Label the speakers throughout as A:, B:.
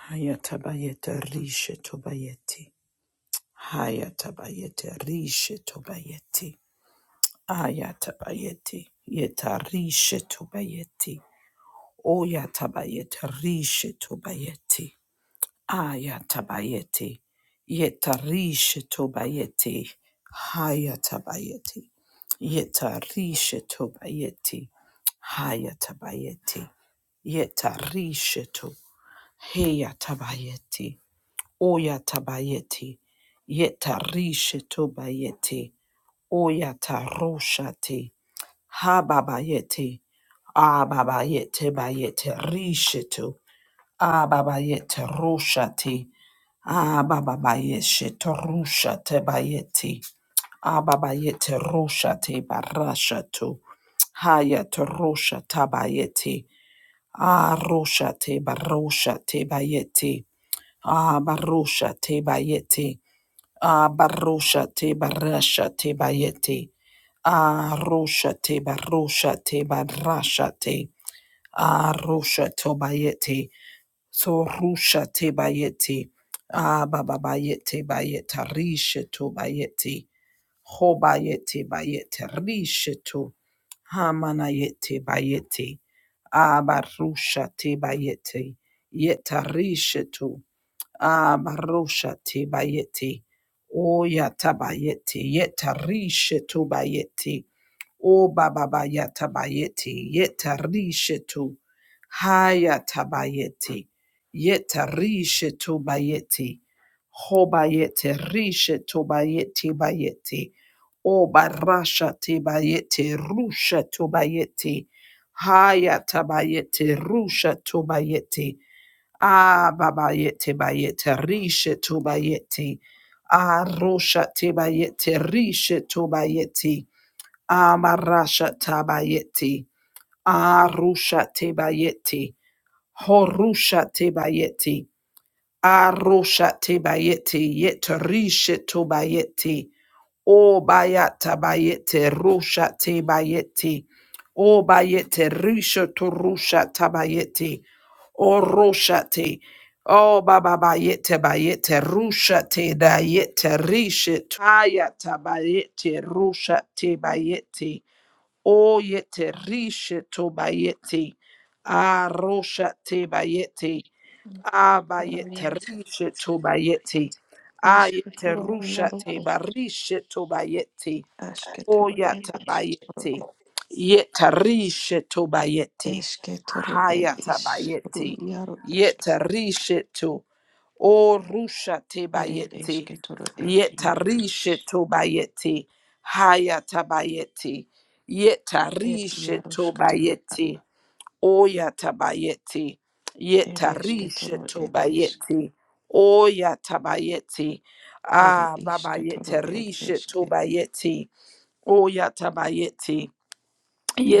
A: Hayatabayete rishe tobayeti. Hayatabayete rishe tobayeti. Ayatabayeti. Yeta rishe tobayeti. Oyatabayete rishe tobayeti. Ayatabayeti. Yeta rishe tobayeti. Hayatabayeti. Yeta rishe tobayeti. Hayatabayeti. Yeta rishe to. Heyatabayeti. Oya tabayeti. Yeta rishe tobayeti. Oya taroshati. Hababayeti. Ababayete bayete rishe to. Ababayete roshati. Ababayeshe torushate bayeti. Ababayete roshate barashatu. Hayat rosha tabayeti. Aroshate baroshate bayeti. Ah, barosha te bayeti. Ah, barusha te barasha te bayete. Ah, rosha te barosha te barasha te. Ah, rosha to bayete. So rusha te bayete. Ah, baba bayete bayete rishe to bayete. Ho bayete bayete rishe to. Hamana yete bayete. Ah, barusha te bayete. Yeta rishe to. Ah, Marosha te bayeti. O yata bayeti. Yeta rishe tu bayeti. O baba bayata bayeti. Yeta rishe tu. Hayata bayeti. Yeta rishe tu bayeti. Ho bayete rishe tu bayeti bayeti. O barasha te bayeti. Rusha tu bayeti. Hayata bayeti. Rusha tu bayeti. Ah, babayete bayete rishe to bayete. Ah, rosha te bayete rishe to bayete. Ah, marasha tabayete. Ah, rusha te bayete. Horusha te bayete. Ah, rosha te bayete. Yet rishe to bayete. O bayata bayete. Rosha te bayete. O bayete rishe to rusha tabayete. Oroshate. Oh, baba bayete bayete rushate dayete rishit hayata bayete rushate bayete o yete rishito bayete a roshate bayete a bayete
B: Ishketoro
A: rishito bayete a yete
B: yaro
A: rushate
B: ish
A: barishito bayete
B: ashketoro
A: Oya
B: ed ishketoro
A: tabayeti.
B: ed
A: Yetarishe tobayeti.
B: eshketoro ed
A: Haya
B: ishru
A: tabayeti.
B: yaro ishk
A: Yetarishe to. O rusha
B: ed
A: tebayeti.
B: eshketoro ed yaro ish
A: Yetarishe tobayeti. Haya tabayeti.
B: ed
A: Yetarishe
B: yaro shkatoro ad.
A: tobayeti. Oya tabayeti.
B: ed
A: Yetarishe
B: eshketoro ed ishk
A: tobayeti. Oya tabayeti.
B: ed
A: Ah, baba
B: ishketoro ed
A: yetarishe
B: eshke
A: tobayeti. O yatabayeti,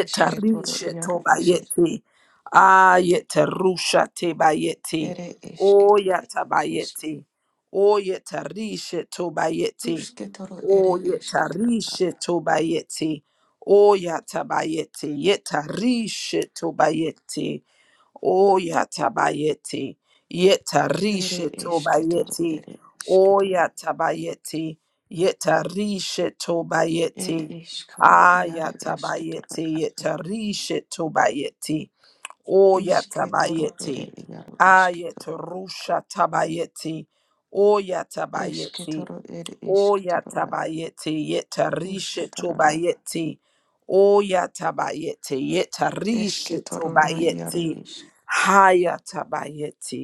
B: eshketoro yaro ishk
A: tobayeti, ayeterusha tebayeti,
B: ed
A: o
B: eshketoro ed ishk
A: yatabayeti, o yetarishe tobayeti,
B: rushketoro ed
A: o
B: eshketoro ad.
A: yetarishe tobayeti, o yatabayeti, yetarishe tobayeti, Oya tabayeti. Yeta
B: ed eshketoro
A: tobayeti.
B: ed ishketoro
A: Oya tabayeti. Yeta
B: Ed
A: tobayeti.
B: ishkaru
A: Aya
B: iaru esketoro
A: tabayeti.
B: ade.
A: Yeta tobayeti. Oya
B: Isketoro ere
A: tabayeti.
B: iaru
A: Ayet
B: isketoro.
A: tabayeti. Oya tabayeti.
B: Esketoro ere
A: Oya
B: isketoro a.
A: tabayete yeta rishe
B: Ruskatara a.
A: tobayete. Oya tabayete yeta rishe
B: Esketoro na iaru
A: tobayete.
B: isk.
A: Haya tabayete.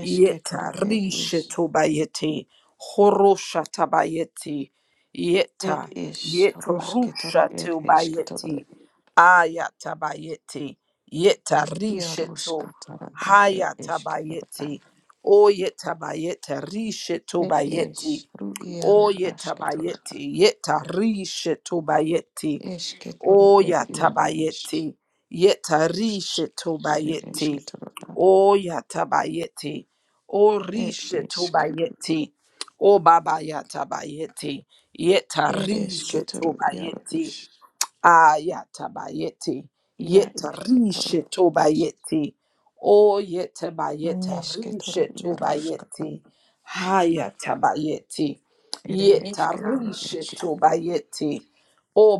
A: Yeta
B: ed
A: rishe
B: is.
A: tobayeti, horosha tabayeti,
B: Ed
A: yeta,
B: is
A: yeto
B: rusketoro
A: rusha
B: ed esketoro
A: tobayeti,
B: ed.
A: aya tabayeti, yeta rishe to,
B: Iaruskatara ad ed
A: haya
B: esketoro a.
A: tabayeti, O yeta tabayeta rishe
B: Ed
A: tobayeti,
B: is ru iaru
A: oye
B: asketoro a.
A: tabayeti, yeta rishe
B: Esketoro
A: O
B: ed iaru isk.
A: yatabayeti.
B: Ere
A: Yetarishetobayeti.
B: esketoro a.
A: O yatabayeti. O
B: Ed isk.
A: rishetobayeti. O baba yatabayeti.
B: Ereshketoro iaro
A: Yetarishetobayeti.
B: ish
A: Ayatabayeti.
B: ia ishketoro
A: Yetarishetobayeti. O
B: neshketoro iarushkata
A: yetabayetarishe Hayatabayeti.
B: ere eshketoro ed
A: Yetarishetobayeti. O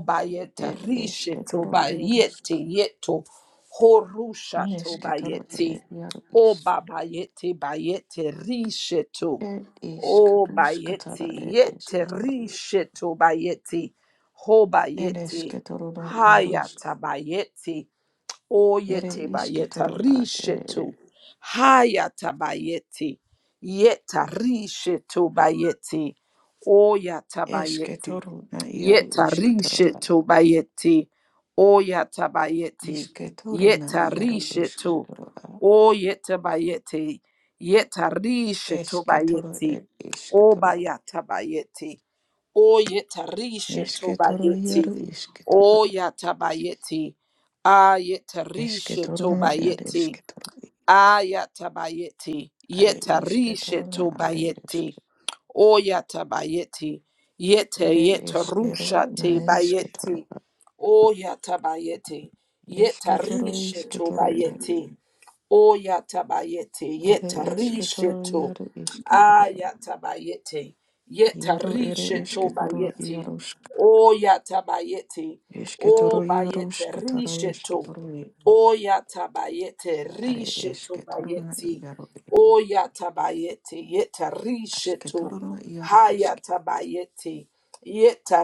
B: ed
A: bayetarishe
B: eshketoro iarushka
A: yeto. Horusha
B: neshketoro ere
A: tobayeti.
B: iaro
A: O
B: ish
A: babayeti bayete risheto.
B: ed
A: O
B: ishkarushkatara
A: bayeti
B: ed
A: yete
B: eshketoro
A: risheto Oh, bayeti. Ho
B: ere
A: bayeti.
B: eshketoro no iarush
A: Hayata bayeti.
B: ere
A: Oyete bayeta
B: ishketoro ad ere
A: rishetu. Hayata bayeti. Yeta rishetu bayeti. Oyata bayeti.
B: eshketoro na iaru
A: Yeta
B: ishketoro a
A: rishetu bayeti. Oyata bayeti.
B: ishketoro na
A: Yeta
B: iaru
A: rishetu.
B: eshketoro a
A: Oyeta bayeti. Yeta rishetu
B: eshketoro
A: bayeti.
B: ed ishketoro
A: Obayata bayeti. Oyetarisha
B: Esketor yaru
A: tobayeti.
B: isketor
A: Oyatabayeti. Ayetarisha
B: esketoruna er
A: tobayeti.
B: esketor
A: Ayatabayeti.
B: are isketoruna are iske
A: Yetarishetubayeti. Oyatabayeti. Yete
B: ere eskero
A: yetarusha
B: na
A: te
B: isketor
A: bayeti. Oyatabayeti.
B: esketor isketor
A: Yetarishetubayeti. Oyatabayeti.
B: are esketor
A: Yetarishetu.
B: yaru isketor
A: Ayatabayeti.
B: yaru ere esketor
A: Yetarishetubayeti.
B: yarusk
A: Oyatabayeti. O
B: esketor yarusk tara
A: bayete
B: esketor
A: Oya Oyatabayete
B: are
A: rishetu
B: esketoruna
A: bayeti.
B: yaru
A: Oya Oyatabayete yeta rishetu.
B: esketoruna yaru isk
A: Hayatabayete yeta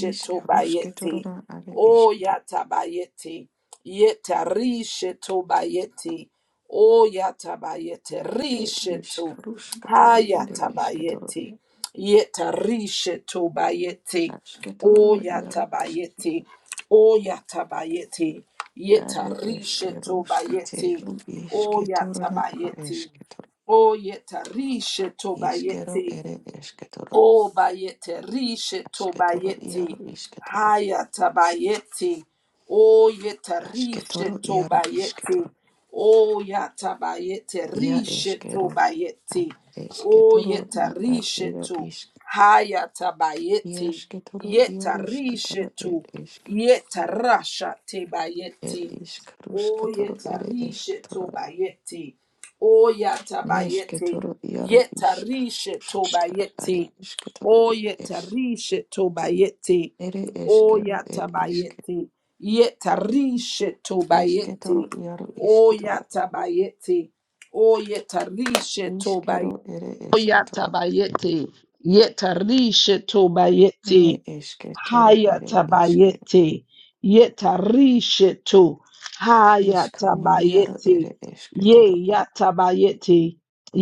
B: Nisk
A: bayeti.
B: rusketoruna are esketoro
A: Oya Oyatabayete yeta rishetu bayeti. Oya Oyatabayete
B: ir
A: rishetu.
B: iškaruškatara ir išketoro
A: Hayatabayeti. Yetarishetobayeti.
B: apšketoro jaru iš
A: Oyatabayeti. Oyatabayeti.
B: ar iškeruškate
A: Yetarishetobayeti.
B: išketoro ar
A: Oyatabayeti.
B: išketoro
A: Oyetarishe tobayeti. O yatabayeti. O yetarishe
B: iškero
A: tobayeti.
B: ir išketoro
A: O bayete, rishe to
B: ašketoro jaru
A: bayete,
B: išketoro
A: haya tabayete, o yeta rishe
B: ašketoro
A: to
B: jaru
A: bayete,
B: išketoro
A: o yata bayete,
B: ja
A: rishe to
B: iškero ar
A: bayete, o
B: išketoro
A: yeta
B: na ar
A: rishe
B: yra
A: to,
B: iš
A: haya tabayete,
B: išketoro
A: yeta
B: jaruškatara
A: rishe
B: ir
A: to,
B: išk
A: yeta rasha te
B: ir
A: bayete, o
B: iškaruškatoro ir
A: yeta rishe
B: išketoro
A: to bayete, o yata
B: Neške
A: bayete,
B: toro iaro
A: yeta
B: iška,
A: rishe to
B: uškatara are
A: bayete.
B: iške toro
A: O
B: ed es.
A: yetarishe tobayete.
B: Ere
A: O
B: eskero ed iske.
A: yatabayete. Yetarishe
B: Eske toro
A: tobayete.
B: iaro
A: O
B: iške toro.
A: yatabayete. O yetarishe tobayete.
B: Iskero ere
A: O
B: eske toro.
A: yatabayete. Yetarishe tobayete.
B: Ne eske toro ere eske.
A: Hayatabayete. Yetarishetu.
B: Iskaru iaro
A: Hayatabayete.
B: ere eske
A: Ye
B: toro a.
A: yatabayete.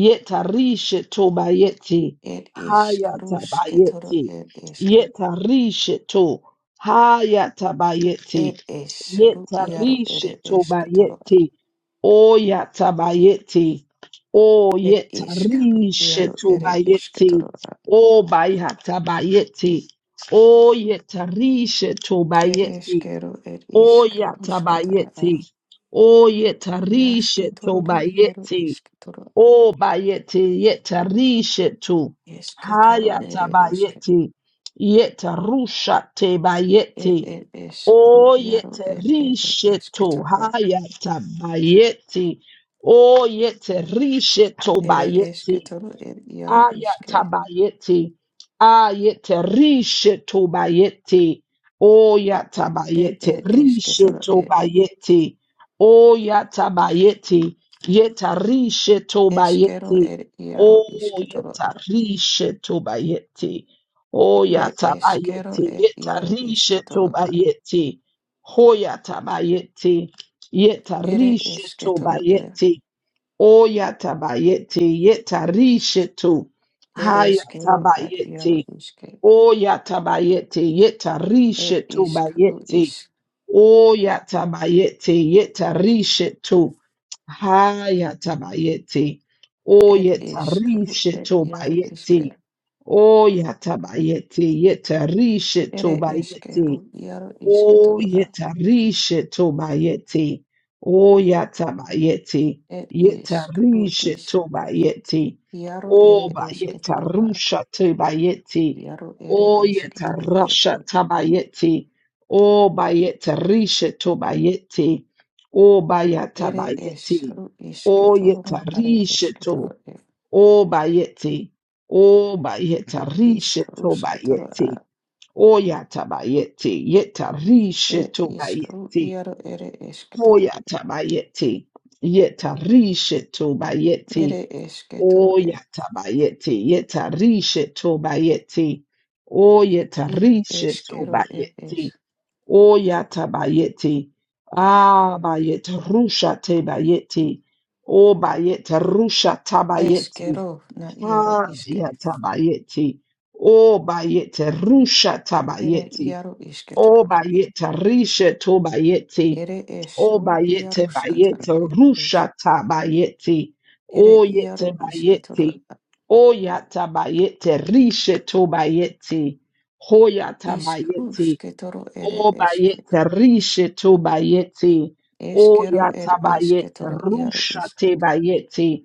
A: Yetarishetu bayete.
B: Ed iskaru ske toro
A: Hayatabayete.
B: ed eske.
A: Yetarishetu. Hayatabayete.
B: Ed iskaru iaro ere
A: Yetarishetu
B: eske toro
A: bayete.
B: a.
A: O yatabayete. O
B: Ed iskaru iaro
A: yetarishetu
B: ere eske
A: bayete.
B: toro a.
A: O bayatabayete. Oyetarishe tobayeti.
B: Ereshkero er ishk
A: Oyatabayeti.
B: rushkatara
A: Oyetarishe
B: yashketoroda yaro
A: tobayeti.
B: ishketoro a
A: Obayeti yetarishe to.
B: eshketoro ere eshke
A: Hayatabayeti. Yetarusha
B: er
A: tebayeti.
B: er eshkru yaro er er
A: Oyetarishe to.
B: eshketoro a
A: Hayatabayeti. Oyetarishe
B: ere
A: tobayeti.
B: eshketoro er yaro ishke
A: Ayatabayeti. Ayete rishe tobayeti.
B: er
A: Oyatabayete
B: er
A: rishe
B: eshketoro er
A: tobayeti. Oyatabayeti. Yeta rishe
B: eshkero
A: tobayeti.
B: er yaro ishketoro
A: Oyeta
B: a
A: rishe tobayeti.
B: ere eshkero
A: Oyatabayeti.
B: er
A: Yeta
B: yaro
A: rishe
B: ishketoro a
A: tobayeti. Hoyatabayeti. Yeta
B: ere
A: rishe
B: eshketoro er
A: Oyatabayete yetarishetu.
B: ere eshkero ad yaro
A: Hayatabayete.
B: ishke
A: Oyatabayete
B: er
A: yetarishetu bayete.
B: ishk
A: Oyatabayete yetarishetu. Hayatabayete.
B: Ed iskaru ed
A: Oyetarishetu
B: yaru
A: bayete.
B: iske.
A: Oyatabayete yetarishetu
B: Ere
A: bayete.
B: eskeru yaru iske
A: O
B: toro a.
A: yeta rishe to bayeti. O yata bayeti.
B: Ed
A: Yeta
B: iskaru
A: rishe
B: is
A: to bayeti.
B: yaru ere
A: O
B: eske
A: bayeta
B: toro a.
A: rusha to bayeti.
B: Yaru ere
A: O
B: eske
A: yeta
B: toro e.
A: rasha
B: e.
A: tabayeti. O bayeta rishe to bayeti. O bayata
B: Ere
A: bayeti.
B: esru iske
A: O
B: toro
A: yeta
B: na are
A: rishe
B: eske toro
A: to.
B: e.
A: O bayeti. O bayeta
B: Ed
A: rishe
B: iskaru
A: to
B: ske toro a.
A: bayeti. Oya tabayete, yeta
B: Ed
A: risheto
B: iskaru
A: bayete.
B: yaru ere eske toro.
A: Oya tabayete, yeta risheto bayete.
B: Ere eske toro e.
A: Oya tabayete, yeta Oyatabayete, yetarishetobayete,
B: I eskero ed
A: oyatabayete,
B: es.
A: yetarishetobayete, oyatabayete, yetarishetobayete, rusha oyatabayete,
B: Eskero na yaru
A: Ah
B: iske.
A: ya obayete rushatabayete, ayatabayete, rusha
B: Ere
A: rushatabayete,
B: yaru iske
A: O
B: toro na.
A: bayete, rishe to bayete.
B: Ere
A: O
B: esru
A: bayete
B: iaruskatara
A: bayete
B: ere es.
A: rusha ta bayeti.
B: Ere
A: O
B: iaru
A: yete
B: isketoro
A: bayeti. O yata bayete rishe to bayeti. Hoyata
B: iskru
A: bayeti.
B: sketoro ere
A: O
B: eske.
A: bayete rishe to bayeti. O
B: Eskero
A: yata
B: ere
A: bayete
B: esketoro iaru
A: rusha
B: iske.
A: te bayete.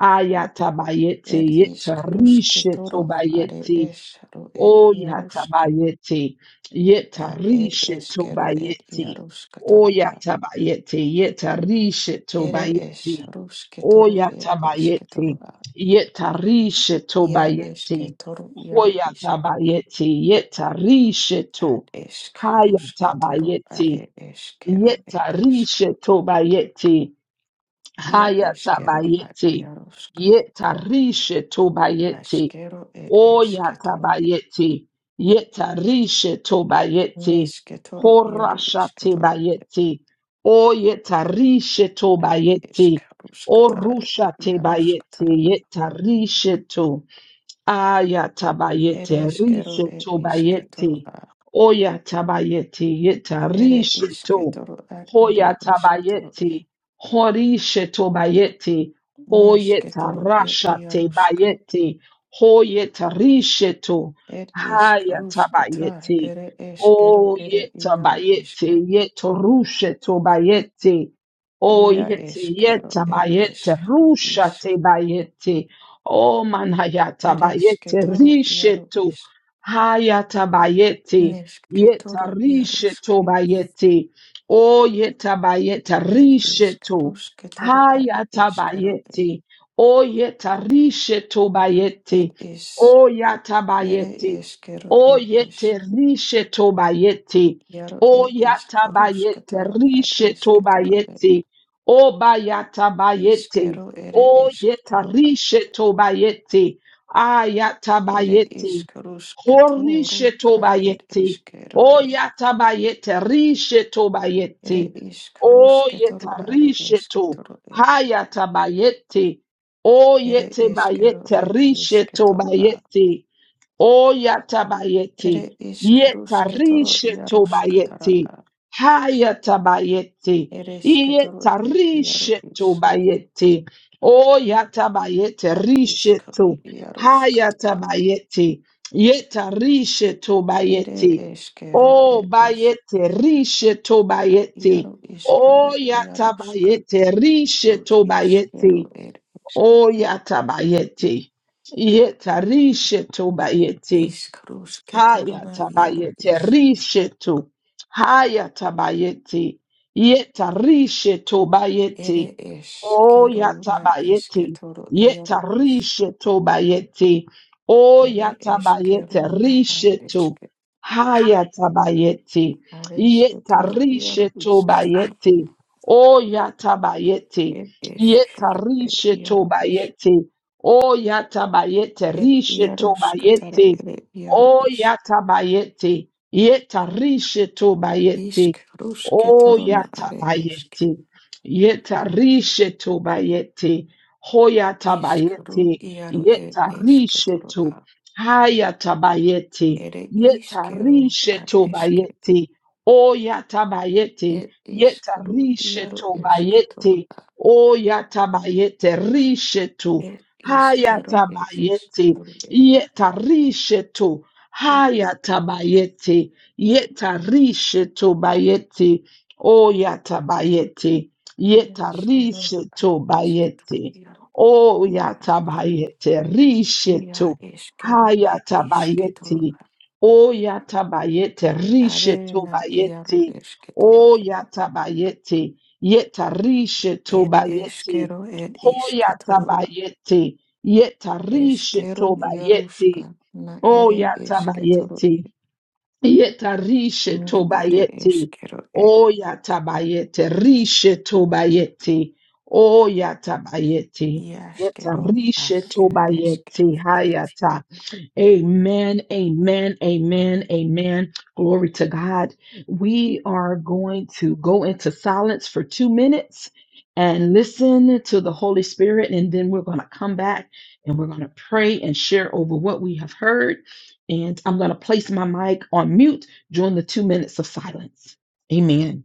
A: Ayata bayete
B: Ed
A: yete
B: iskru
A: rishe to
B: sketoro are
A: bayete.
B: esru ed
A: O
B: iaruske.
A: yatabayete,
B: Ad ed
A: yetarishe
B: eskero ed
A: tobayete. O
B: iaruskatara a.
A: yatabayete, yetarishe
B: Ere
A: tobayete.
B: esru
A: O
B: sketoro ed
A: yatabayete,
B: esketoro a.
A: yetarishe
B: Ia
A: tobayete.
B: esketoro
A: O
B: iaru iske.
A: yatabayete, yetarishe to.
B: Ad eskru sketoro
A: Hayatabayete,
B: are eskero ed iske.
A: yetarishe tobayete.
B: Ia eskero ad
A: Hayatabayete,
B: iarosk.
A: yetarishe tobayete.
B: Askero ed esketoro ed.
A: Oyatabayeti, yetarishe tobayeti,
B: Nesketoro iaro
A: horashate
B: isketoro ed.
A: bayeti, oyetarishe
B: Ad
A: tobayeti,
B: eskaruskatara ed
A: orushate bayeti,
B: iaroskatara ad.
A: yetarishe to. Ayatabayete
B: Ere eskero
A: rishe
B: ed isketoro
A: tobayete.
B: ad.
A: Oyatabayete yeta
B: Ere
A: rishe to.
B: isketoro ad ere esketoro ed.
A: Hoyatabayete. Horishe to bayete. Oyeta
B: Nesketoro ed
A: rasha
B: iaroska.
A: tebayete. Hoyeta rishe to.
B: Ed iskaruskata
A: Hayatabayete.
B: ere eskero ere iaro
A: Oyetabayete
B: iske.
A: yeto rushe tobayete.
B: Ia
A: Oyete
B: eskero
A: yeta
B: ed
A: bayete,
B: eskaru
A: rusha te bayete. Oh manayatabayete
B: ereshketoro iaro
A: rishetu.
B: ishk.
A: Hayatabayete. Yeta
B: Neshketoro
A: rishetu
B: iarushke.
A: bayete. Oh yetabayeta
B: Ed
A: rishetu.
B: ishkarushketoro are eshkero e-
A: Hayatabayete. Oh yeta rishetu
B: ed
A: bayete.
B: ish.
A: Oh
B: Ere
A: yatabayete.
B: eshkero
A: Oh
B: ed ish.
A: yete rishetu bayete.
B: Iaro
A: Oh
B: ed
A: yatabayete
B: ishkarushketoro are
A: rishetu
B: eshketoro e.
A: bayete. Oh bayatabayete.
B: Ishkero
A: O
B: ere eshketoro a-
A: yetarishe tobayete,
B: Ere
A: ayatabayete, horishe
B: ishkarushketoro are ed
A: tobayete,
B: eshkero
A: o
B: e.
A: yatabayete, rishe
B: Ere
A: tobayete, o
B: ishkarushketoro are
A: yetarishe to,
B: eshketoro e.
A: hayatabayete, o
B: Ere eshkero
A: yetabayete,
B: ed
A: rishe
B: ishketoro
A: tobayete. Oyatabayete,
B: Ere ishkarushketoro
A: yetarishe
B: iarushkatara
A: tobayete,
B: a.
A: hayatabayete,
B: Ere ishketoro ir iaru
A: yetarishe
B: ish.
A: tobayete, oyatabayete
B: At
A: rishe
B: ishkaru
A: to,
B: iarushkatara a.
A: hayatabayete, yetarishe
B: Ere
A: tobayete,
B: ishkero ir ish.
A: obayete rishe tobayete,
B: Iaru ishkero iarushka.
A: oyatabayete rishe
B: Ru
A: tobayete,
B: Ishkero ir ish.
A: O yatabayete. Yetarishe tobayete.
B: Ishkarushketoro
A: Haya
B: na iaru
A: tabayete
B: ish.
A: rishetu. Haya tabayete. Yeta rishetu
B: Ere
A: bayete. O
B: ishkero na
A: yatabayete.
B: ishketoro
A: Yeta
B: iaru ish.
A: rishetu bayete. O
B: Ere ishkero
A: yatabayete
B: na ad
A: rishetu.
B: ishke.
A: Haya tabayete.
B: Ad
A: Yeta
B: ishketoro iaru
A: rishetu
B: ish.
A: bayete. O yatabayete.
B: Ed
A: Yeta
B: eskero, ed
A: rishetu
B: iaro ish,
A: bayete. O yatabayete
B: ed
A: rishetu
B: iaros katara
A: bayete.
B: ere iaro
A: O
B: ish.
A: yatabayete, yetarishe
B: Ishk
A: tobayete.
B: ruske
A: O
B: torona are eske.
A: yatabayete, yetarishe tobayete.
B: Ishk ru
A: Hoyatabayete,
B: iaro ed eske
A: yetarishe
B: toro
A: to.
B: a.
A: Hayatabayete,
B: Ere iskero
A: yetarishe
B: ad eske.
A: tobayete. O yatabayete,
B: Ed ishk ru
A: yetarishe
B: iaro eske toro
A: tobayete.
B: a.
A: O yatabayete, rishe to.
B: Ed iskero ed eske
A: Hayatabayete.
B: toro e.
A: Yetarisheto
B: Ed
A: hayata bayete. Yetarisheto bayete. O yata bayete.
B: iaskero ad
A: Yetarisheto
B: eske toro
A: bayete.
B: iaro ish.
A: O yata bayete.
B: Ia
A: Risheto
B: eskero ed
A: hayata
B: iske
A: bayete. O yata bayete.
B: Are
A: Risheto
B: na iaru
A: bayete.
B: esketoro.
A: O yata bayete. Yetarisheto
B: Ed
A: bayete.
B: eskero ed
A: Hoyata
B: isketoro.
A: bayete. Yetarishe
B: Eskero
A: tobayeti.
B: iaruska. Na
A: O
B: ere esketoro.
A: yatabayeti. Yetarishe
B: Ne ere
A: tobayeti.
B: eskero e.
A: O yatabayete. Rishe tobayeti. O yatabayeti.
B: Iaskero
A: Yetarishe
B: as ed
A: tobayeti.
B: eskero e.
A: Hayata. Amen, amen, amen, amen. Glory to God. We are going to go into silence for two minutes and listen to the Holy Spirit, and then we're going to come back and we're going to pray and share over what we have heard. And I'm going to place my mic on mute during the two minutes of silence. Amen.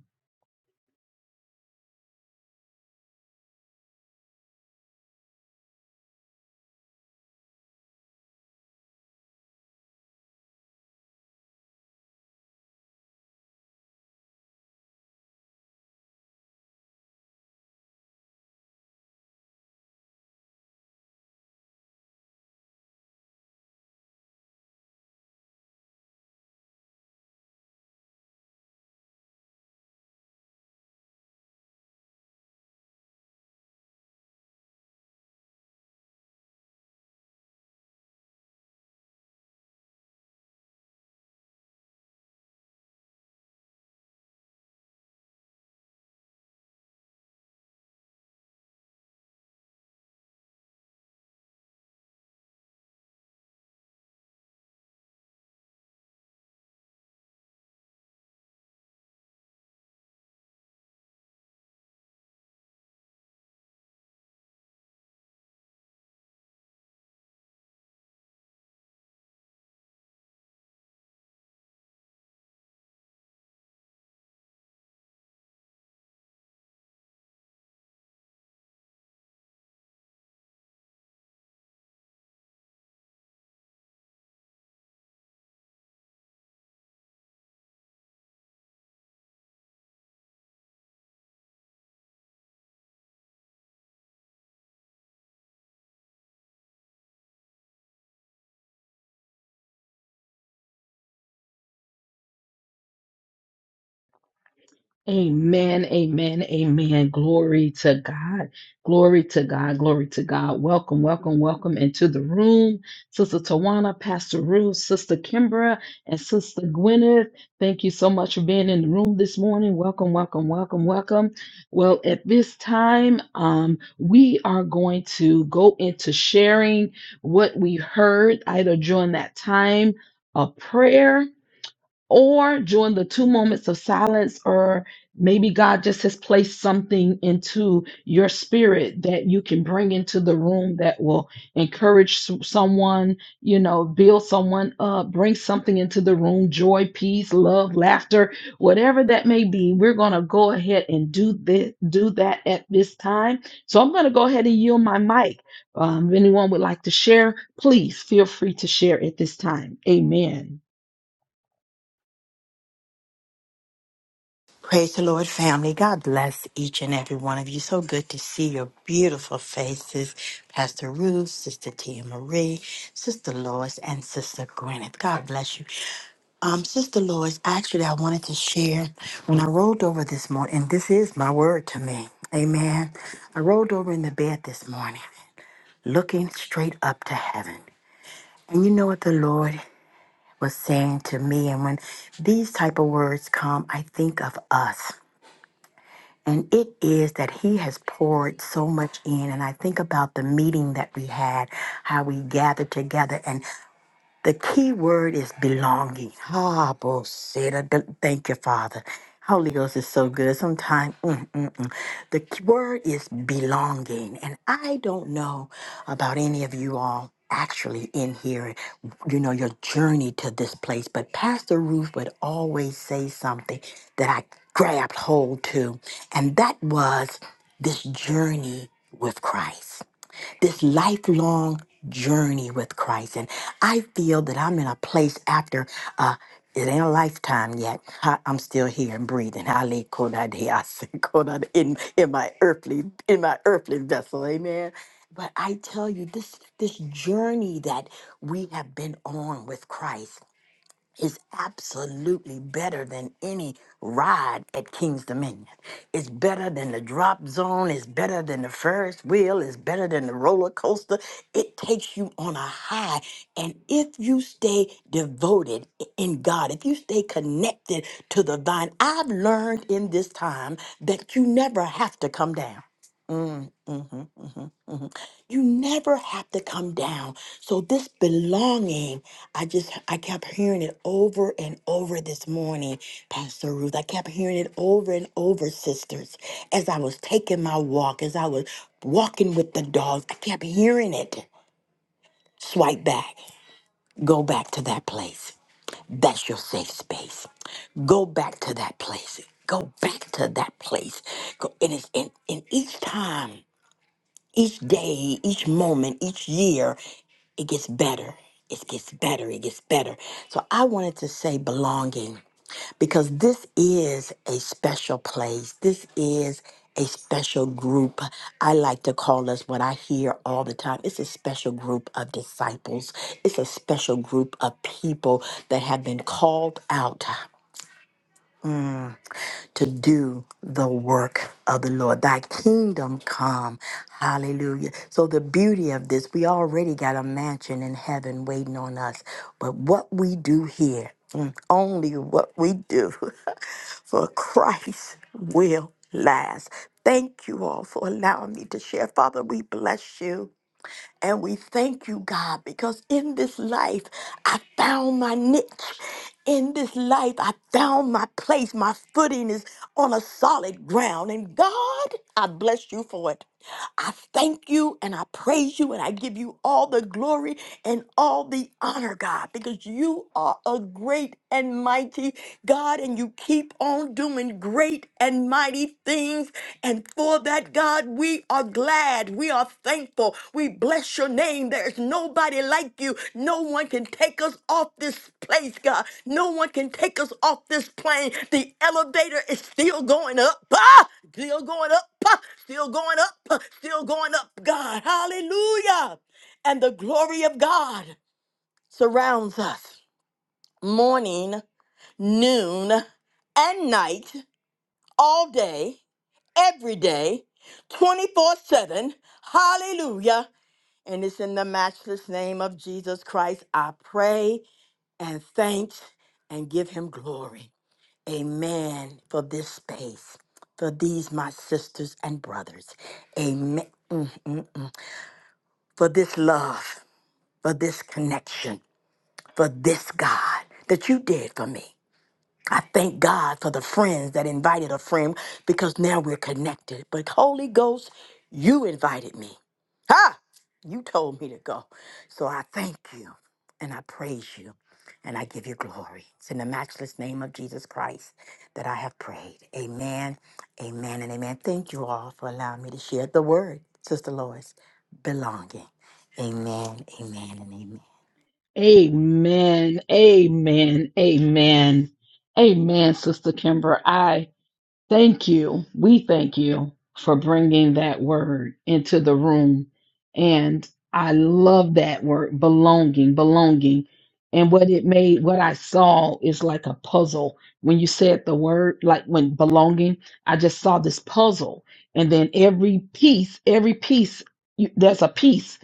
A: Amen, amen, amen. Glory to God. Glory to God. Glory to God. Welcome, welcome, welcome into the room. Sister Tawana, Pastor Ruth, Sister Kimbra, and Sister Gwyneth. Thank you so much for being in the room this morning. Welcome, welcome, welcome, welcome. Well, at this time, um, we are going to go into sharing what we heard either during that time of prayer or during the two moments of silence, or maybe God just has placed something into your spirit that you can bring into the room that will encourage s- someone, you know, build someone up, bring something into the room joy, peace, love, laughter, whatever that may be. We're going to go ahead and do this, do that at this time. So I'm going to go ahead and yield my mic. Um, if anyone would like to share, please feel free to share at this time. Amen.
C: Praise the Lord, family. God bless each and every one of you. So good to see your beautiful faces, Pastor Ruth, Sister Tia Marie, Sister Lois, and Sister Gwyneth. God bless you. Um, Sister Lois, actually, I wanted to share when I rolled over this morning, and this is my word to me. Amen. I rolled over in the bed this morning, looking straight up to heaven. And you know what the Lord was saying to me? And when these type of words come, I think of us. And it is that he has poured so much in. And I think about the meeting that we had, how we gathered together. and. The key word is belonging. Ah, bullshit. Thank you, Father. Holy Ghost is so good. Sometimes mm, mm, mm. the key word is belonging. And I don't know about any of you all actually in here, you know, your journey to this place, but Pastor Ruth would always say something that I grabbed hold to, and that was this journey with Christ this lifelong journey with Christ. And I feel that I'm in a place after uh it ain't a lifetime yet. I, I'm still here and breathing. Hale kodade, ase kodade, In in my earthly in my earthly vessel, amen. But I tell you, this this journey that we have been on with Christ is absolutely better than any ride at King's Dominion. It's better than the drop zone, it's better than the Ferris wheel, it's better than the roller coaster. It takes you on a high. And if you stay devoted in God, if you stay connected to the vine, I've learned in this time that you never have to come down. Mm, mhm, mhm, mhm. You never have to come down. So this belonging, I just I kept hearing it over and over this morning, Pastor Ruth. I kept hearing it over and over, sisters, as I was taking my walk, as I was walking with the dogs. I kept hearing it. Swipe back. Go back to that place. That's your safe space. Go back to that place. Go back to that place. Go, and it's and, and each time. Each day, each moment, each year, it gets better. It gets better. It gets better. So I wanted to say belonging because this is a special place. This is a special group. I like to call us what I hear all the time. It's a special group of disciples. It's a special group of people that have been called out to do the work of the Lord. Thy kingdom come. Hallelujah. So, the beauty of this, we already got a mansion in heaven waiting on us. But what we do here, mm, only what we do for Christ will last. Thank you all for allowing me to share. Father, we bless you. And we thank you, God, because in this life, I found my niche. In this life, I found my place. My footing is on a solid ground. And God, I bless you for it. I thank you and I praise you and I give you all the glory and all the honor, God, because you are a great and mighty God and you keep on doing great and mighty things. And for that, God, we are glad. We are thankful. We bless your name. There's nobody like you. No one can take us off this place, God. No one can take us off this plane. The elevator is still going up. Ah! Still going up. Ah! Still going up. Ah! Still going up, God. Hallelujah. And the glory of God surrounds us morning, noon, and night all day, every day, 24 7. Hallelujah. And it's in the matchless name of Jesus Christ. I pray and thanks and give him glory. Amen for this space, for these my sisters and brothers. Amen. Mm, mm, mm. For this love, for this connection, for this God that you did for me. I thank God for the friends that invited a friend because now we're connected. But Holy Ghost, you invited me. Ha! You told me to go. So I thank you and I praise you and I give you glory. It's in the matchless name of Jesus Christ that I have prayed. Amen, amen, and amen. Thank you all for allowing me to share the word, Sister Lois, belonging. Amen, amen, and amen.
A: Amen. Amen. Amen. Amen, Sister Kimber. I Thank you. We thank you for bringing that word into the room. And I love that word belonging, belonging. And what it made, what I saw is like a puzzle. When you said the word, like when belonging, I just saw this puzzle. And then every piece, every piece, you, there's a piece,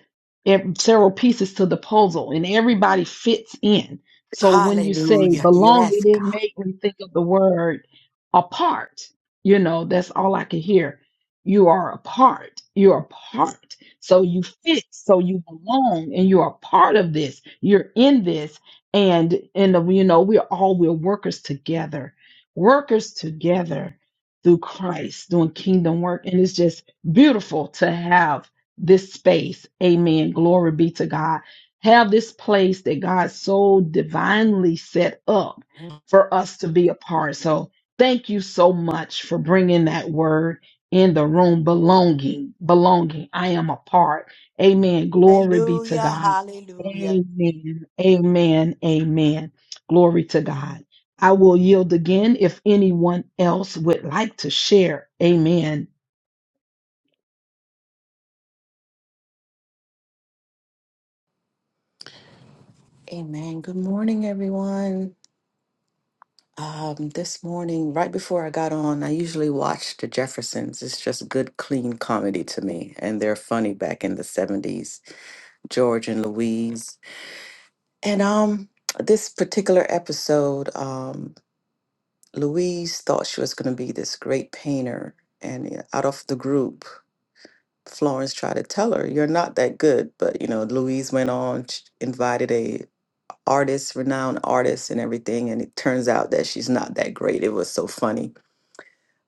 A: ev- several pieces to the puzzle, and everybody fits in. So when you say
C: Hallelujah.
A: belonging,
C: Yes,
A: it
C: God.
A: made me think of the word apart you know that's all i could hear you are a part you're a part so you fit so you belong and you're a part of this you're in this and and uh, you know we're all we're workers together workers together through christ doing kingdom work and it's just beautiful to have this space amen glory be to god have this place that god so divinely set up for us to be a part so Thank you so much for bringing that word in the room belonging, belonging. I am a part. Amen. Glory be to
C: Hallelujah,
A: God.
C: hallelujah.
A: Amen. Amen. Amen. Glory to God. I will yield again if anyone else would like to share. Amen.
B: Amen. Good morning, everyone. Um, this morning, right before I got on, I usually watch The Jeffersons. It's just good, clean comedy to me, and they're funny back in the 70s. George and Louise. And um, this particular episode, um, Louise thought she was going to be this great painter. And uh, out of the group, Florence tried to tell her, "You're not that good." But you know, Louise went on, sh- invited a artist, renowned artist, and everything. And it turns out that she's not that great. It was so funny.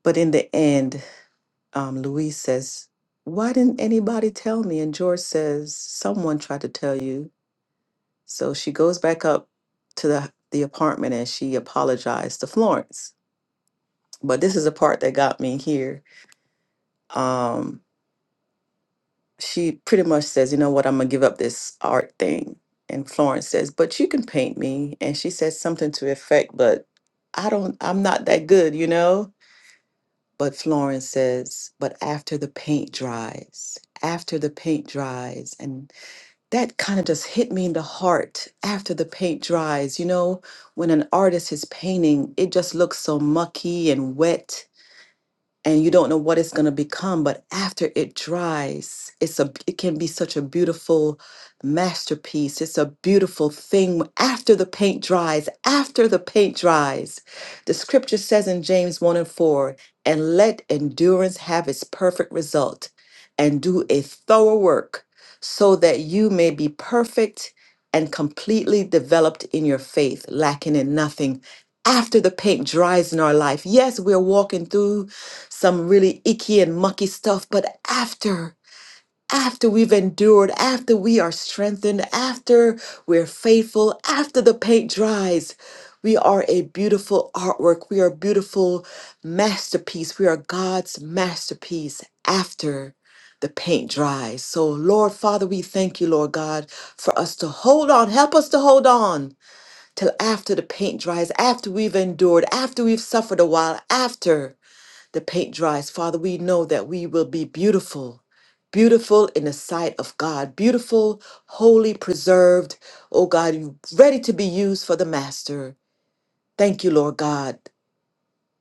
B: But in the end, um, Louise says, "Why didn't anybody tell me?" And George says, "Someone tried to tell you." So she goes back up to the, the apartment and she apologized to Florence. But this is the part that got me here. Um, she pretty much says, You know what? I'm going to give up this art thing. And Florence says, But you can paint me. And she says something to the effect, But I don't, I'm not that good, you know? But Florence says, But after the paint dries, after the paint dries, And that kind of just hit me in the heart after the paint dries. You know, when an artist is painting, it just looks so mucky and wet and you don't know what it's going to become but after it dries it's a it can be such a beautiful masterpiece it's a beautiful thing after the paint dries after the paint dries the scripture says in james 1 and 4 and let endurance have its perfect result and do a thorough work so that you may be perfect and completely developed in your faith lacking in nothing after the paint dries in our life yes we're walking through some really icky and mucky stuff. But after, after we've endured, after we are strengthened, after we're faithful, after the paint dries, we are a beautiful artwork. We are a beautiful masterpiece. We are God's masterpiece after the paint dries. So, Lord Father, we thank you, Lord God, for us to hold on. Help us to hold on till after the paint dries, after we've endured, after we've suffered a while, after the paint dries. Father, we know that we will be beautiful, beautiful in the sight of God, beautiful, holy, preserved, oh God, ready to be used for the Master. Thank you, Lord God,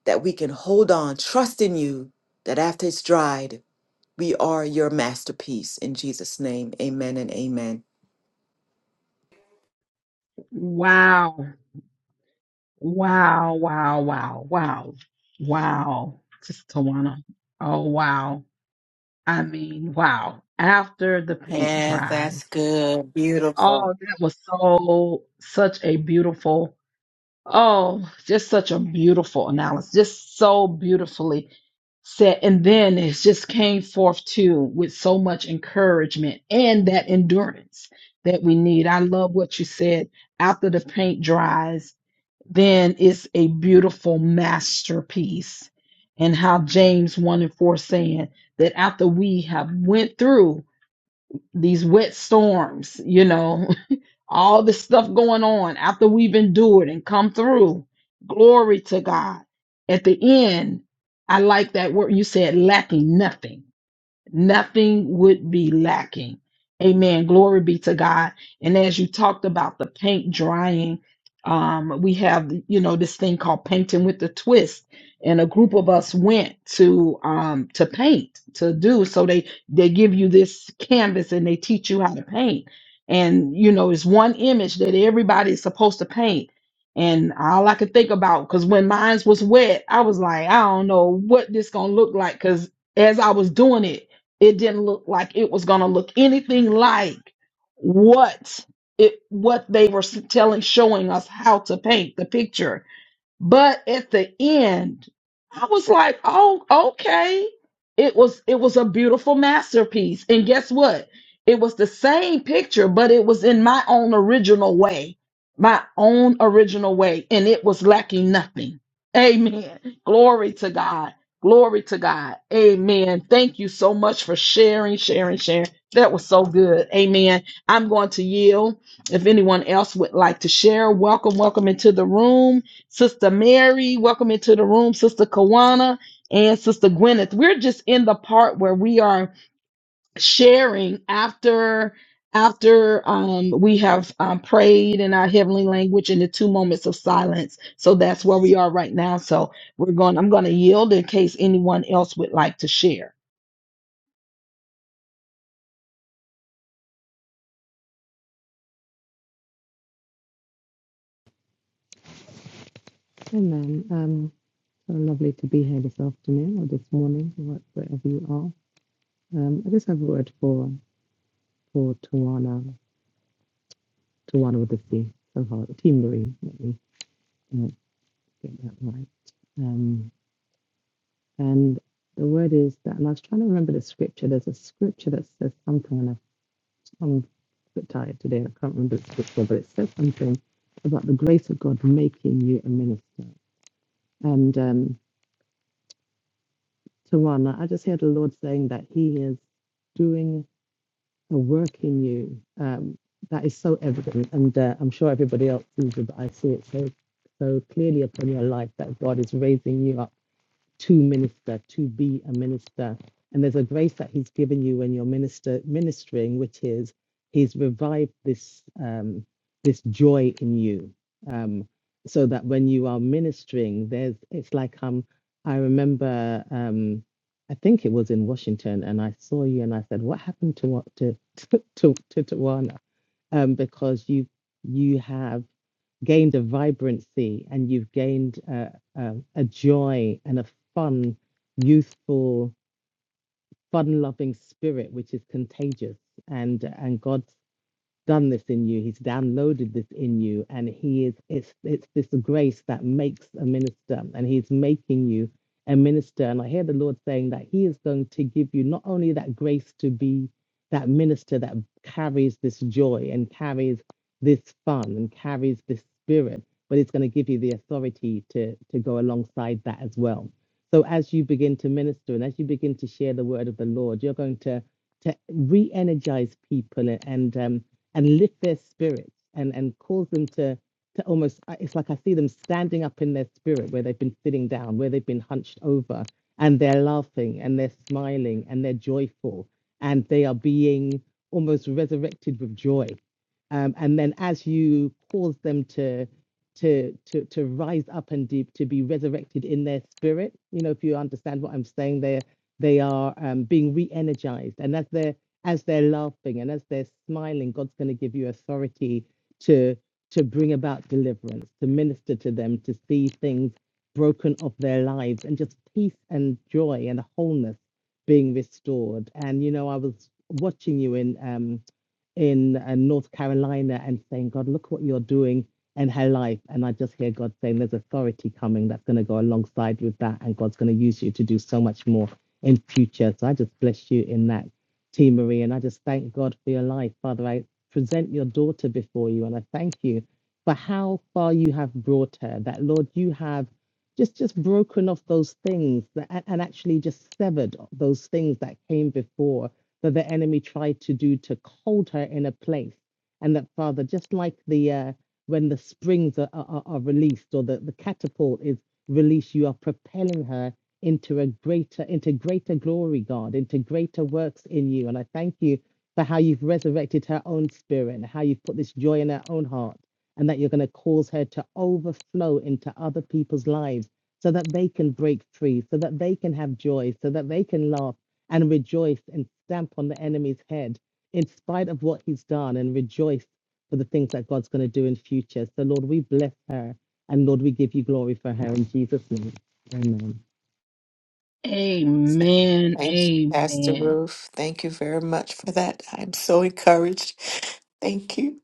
B: that we can hold on, trust in you, that after it's dried, we are your masterpiece. In Jesus' name, amen and amen.
A: Wow. Wow, wow, wow, wow, wow. Just Tawana. Oh, wow. I mean, wow. After the paint
C: Yes,
A: dries.
C: that's good.
A: Oh,
C: Beautiful.
A: that was so, such a beautiful, oh, just such a beautiful analysis. Just so beautifully said. And then it just came forth too with so much encouragement and that endurance that we need. I love what you said after the paint dries then it's a beautiful masterpiece. And how James 1 and 4 saying that after we have went through these wet storms, you know, all this stuff going on, after we've endured and come through, glory to God. At the end, I like that word you said, lacking nothing nothing would be lacking. Amen. Glory be to God. And as you talked about the paint drying, um, we have, you know, this thing called painting with the twist. And a group of us went to um to paint to do. So they they give you this canvas and they teach you how to paint. And you know, it's one image that everybody is supposed to paint. And all I could think about, because when mine was wet, I was like, I don't know what this gonna look like. Cause as I was doing it, it didn't look like it was going to look anything like what it what they were s- telling showing us how to paint the picture but at the end, I was like, "Oh, okay." It was it was a beautiful masterpiece. And guess what? It was the same picture, but it was in my own original way. My own original way, and it was lacking nothing. Amen. Glory to God. Glory to God. Amen. Thank you so much for sharing, sharing, sharing. That was so good. Amen. I'm going to yield. If anyone else would like to share, welcome, welcome into the room. Sister Mary, welcome into the room. Sister Kawana and Sister Gwyneth. We're just in the part where we are sharing after after um, we have um, prayed in our heavenly language in the two moments of silence. So that's where we are right now. So we're going. I'm going to yield in case anyone else would like to share.
D: Amen. Um, um, so lovely to be here this afternoon or this morning, wh- wherever you are. Um, I just have a word for for Tawana, Tawana with a C, so hard, Team Marine, let me uh, get that right. Um, and the word is that, and I was trying to remember the scripture. There's a scripture that says something, and I've, I'm a bit tired today, and I can't remember the scripture, but it says something about the grace of God making you a minister. And um, Tawana, I just hear the Lord saying that He is doing. a work in you um, that is so evident, and uh, I'm sure everybody else sees it, but I see it so so clearly upon your life that God is raising you up to minister, to be a minister. And there's a grace that He's given you when you're minister ministering, which is He's revived this um, this joy in you, um, so that when you are ministering, there's it's like um I remember um, I think it was in Washington, and I saw you and I said, "What happened to what to to to, to Tawana?" Um, because you you have gained a vibrancy and you've gained a, a, a joy and a fun, youthful, fun-loving spirit, which is contagious. And and God done this in you. He's downloaded this in you, and he is it's it's this grace that makes a minister, and he's making you a minister. And I hear the Lord saying that He is going to give you not only that grace to be that minister that carries this joy and carries this fun and carries this spirit, but it's going to give you the authority to to go alongside that as well. So as you begin to minister and as you begin to share the word of the Lord, you're going to to re-energize people and, and um and lift their spirits and and cause them to to almost uh, it's like i see them standing up in their spirit where they've been sitting down where they've been hunched over and they're laughing and they're smiling and they're joyful and they are being almost resurrected with joy um, and then as you cause them to to to to rise up and deep to be resurrected in their spirit you know if you understand what i'm saying they're they are um, being re-energized and as they're as they're laughing and as they're smiling, God's going to give you authority to to bring about deliverance, to minister to them, to see things broken off their lives, and just peace and joy and wholeness being restored. And you know, I was watching you in um, in uh, North Carolina and saying, God, look what you're doing in her life. And I just hear God saying, there's authority coming that's going to go alongside with that, and God's going to use you to do so much more in future. So I just bless you in that T. Marie, and I just thank God for your life. Father, I present your daughter before you, and I thank you for how far you have brought her. That, Lord, you have just just broken off those things that, and and actually just severed those things that came before that the enemy tried to do to hold her in a place. And that, Father, just like the uh, when the springs are, are, are are released or the, the catapult is released, you are propelling her into a greater, into greater glory, God, into greater works in you. And I thank you for how you've resurrected her own spirit and how you've put this joy in her own heart, and that you're going to cause her to overflow into other people's lives so that they can break free, so that they can have joy, so that they can laugh and rejoice and stamp on the enemy's head in spite of what he's done and rejoice for the things that God's going to do in future. So, Lord, we bless her and Lord, we give you glory for her in Jesus' name. Amen.
A: Amen.
B: Thank you, Pastor
A: Amen.
B: Ruth. Thank you very much for that. I'm so encouraged. Thank you.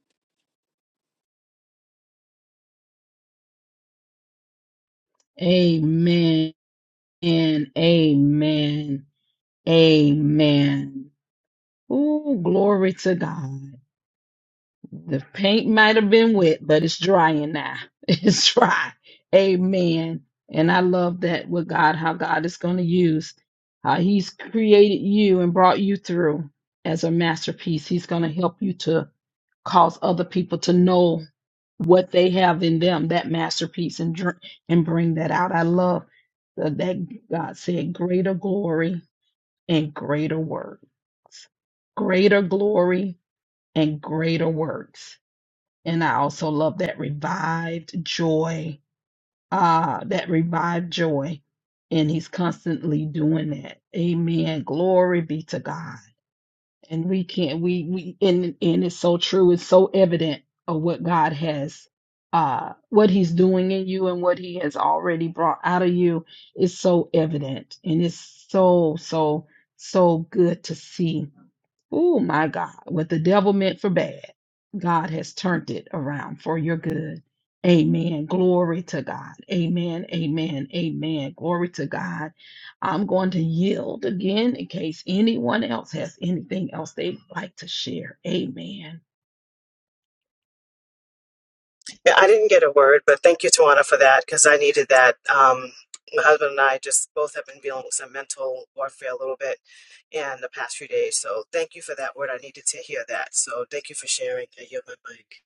A: Amen. And amen. Amen. Oh, glory to God. The paint might have been wet, but it's drying now. It's dry. Amen. And I love that with God, how God is going to use, how He's created you and brought you through as a masterpiece. He's going to help you to cause other people to know what they have in them, that masterpiece, and dr- and bring that out. I love that that God said, greater glory and greater works. Greater glory and greater works and I also love that revived joy. Ah, that revived joy. And he's constantly doing that. Amen. Glory be to God. And we can't we we and and it's so true. It's so evident of what God has uh what he's doing in you and what he has already brought out of you is so evident and it's so so so good to see. Oh my God, what the devil meant for bad, God has turned it around for your good. Amen. Glory to God. Amen. Amen. Amen. Glory to God. I'm going to yield again in case anyone else has anything else they'd like to share. Amen.
E: Yeah, I didn't get a word, but thank you, Tawana, for that because I needed that. Um, my husband and I just both have been dealing with some mental warfare a little bit in the past few days. So thank you for that word. I needed to hear that. So thank you for sharing. I yield my mic.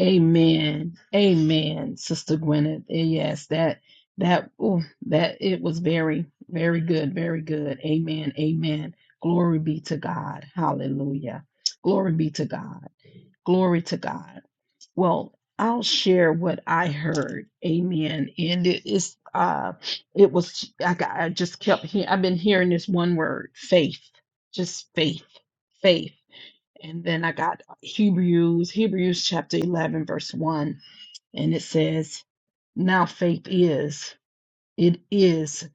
A: Amen. Amen, Sister Gwyneth. Eh, Yes, that that ooh, that it was very, very good, very good. Amen. Amen. Glory be to God. Hallelujah. Glory be to God. Glory to God. Well, I'll share what I heard. Amen. And it is uh it was I got I just kept hearing I've been hearing this one word, faith. Just faith. Faith. And then I got Hebrews, Hebrews chapter 11, verse 1 and it says, Now faith is, it is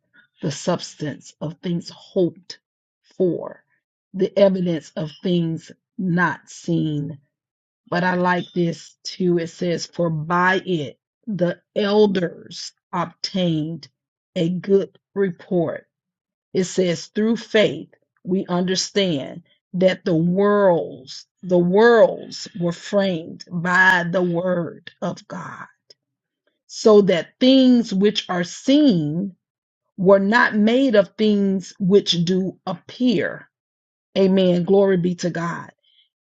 A: the substance of things hoped for, the evidence of things not seen. But I like this too. It says, For by it the elders obtained a good report. It says, Through faith we understand that the worlds, the worlds were framed by the word of God so that things which are seen were not made of things which do appear. Amen. Glory be to God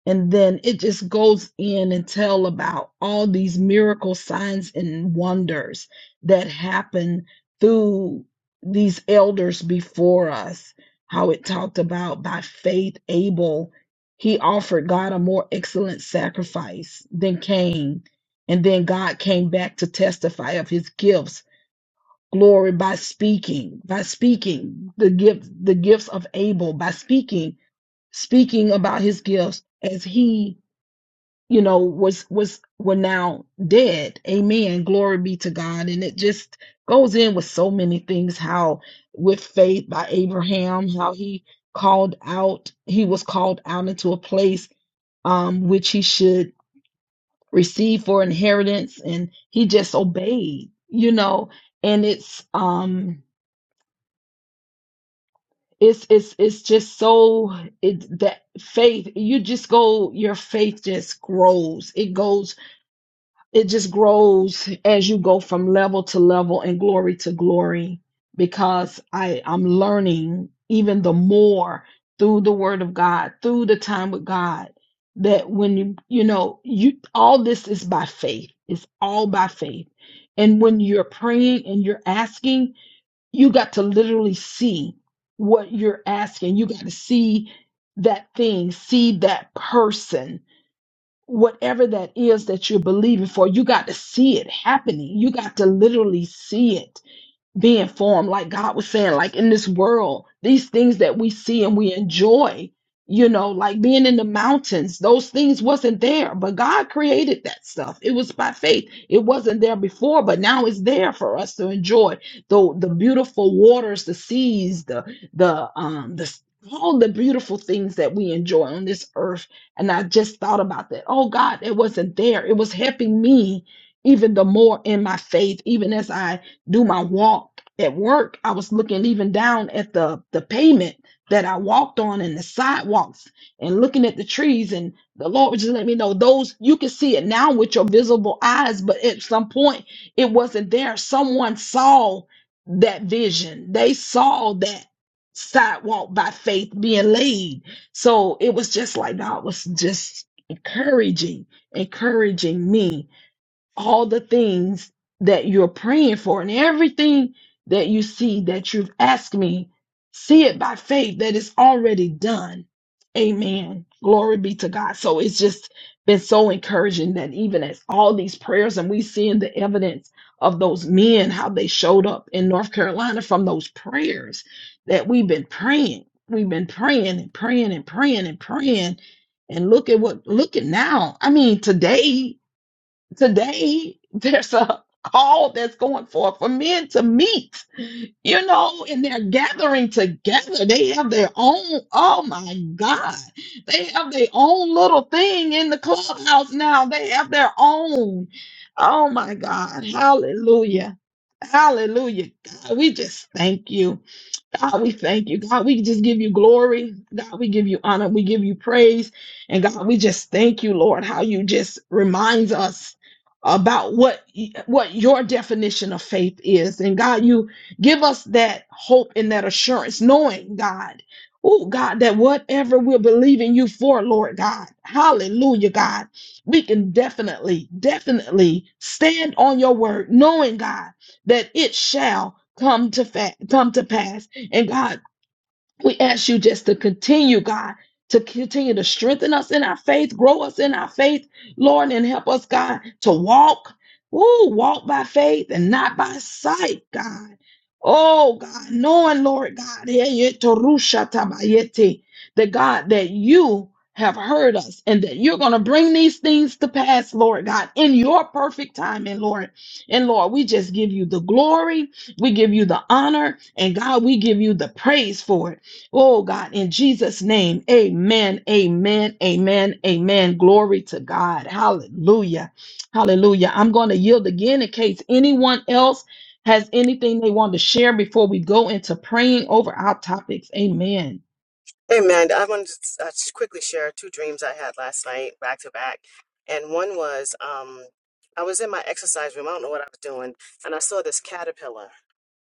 A: and then it just goes in and tell about all these miracle signs and wonders that happen through these elders before us how it talked about by faith abel he offered god a more excellent sacrifice than cain and then god came back to testify of his gifts glory by speaking by speaking the gift the gifts of abel by speaking speaking about his gifts as he you know was was were now dead amen glory be to god and it just goes in with so many things how with faith by abraham how he called out he was called out into a place um which he should receive for inheritance and he just obeyed you know and it's um it's it's it's just so it that faith you just go your faith just grows it goes it just grows as you go from level to level and glory to glory because I, I'm learning even the more through the word of God, through the time with God, that when you, you know, you, all this is by faith. It's all by faith. And when you're praying and you're asking, you got to literally see what you're asking. You got to see that thing, see that person whatever that is that you're believing for, you got to see it happening. You got to literally see it being formed, like God was saying, like in this world, these things that we see and we enjoy, you know, like being in the mountains, those things wasn't there, but God created that stuff. It was by faith. It wasn't there before, but now it's there for us to enjoy. The the beautiful waters, the seas, the the um the all the beautiful things that we enjoy on this earth. And I just thought about that. Oh God, it wasn't there. It was helping me even the more in my faith, even as I do my walk at work, I was looking even down at the the pavement that I walked on and the sidewalks and looking at the trees and the Lord would just let me know those you can see it now with your visible eyes, but at some point it wasn't there. Someone saw that vision. They saw that sidewalk by faith being laid. So it was just like God was just encouraging, encouraging me all the things that you're praying for and everything that you see that you've asked me, see it by faith that it's already done. Amen. Glory be to God. So it's just been so encouraging that even as all these prayers and we seeing the evidence of those men, how they showed up in North Carolina from those prayers that we've been praying. We've been praying and praying and praying and praying. And look at what look at now. I mean, today today there's a call that's going forth for men to meet, you know, and they're gathering together. They have their own, oh my God, they have their own little thing in the clubhouse now. They have their own. Oh my God. Hallelujah. Hallelujah. God, we just thank you. God, we thank you. God, we just give you glory. God, we give you honor. We give you praise. And God, we just thank you, Lord, how you just reminds us about what what your definition of faith is. And God, you give us that hope and that assurance, knowing God, oh God, that whatever we're believing you for, Lord God, hallelujah, God, we can definitely, definitely stand on your word, knowing God that it shall come to fa- come to pass and God, we ask you just to continue, God, to continue to strengthen us in our faith, grow us in our faith, Lord, and help us, God, to walk. ooh, walk by faith and not by sight, God. Oh, God, knowing, Lord God, yeah, yeah, torusha tabayete, that God, that you have heard us and that you're going to bring these things to pass, Lord God, in your perfect time, and Lord. And Lord, we just give you the glory, we give you the honor, and God, we give you the praise for it. Oh God, in Jesus' name, amen, amen, amen, amen. Glory to God. Hallelujah. Hallelujah. I'm going to yield again in case anyone else has anything they want to share before we go into praying over our topics. Amen.
E: Amen. I wanted to uh, just quickly share two dreams I had last night, back to back. And one was um, I was in my exercise room. I don't know what I was doing, and I saw this caterpillar.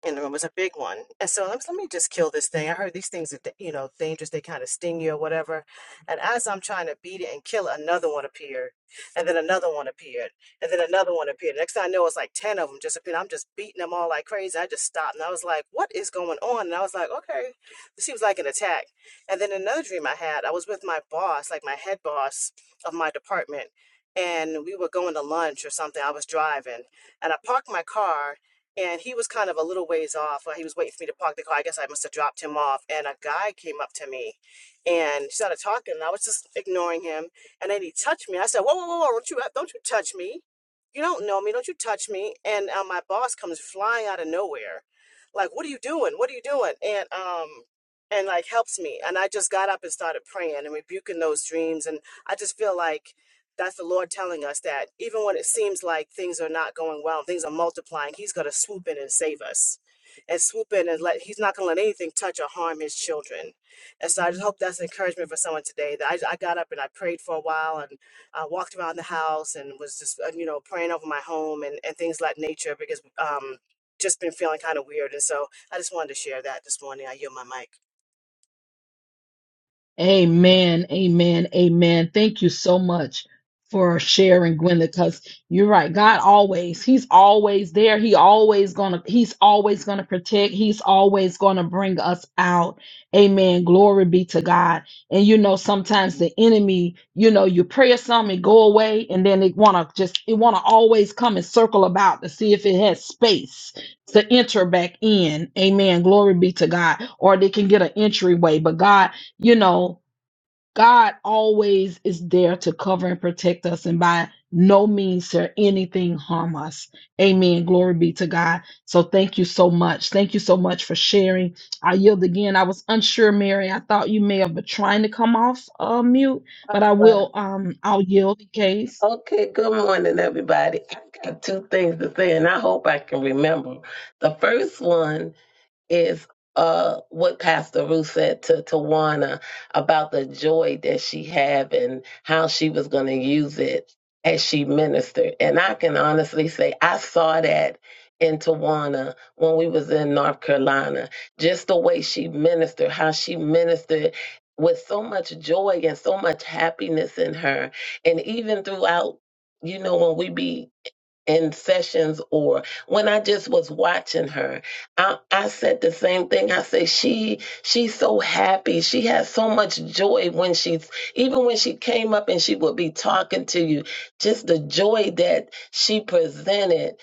E: and it was a big one. And so I was, let me just kill this thing. I heard these things are, da- you know, dangerous. They kind of sting you or whatever. And as I'm trying to beat it and kill it, another one appeared, and then another one appeared, and then another one appeared. Next thing I know, it's like ten of them just appeared. I'm just beating them all like crazy. I just stopped and I was like, what is going on? And I was like, okay, this seems like an attack. And then another dream I had, I was with my boss, like my head boss of my department. And we were going to lunch or something. I was driving, and I parked my car and he was kind of a little ways off. uh, He was waiting for me to park the car. I guess I must have dropped him off. And a guy came up to me and started talking. And I was just ignoring him. And then he touched me. I said, Whoa, whoa, whoa, whoa, don't you, uh, don't you touch me. You don't know me. Don't you touch me. And uh, my boss comes flying out of nowhere. Like, what are you doing? What are you doing? And, um, and like helps me. And I just got up and started praying and rebuking those dreams. And I just feel like that's the Lord telling us that even when it seems like things are not going well, and things are multiplying, He's going to swoop in and save us. And swoop in and let, He's not going to let anything touch or harm His children. And so I just hope that's encouragement for someone today. That I, I got up and I prayed for a while and I walked around the house and was just, uh, you know, praying over my home and, and things like nature because um, just been feeling kind of weird. And so I just wanted to share that this morning. I yield my mic.
A: Amen, amen, amen. Thank you so much for sharing, Gwen, because you're right. God always, He's always there. He always gonna, He's always gonna protect. He's always gonna bring us out. Amen. Glory be to God. And you know, sometimes the enemy, you know, you pray or something, it go away, and then it wanna just it wanna always come and circle about to see if it has space to enter back in. Amen. Glory be to God. Or they can get an entryway. But God you know, God always is there to cover and protect us, and by no means shall anything harm us. Amen. Glory be to God. So thank you so much. Thank you so much for sharing. I yield again. I was unsure, Mary. I thought you may have been trying to come off uh, mute,
F: All
A: but I
F: right.
A: will. Um, I'll yield in case.
F: Okay, good morning, everybody. I got two things to say, and I hope I can remember. The first one is uh what Pastor Ruth said to Tawana about the joy that she had and how she was going to use it as she ministered. And I can honestly say I saw that in Tawana when we was in North Carolina. Just the way she ministered, how she ministered with so much joy and so much happiness in her. And even throughout, you know, when we be in sessions or when I just was watching her, I, I said the same thing. I said she she's so happy. She has so much joy when she's even when she came up and she would be talking to you, just the joy that she presented.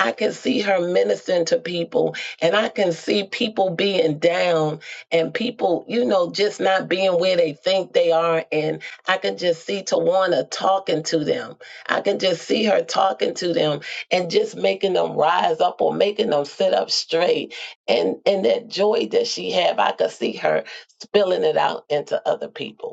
F: I can see her ministering to people and I can see people being down and people, you know, just not being where they think they are. And I can just see Tawana talking to them I can just see her talking to them and just making them rise up or making them sit up straight. And and that joy that she have, I could see her spilling it out into other people.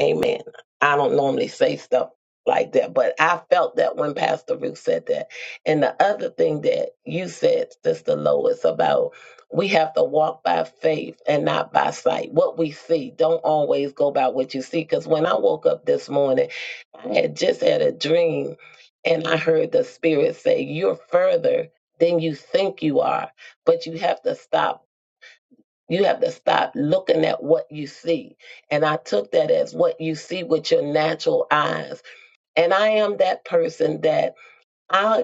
F: Amen. I don't normally say stuff like that, but I felt that when Pastor Ruth said that. And the other thing that you said, Sister Lois, about we have to walk by faith and not by sight. What we see, don't always go by what you see. Because when I woke up this morning, I had just had a dream and I heard the Spirit say, You're further than you think you are, but you have to stop you have to stop looking at what you see. And I took that as what you see with your natural eyes. And I am that person that I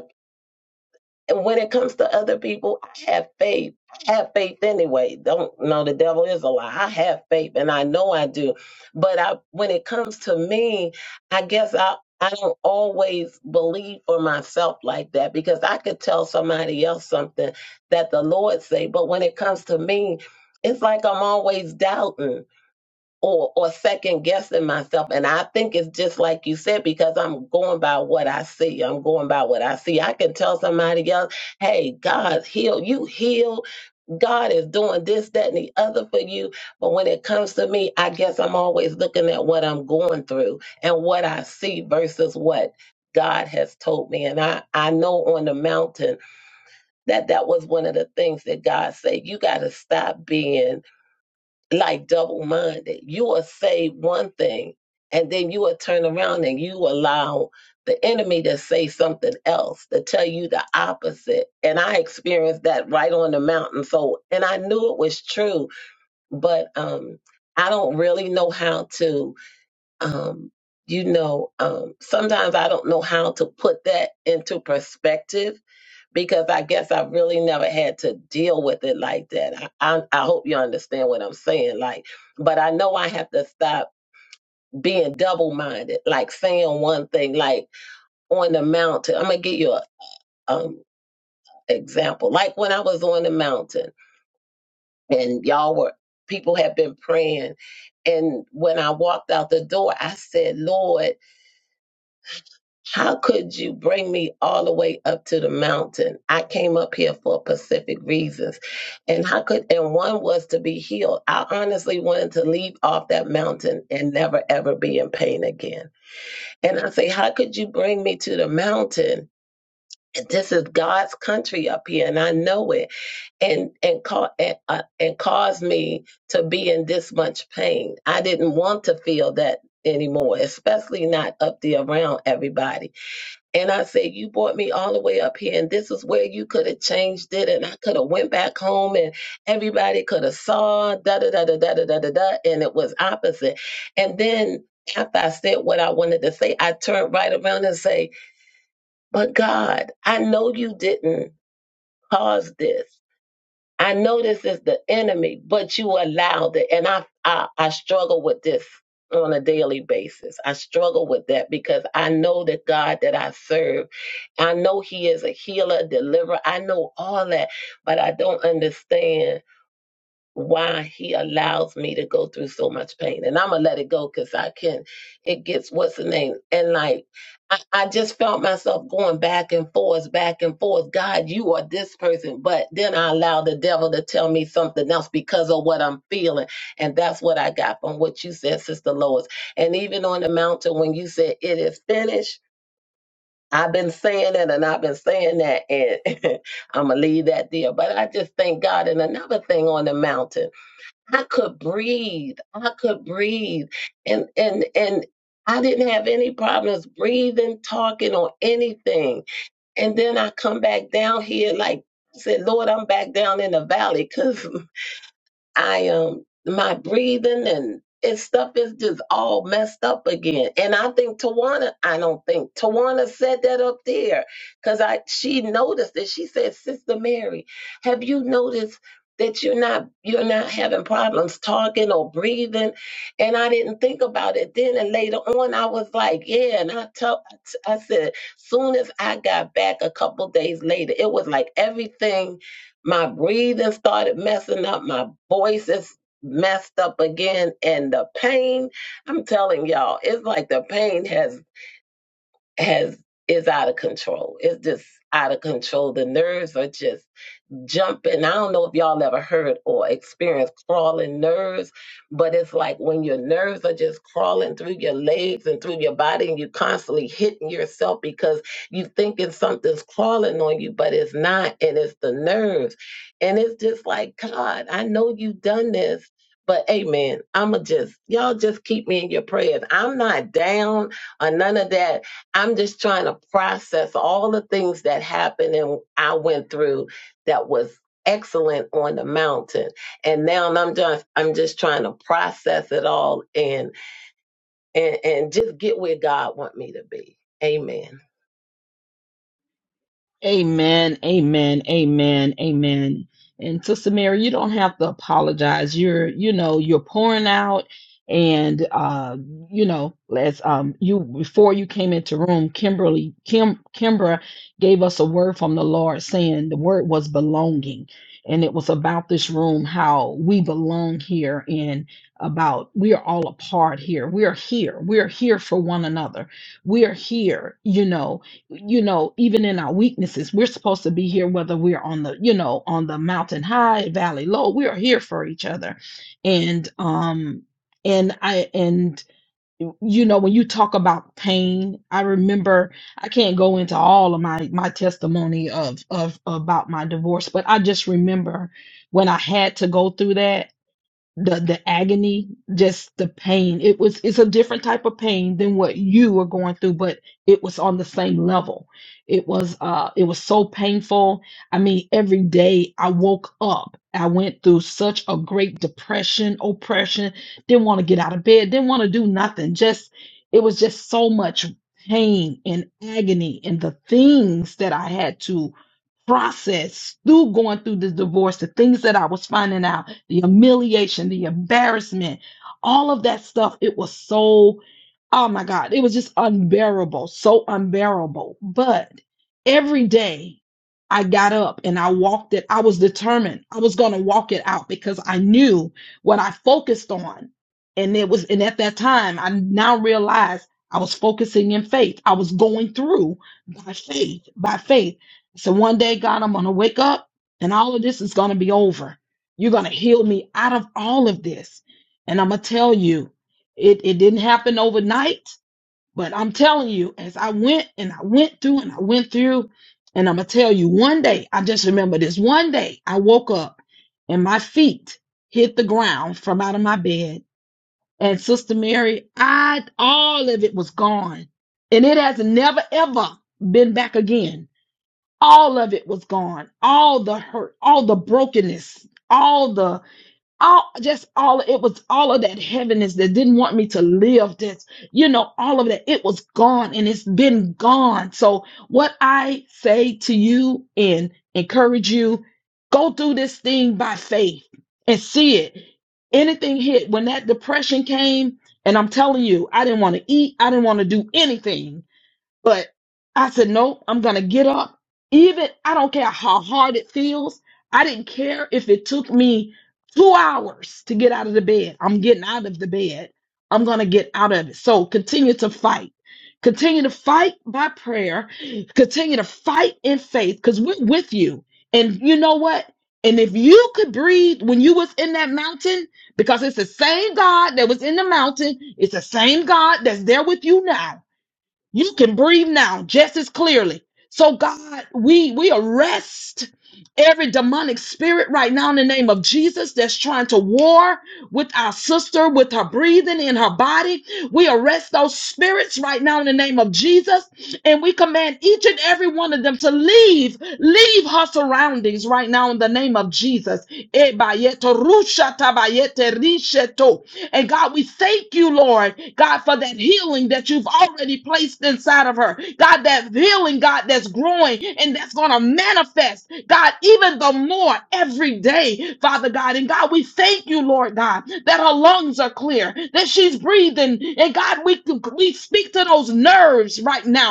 F: and when it comes to other people, I have faith. I have faith anyway. Don't know the devil is a lie. I have faith and I know I do. But I when it comes to me, I guess I I don't always believe for myself like that because I could tell somebody else something that the Lord say, but when it comes to me, it's like I'm always doubting or or second guessing myself and i think it's just like you said because i'm going by what i see i'm going by what i see i can tell somebody else hey god heal you heal god is doing this that and the other for you but when it comes to me i guess i'm always looking at what i'm going through and what i see versus what god has told me and i i know on the mountain that that was one of the things that god said you got to stop being like double minded. You will say one thing and then you will turn around and you allow the enemy to say something else, to tell you the opposite. And I experienced that right on the mountain. So, and I knew it was true, but um, I don't really know how to, um, you know, um, sometimes I don't know how to put that into perspective because I guess I really never had to deal with it like that. I, I, I hope you understand what I'm saying. Like, but I know I have to stop being double minded, like saying one thing, like on the mountain. I'm gonna give you a um example. Like when I was on the mountain and y'all were people had been praying and when I walked out the door, I said, Lord, How could you bring me all the way up to the mountain? I came up here for specific reasons. And how could, and one was to be healed. I honestly wanted to leave off that mountain and never ever be in pain again. And I say, how could you bring me to the mountain? This is God's country up here, and I know it, and and cause and, uh, and cause me to be in this much pain. I didn't want to feel that anymore, especially not up there around everybody. And I said, you brought me all the way up here, and this is where you could have changed it, and I could have went back home, and everybody could have saw da da da da da da da da, da," and it was opposite. And then after I said what I wanted to say, I turned right around and say, but God, I know you didn't cause this. I know this is the enemy, but you allowed it. And I, I, I struggle with this on a daily basis. I struggle with that because I know the God that I serve. I know He is a healer, deliverer. I know all that, but I don't understand why he allows me to go through so much pain. And I'm gonna let it go because I can. It gets what's the name? And like I, I just felt myself going back and forth, back and forth. God, you are this person. But then I allowed the devil to tell me something else because of what I'm feeling. And that's what I got from what you said, Sister Lois. And even on the mountain when you said it is finished. I've been saying it and I've been saying that and I'm gonna leave that there. But I just thank God. And another thing on the mountain. I could breathe. I could breathe. And and and I didn't have any problems breathing, talking, or anything. And then I come back down here like I said, Lord, I'm back down in the valley, cause. I am my breathing and it's stuff is just all messed up again. And I think Tawana, I don't think Tawana said that up there because I she noticed it. She said, Sister Mary, have you noticed that you're not you're not having problems talking or breathing? And I didn't think about it then. And later on, I was like, yeah. And I tell I said, soon as I got back a couple days later, it was like everything my breathing started messing up. My voice is messed up again. And the pain, I'm telling y'all, it's like the pain has has is out of control. It's just out of control. The nerves are just jumping. I don't know if y'all ever heard or experienced crawling nerves, but it's like when your nerves are just crawling through your legs and through your body, and you're constantly hitting yourself because you thinking something's crawling on you, but it's not, and it's the nerves. And it's just like, God, I know you have done this. But amen. I'ma just y'all just keep me in your prayers. I'm not down or none of that. I'm just trying to process all the things that happened and I went through that was excellent on the mountain and now i'm just i'm just trying to process it all and and and just get where god want me to be amen
A: Amen, amen, amen, amen. And Sister Mary, you don't have to apologize. You're, you know, you're pouring out, and uh, you know, as um, you before you came into room, Kimberly, Kim, Kimbra gave us a word from the Lord, saying the word was belonging, and it was about this room, how we belong here, and about we are all a part here. We are here. We are here for one another. We are here, you know you know even in our weaknesses we're supposed to be here whether we're on the you know on the mountain high valley low we are here for each other and um and i and you know when you talk about pain i remember i can't go into all of my my testimony of of about my divorce but i just remember when i had to go through that the the agony, just the pain. It was it's a different type of pain than what you were going through, but it was on the same level. It was uh it was so painful. I mean, every day I woke up, I went through such a great depression, oppression, didn't want to get out of bed, didn't want to do nothing. Just it was just so much pain and agony and the things that I had to process through going through the divorce, the things that I was finding out, the humiliation, the embarrassment, all of that stuff, it was so, oh my God, it was just unbearable, so unbearable. But every day I got up and I walked it, I was determined I was going to walk it out because I knew what I focused on. And it was, and at that time, I now realized I was focusing in faith. I was going through by faith, by faith. So one day, God, I'm going to wake up and all of this is going to be over. You're going to heal me out of all of this. And I'm going to tell you, it, it didn't happen overnight, but I'm telling you, as I went and I went through and I went through, and I'm going to tell you, one day, I just remember this one day I woke up and my feet hit the ground from out of my bed. And Sister Mary, I, all of it was gone. And it has never, ever been back again all of it was gone all the hurt all the brokenness all the all just all it was all of that heaviness that didn't want me to live this you know all of that it was gone and it's been gone so what i say to you and encourage you go through this thing by faith and see it anything hit when that depression came and i'm telling you i didn't want to eat i didn't want to do anything but I said, nope, I'm going to get up. Even, I don't care how hard it feels. I didn't care if it took me two hours to get out of the bed. I'm getting out of the bed. I'm going to get out of it. So continue to fight. Continue to fight by prayer. Continue to fight in faith because we're with you. And you know what? And if you could breathe when you was in that mountain, because it's the same God that was in the mountain, it's the same God that's there with you now you can breathe now just as clearly so god we we arrest every demonic spirit right now in the name of jesus that's trying to war with our sister with her breathing in her body we arrest those spirits right now in the name of jesus and we command each and every one of them to leave leave her surroundings right now in the name of jesus Eh, rusha, tabayete, risheto. And God, we thank you, Lord, God, for that healing that you've already placed inside of her. God, that healing, God, that's growing and that's going to manifest, God, even the more every day, Father God. And God, we thank you, Lord God, that her lungs are clear, that she's breathing. And God, we, we speak to those nerves right now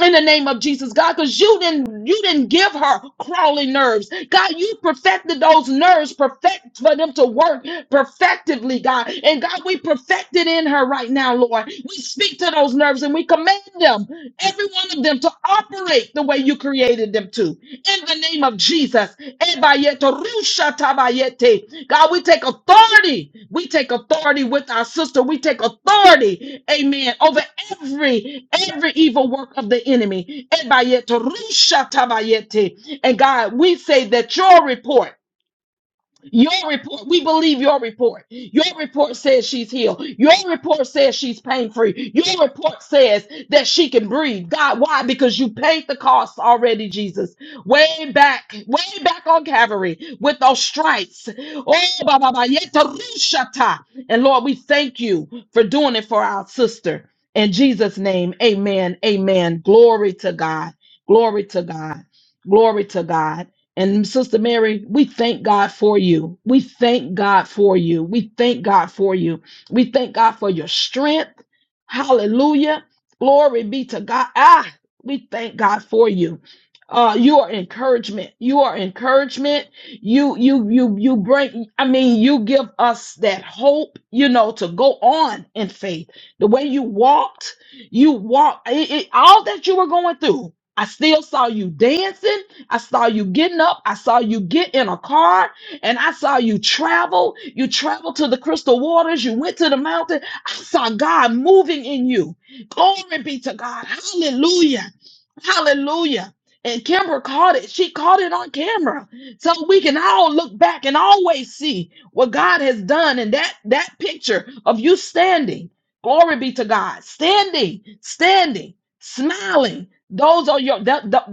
A: in the name of Jesus, God, because you didn't you didn't give her crawling nerves. God, you perfected those nerves, perfect for them to work perfectively, God. And God, we perfect it in her right now, Lord. We speak to those nerves and we command them every one of them to operate the way you created them to. In the name of Jesus. Ebayeto rusha tabayete. God, we take authority. We take authority with our sister. We take authority, amen, over every every evil work of the enemy. Ebayeto rusha tabayete. And God, we say that your report. Your report, we believe your report. Your report says she's healed. Your report says she's pain free. Your report says that she can breathe. God, why? Because you paid the cost already, Jesus. Way back, way back on Calvary with those stripes. Oh, ba, ba, ba, yeta, rushata. And Lord, we thank you for doing it for our sister. In Jesus' name, amen. Amen. Glory to God. Glory to God. Glory to God. And Sister Mary, we thank God for you. We thank God for you. We thank God for you. We thank God for your strength. Hallelujah. Glory be to God. Ah, we thank God for you. Uh, you are encouragement. You are encouragement. You, you, you, you bring, I mean, you give us that hope, you know, to go on in faith. The way you walked, you walked, it, it- all that you were going through. I still saw you dancing. I saw you getting up. I saw you get in a car and I saw you travel. You traveled to the crystal waters. You went to the mountain. I saw God moving in you. Glory be to God. Hallelujah. Hallelujah. And Kimber caught it. She caught it on camera. So we can all look back and always see what God has done in that, that picture of you standing. Glory be to God. Standing, standing, smiling. Those are your that,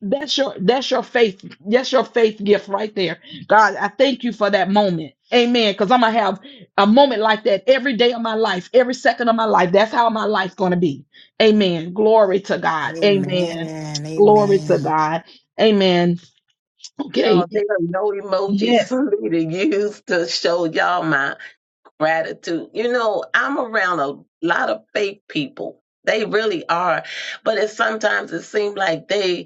A: that's your that's your faith. That's your faith gift right there. God, I thank you for that moment. Amen. Because I'm gonna have a moment like that every day of my life, every second of my life. That's how my life's gonna be. Amen. Glory to God. Amen.
C: Amen.
A: Glory to
C: Amen.
A: God. Amen. Okay.
F: y'all there are no emojis
A: Yes.
F: for me to use to show y'all my gratitude you know i'm around a lot of fake people they really are but it sometimes it seems like they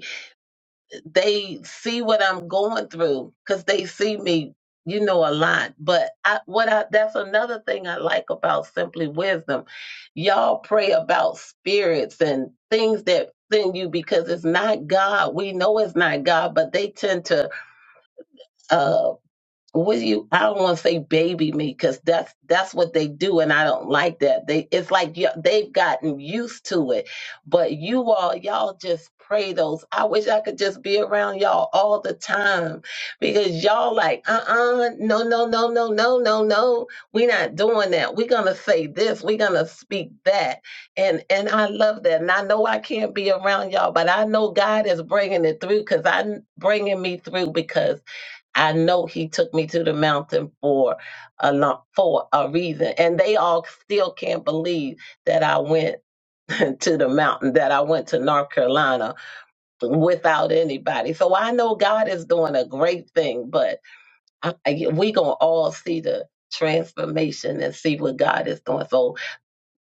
F: they see what I'm going through because they see me, you know, a lot. But I, what I, that's another thing I like about Simply Wisdom. Y'all pray about spirits and things that send you because it's not God. We know it's not God, but they tend to uh, would you? I don't want to say baby me because that's that's what they do, and I don't like that. They it's like y- they've gotten used to it, but you all y'all just pray those. I wish I could just be around y'all all the time because y'all like uh uh no no no no no no no we are not doing that. We're gonna say this. We're gonna speak that, and and I love that. And I know I can't be around y'all, but I know God is bringing it through because I'm bringing me through because. I know he took me to the mountain for a lot for a reason. And they all still can't believe that I went to the mountain, that I went to North Carolina without anybody. So I know God is doing a great thing, but I, I, we gonna all see the transformation and see what God is doing. So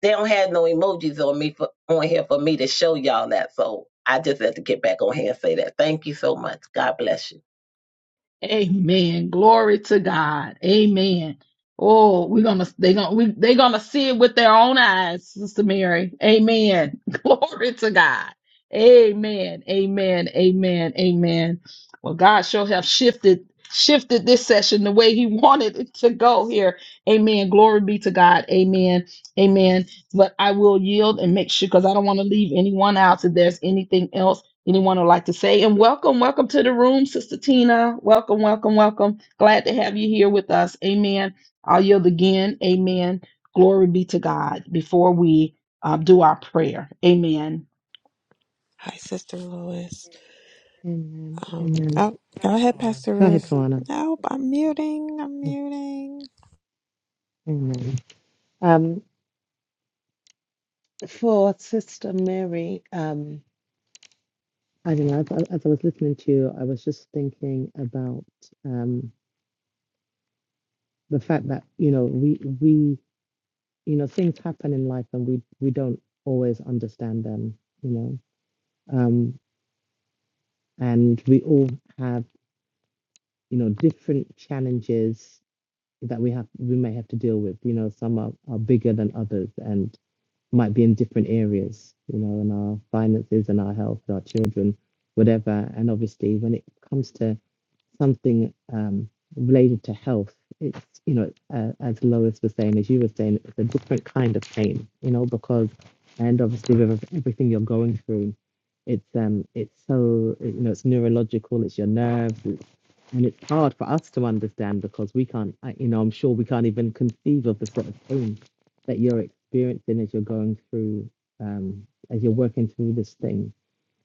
F: they don't have no emojis on me for on here for me to show y'all that. So I just had to get back on here and say that. Thank you so much. God bless you.
A: Amen. Glory to God. Amen. Oh, we're gonna they gonna we they gonna see it with their own eyes, Sister Mary. Amen. Glory to God. Amen. Amen. Amen. Amen. Well, God sure have shifted shifted this session the way He wanted it to go here. Amen. Glory be to God. Amen. Amen. But I will yield and make sure because I don't want to leave anyone out if there's anything else Anyone would like to say, and welcome, welcome to the room, Sister Tina. Welcome, welcome, welcome. Glad to have you here with us. Amen. I'll yield again. Amen. Glory be to God before we uh, do our prayer. Amen.
G: Hi, Sister Lois.
D: Amen.
G: Um,
D: Amen.
G: oh, go ahead, Pastor
D: Go ahead,
G: Ruth.
D: Kawana.
G: Nope, I'm muting. I'm muting.
D: Amen. Um, for Sister Mary, um, I don't know. As, as I was listening to you, I was just thinking about um, the fact that you know we we you know things happen in life and we we don't always understand them. You know, um, and we all have you know different challenges that we have we may have to deal with. You know, some are, are bigger than others, and. might be in different areas, you know, in our finances and our health, our children, whatever. And obviously, when it comes to something um, related to health, it's, you know, uh, as Lois was saying, as you were saying, it's a different kind of pain, you know, because, and obviously, with everything you're going through, it's um it's so you know it's neurological it's your nerves and it's hard for us to understand because we can't, I- you know, I'm sure we can't even conceive of the sort of pain that you're experiencing as you're going through, um, as you're working through this thing.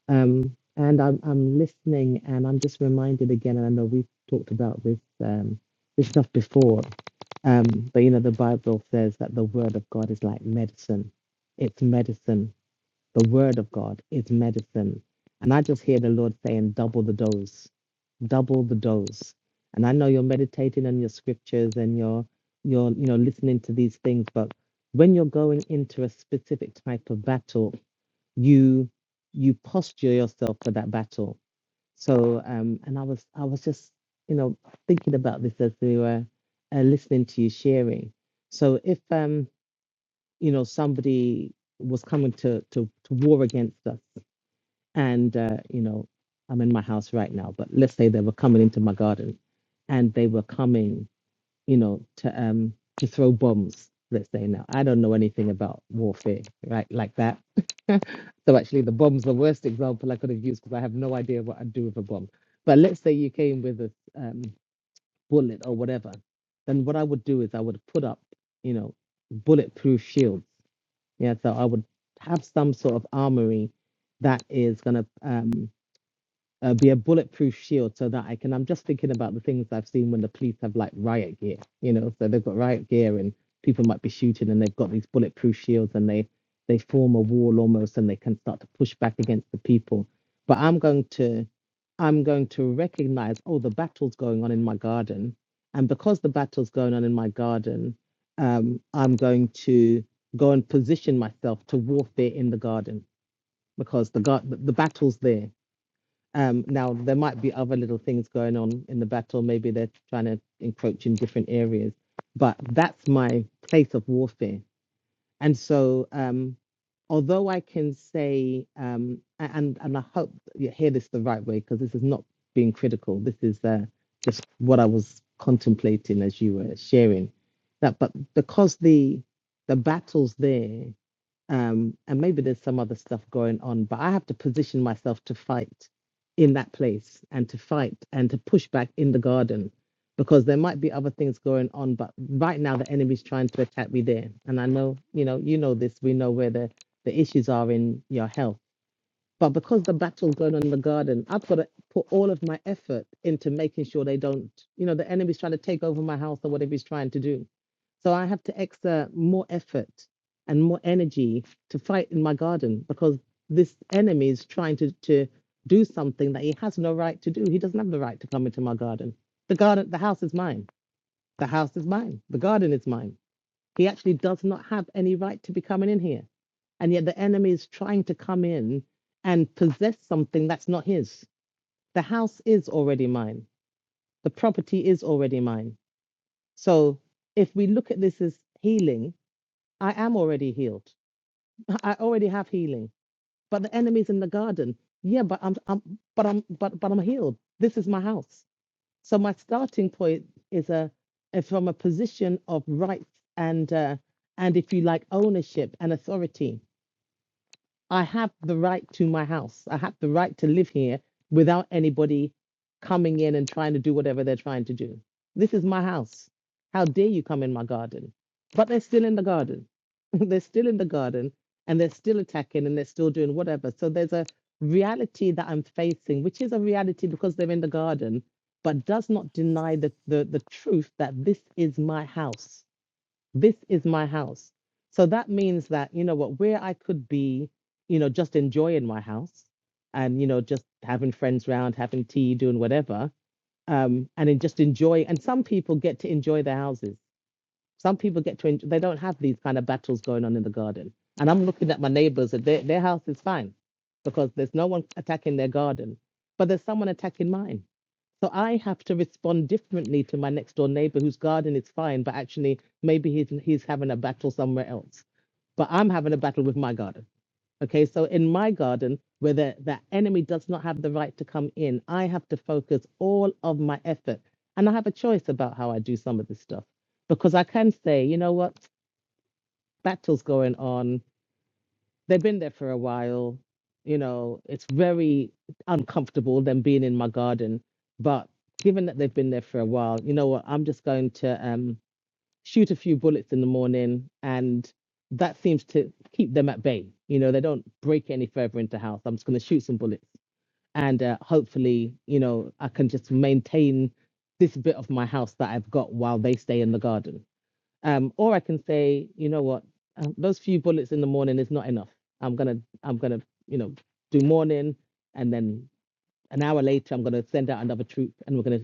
D: Um, and I'm, I'm listening and I'm just reminded again, and I know we've talked about this, um, this stuff before, um, but you know, the Bible says that the word of God is like medicine. It's medicine the word of God is medicine. And I just hear the Lord saying, double the dose, double the dose. And I know you're meditating on your scriptures and you're you're you know listening to these things, but when you're going into a specific type of battle, you you posture yourself for that battle. So um and I was I was just you know thinking about this as we were uh, listening to you sharing. So if um you know somebody was coming to to, to war against us and uh, you know i'm in my house right now but let's say they were coming into my garden and they were coming you know to um to throw bombs let's say now i don't know anything about warfare right like that so actually the bomb's the worst example i could have used because i have no idea what i'd do with a bomb but let's say you came with a um, bullet or whatever then what i would do is i would put up you know bulletproof shields yeah so i would have some sort of armory that is going to um, uh, be a bulletproof shield so that I can. I'm just thinking about the things I've seen when the police have like riot gear, you know, so they've got riot gear and people might be shooting and they've got these bulletproof shields and they they form a wall almost and they can start to push back against the people. But I'm going to I'm going to recognize, oh, the battle's going on in my garden. And because the battle's going on in my garden, um, I'm going to go and position myself to warfare in the garden because the, gar- the the battle's there um, now there might be other little things going on in the battle. Maybe they're trying to encroach in different areas, but that's my place of warfare. And so, um, although I can say, um, and and I hope you hear this the right way because this is not being critical. This is uh, just what I was contemplating as you were sharing that. But because the the battle's there, um, and maybe there's some other stuff going on, but I have to position myself to fight in that place and to fight and to push back in the garden because there might be other things going on, but right now the enemy's trying to attack me there. And I know, you know, you know this, we know where the, the issues are in your health but because the battle's going on in the garden, I've got to put all of my effort into making sure they don't, you know, the enemy's trying to take over my house or whatever he's trying to do. So I have to exert more effort and more energy to fight in my garden because this enemy is trying to, to do something that he has no right to do. He doesn't have the right to come into my garden. The garden, the house is mine. The house is mine. The garden is mine. He actually does not have any right to be coming in here. And yet the enemy is trying to come in and possess something that's not his. The house is already mine, the property is already mine. So if we look at this as healing, I am already healed. I already have healing. But the enemy's in the garden. Yeah, but I'm, I'm but I'm but but I'm healed. This is my house. So my starting point is a is from a position of rights and uh, and if you like ownership and authority. I have the right to my house. I have the right to live here without anybody coming in and trying to do whatever they're trying to do. This is my house. How dare you come in my garden? But they're still in the garden. they're still in the garden and they're still attacking and they're still doing whatever. So there's a reality that I'm facing, which is a reality because they're in the garden, but does not deny the, the, the truth that this is my house this is my house. So that means that, you know what, where I could be, you know, just enjoying my house and, you know, just having friends round, having tea, doing whatever, um, and then just enjoy. And some people get to enjoy their houses. Some people get to enjoy, they don't have these kind of battles going on in the garden. And I'm looking at my neighbors and their, their house is fine because there's no one attacking their garden, but there's someone attacking mine so I have to respond differently to my next door neighbor whose garden is fine, but actually maybe he's he's having a battle somewhere else. But I'm having a battle with my garden. Okay, so in my garden, where the, the enemy does not have the right to come in, I have to focus all of my effort. And I have a choice about how I do some of this stuff. Because I can say, you know what, battle's going on. They'd been there for a while. You know, it's very uncomfortable them being in my garden. But given that they've been there for a while, you know what? I'm just going to um, shoot a few bullets in the morning. And that seems to keep them at bay. You know, they don't break any further into house. I'm just going to shoot some bullets. And uh, hopefully, you know, I can just maintain this bit of my house that I've got while they stay in the garden um, or I can say, you know what, um, those few bullets in the morning is not enough. I'm gonna, I'm gonna, you know, do morning, and then an hour later, I'm gonna send out another troop, and we're gonna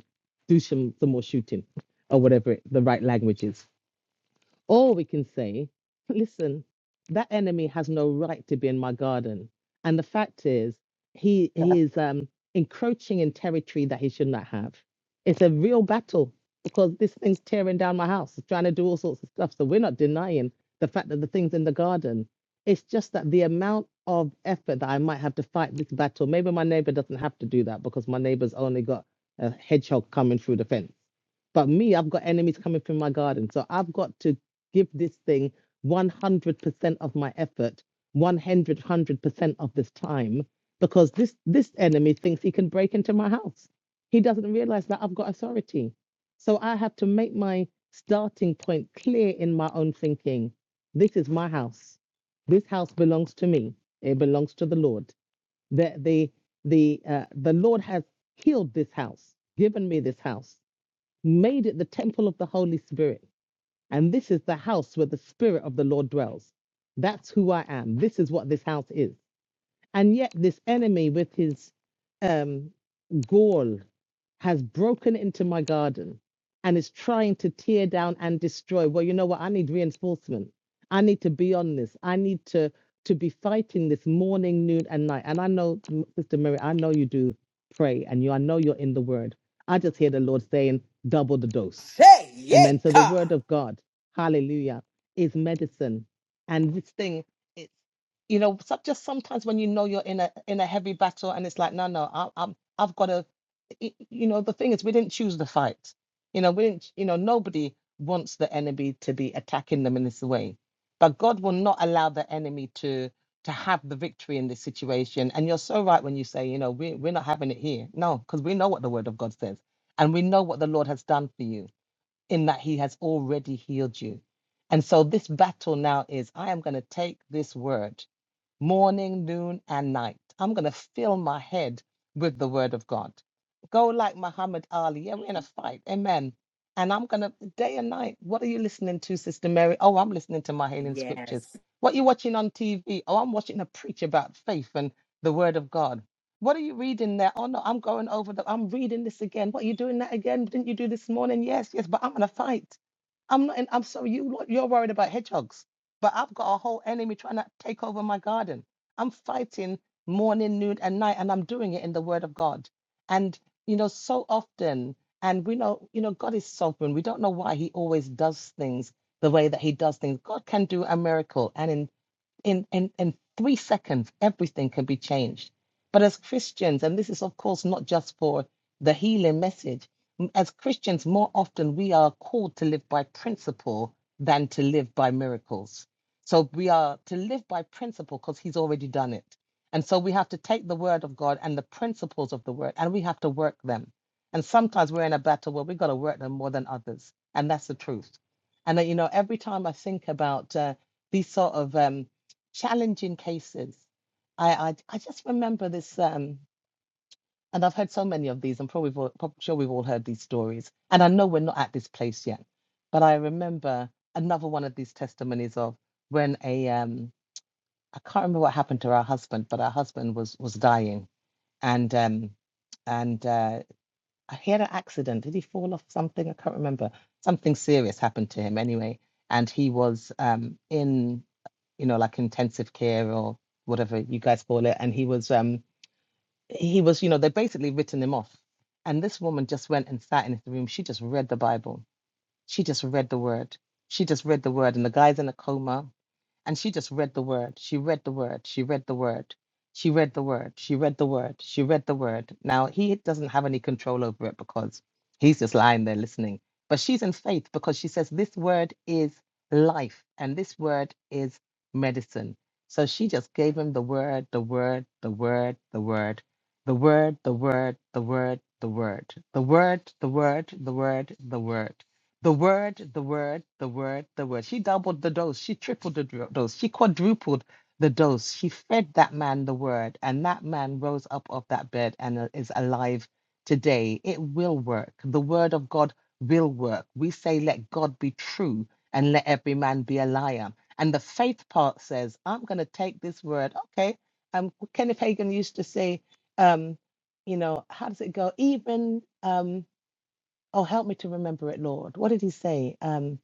D: do some some more shooting, or whatever it, the right language is. Or we can say, listen, that enemy has no right to be in my garden. And the fact is, he, he is um, encroaching in territory that he should not have. It's a real battle because this thing's tearing down my house, it's trying to do all sorts of stuff. So we're not denying the fact that the thing's in the garden. It's just that the amount of effort that I might have to fight this battle, maybe my neighbor doesn't have to do that because my neighbor's only got a hedgehog coming through the fence. But me, I've got enemies coming through my garden. So I've got to give this thing 100% of my effort, 100, 100% of this time, because this, this enemy thinks he can break into my house. He doesn't realize that I've got authority. So I have to make my starting point clear in my own thinking. This is my house. This house belongs to me. It belongs to the Lord. The, the, the, uh, the Lord has healed this house, given me this house, made it the temple of the Holy Spirit. And this is the house where the Spirit of the Lord dwells. That's who I am. This is what this house is. And yet, this enemy, with his um, gall, has broken into my garden and is trying to tear down and destroy. Well, you know what? I need reinforcement. I need to be on this. I need to to be fighting this morning, noon, and night. And I know, Sister Mary, I know you do pray, and you, I know you're in the Word. I just hear the Lord saying, double the dose. Amen. So the Word of God, Hallelujah, is medicine. And this thing. it's you know, some, just sometimes when you know you're in a in a heavy battle and it's like, no, no, I, I'm I've got to, y- you know, the thing is we didn't choose the fight, you know, we didn't, you know, nobody wants the enemy to be attacking them in this way, but God will not allow the enemy to to have the victory in this situation. And you're so right when you say, you know, we we're not having it here, no, because we know what the Word of God says, and we know what the Lord has done for you in that He has already healed you. And so this battle now is I am going to take this word morning, noon, and night. I'm going to fill my head with the word of God. Go like Muhammad Ali. Yeah, we're in a fight. Amen. And I'm going to, day and night, what are you listening to, Sister Mary? Oh, I'm listening to my healing scriptures.
C: Yes.
D: What are you watching on TV? Oh, I'm watching a preach about faith and the word of God. What are you reading there? Oh, no, I'm going over the, I'm reading this again. What are you doing that again? Didn't you do this morning? Yes, yes, but I'm in a fight. I'm not in, I'm sorry, you, lot- you're worried about hedgehogs but I've got a whole enemy trying to take over my garden. I'm fighting morning, noon, and night, and I'm doing it in the Word of God. And you know, so often, and we know, you know, God is sovereign. We don't know why He always does things the way that He does things. God can do a miracle, and in in in in three seconds everything can be changed but as christians and this is of course not just for the healing message m- as christians more often we are called to live by principle than to live by miracles so we are to live by principle because he's already done it and so we have to take the word of god and the principles of the word and we have to work them and sometimes we're in a battle where we've got to work them more than others and that's the truth and uh, you know every time i think about uh, these sort of um, challenging cases. I, I I just remember this, um, and I've heard so many of these. I'm probably, all, sure we've all heard these stories, and I know we're not at this place yet, but I remember another one of these testimonies of when a um, I can't remember what happened to our husband, but our husband was was dying, and um, and uh, he had an accident. Did he fall off something? I can't remember. Something serious happened to him anyway, and he was um, in you know, like intensive care or whatever you guys call it. And he was, um, he was, you know, they basically written him off. And this woman just went and sat in his room. She just read the Bible. She just read the word. She just read the word. And the guy's in a coma and she just read the word. She read the word. She read the word. She read the word. She read the word. She read the word. Now, he doesn't have any control over it because he's just lying there listening. But she's in faith because she says, This word is life and this word is medicine. So she just gave him the word, the word, the word, the word, the word, the word, the word, the word, the word, the word, the word, the word, the word, the word, the word, the word. She doubled the dose. She tripled the dro- dose. She quadrupled the dose. She fed that man the word, and that man rose up off that bed and uh, is alive today. It will work. The word of God will work. We say, let God be true and let every man be a liar. And the faith part says, I'm going to take this word. Okay. Um, Kenneth Hagin used to say, um, you know, how does it go? Even. Um, Oh, help me to remember it, Lord. What did he say? Um,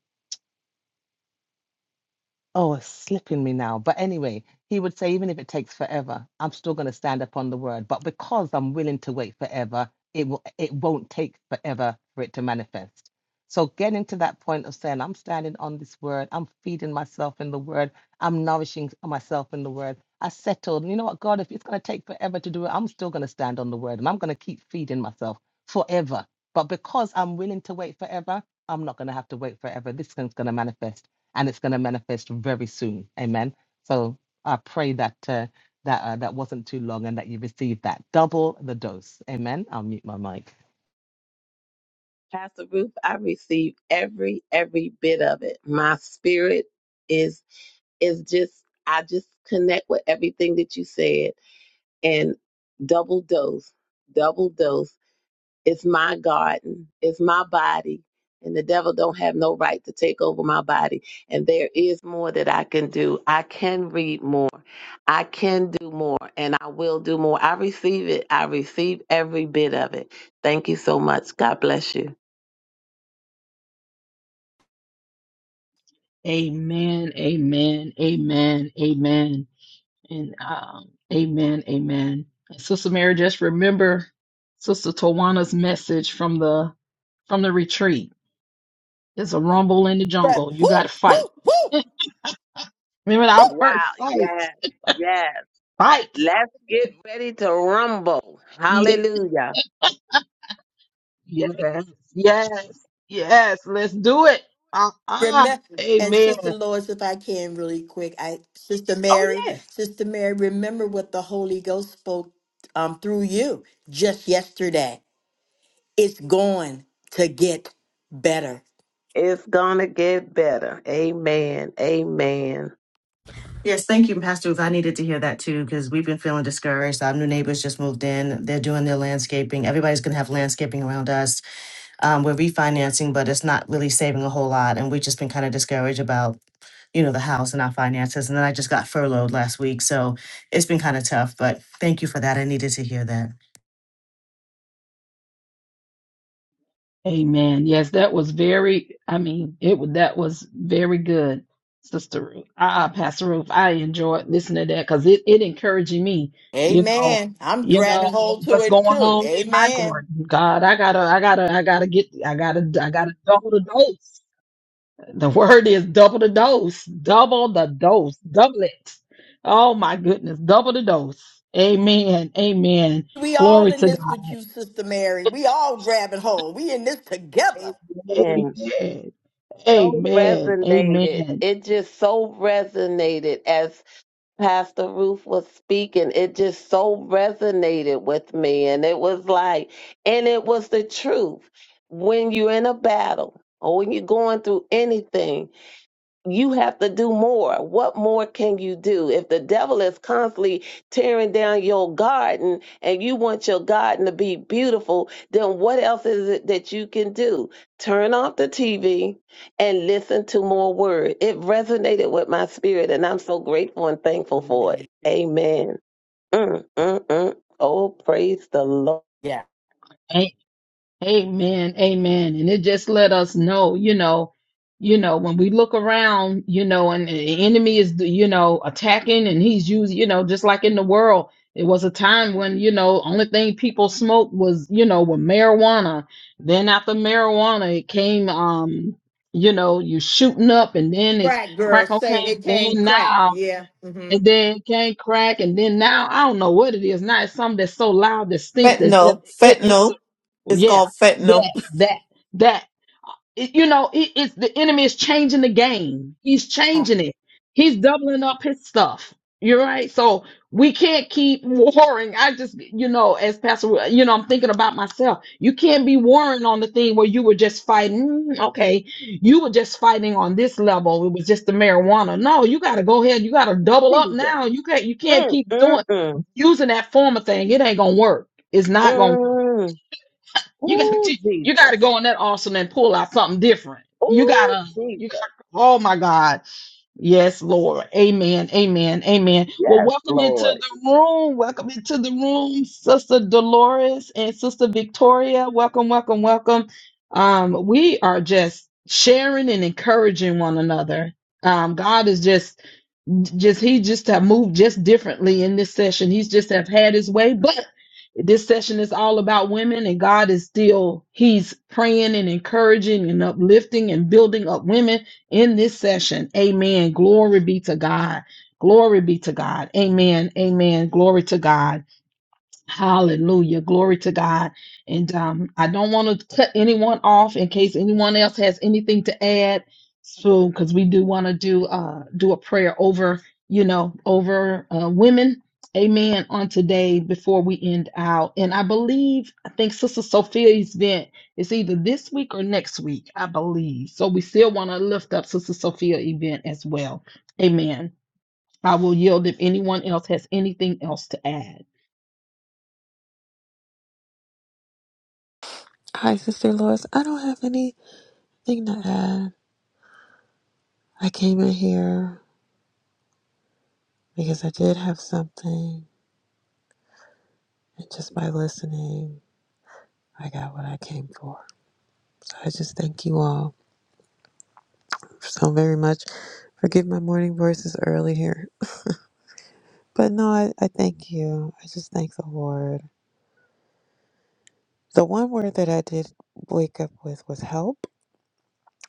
D: Oh, it's slipping me now. But anyway, he would say, even if it takes forever, I'm still going to stand up on the word. But because I'm willing to wait forever, it will it won't take forever for it to manifest. So getting to that point of saying, I'm standing on this word, I'm feeding myself in the word, I'm nourishing myself in the word. I settled, you know what, God, if it's going to take forever to do it, I'm still going to stand on the word and I'm going to keep feeding myself forever. But because I'm willing to wait forever, I'm not going to have to wait forever. This thing's going to manifest and it's going to manifest very soon. Amen. So I pray that uh, that uh, that wasn't too long and that you received that double the dose. Amen. I'll mute my mic.
F: Pastor Ruth, I receive every every bit of it. My spirit is is just I just connect with everything that you said and double dose, double dose. It's my garden, it's my body, and the devil don't have no right to take over my body. And there is more that I can do. I can read more. I can do more and I will do more. I receive it. I receive every bit of it. Thank you so much. God bless you.
A: Amen. Amen. Amen. Amen. And um, amen. Amen. And Sister Mary, just remember Sister Tawana's message from the from the retreat. It's a rumble in the
C: But
A: jungle. You
C: woo,
A: got to
C: woo,
A: fight.
C: woo,
A: Remember
C: woo.
A: that word,
F: Wow.
A: fight,
F: Yes. Yes.
A: fight.
F: Let's get ready to rumble.
A: Yes,
F: Hallelujah.
A: yes, yes, yes. Let's do it. Uh-uh.
C: Remember, and
A: Amen.
C: Sister Lois, if I can, really quick, I Sister
A: Oh,
C: Mary,
A: yes.
C: Sister Mary, remember what the Holy Ghost spoke um, through you just yesterday. It's going to get better.
F: It's going to get better. Amen. Amen.
E: Yes, thank you, Pastor Ruth. I needed to hear that too because we've been feeling discouraged. Our new neighbors just moved in. They're doing their landscaping. Everybody's going to have landscaping around us. Um, we're refinancing, but it's not really saving a whole lot. And we've just been kind of discouraged about, you know, the house and our finances. And then I just got furloughed last week. So it's been kind of tough, but thank you for that. I needed to hear that.
A: Amen. Yes, that was very, I mean, it wa- that was very good, Sister Ruth. uh Pastor Ruth. I enjoyed listening to that because it, it encouraging me, you know,
C: Amen. I'm
A: you know,
C: grabbing hold to
A: what's
C: it
A: going
C: too.
A: on in my
C: Amen.
A: garden. God, I gotta, I gotta, I gotta get, I gotta, I gotta double the dose. The word is double the dose, double the dose, double it. Oh my goodness, double the dose. Amen. Amen.
C: We all
A: Glory
C: in
A: to
C: this with you, Sister Mary. We all grabbing hold. We in this together.
A: God.
F: Amen.
A: Amen.
F: So
A: Amen.
F: resonated.
A: Amen.
F: It just so resonated as Pastor Ruth was speaking. It just so resonated with me. And it was like, and it was the truth. When you're in a battle or when you're going through anything, you have to do more. What more can you do? If the devil is constantly tearing down your garden and you want your garden to be beautiful, then what else is it that you can do? Turn off the TV and listen to more word. It resonated with my spirit, and I'm so grateful and thankful for it. Amen. Mm, mm, mm. Oh, praise the Lord
C: Yeah.
A: Amen. Amen. And it just let us know, you know, you know, when we look around, you know, and the enemy is, you know, attacking and he's using, you know, just like in the world, it was a time when, you know, only thing people smoked was, you know, with marijuana. Then after marijuana, it came, um, you know, you shooting up and then it's
C: Crack, girl.
A: crack
C: Say it.
A: cocaine.
C: It came
A: Then
C: crack.
A: now
C: Yeah. hmm
A: and then can't crack, and then now I don't know what it is. Now it's something that's so loud, distinct that
B: Fentanyl.
A: it into
B: Fentanyl. It's
A: yeah,
B: called fentanyl.
A: that that that it- you know, it, it's the enemy is changing the game. He's changing it. He's doubling up his stuff. You're right. So we can't keep warring. I just, you know, as Pastor, Ru- you know, I'm thinking about myself. You can't be warring on the thing where you were just fighting. Mm, Okay. You were just fighting on this level. It was just the marijuana. No, you got to go ahead. You got to double up
F: Jesus.
A: now. You can't, you can't
F: Mm,
A: keep
F: mm,
A: doing,
F: mm,
A: using that former thing. It ain't going to work. It's not going to
F: mm.
A: you got
F: Oh,
A: to you got to
F: Jesus.
A: go on that awesome and pull out something different. You
F: Oh,
A: gotta you
F: Jesus.
A: gotta. Oh my God! Yes, Lord. Amen. Amen. Amen. Well,
F: Yes,
A: welcome into
F: Lord.
A: the room. Welcome into the room, Sister Dolores and Sister Victoria. Welcome, welcome, welcome. Um, we are just sharing and encouraging one another. Um, God is just just he just have moved just differently in this session. He's just have had his way, but this session is all about women, and God is still He's praying and encouraging and uplifting and building up women in this session. Amen. Glory be to God. Glory be to God. Amen. Amen. Glory to God. Hallelujah. Glory to God. And um, I don't want to cut anyone off in case anyone else has anything to add. So, because we do want to do uh, do a prayer over, you know, over uh, women. Amen. On today before we end out. And I believe, I think Sister Sophia's event is either this week or next week, I believe. So we still want to lift up Sister Sophia event as well. Amen. I will yield if anyone else has anything else to add.
G: Hi, Sister Lois. I don't have anything to add. I came in here because I did have something, and just by listening, I got what I came for. So I just thank you all so very much. Forgive my morning voices early here. But no, I, I thank you. I just thank the Lord. The one word that I did wake up with was help.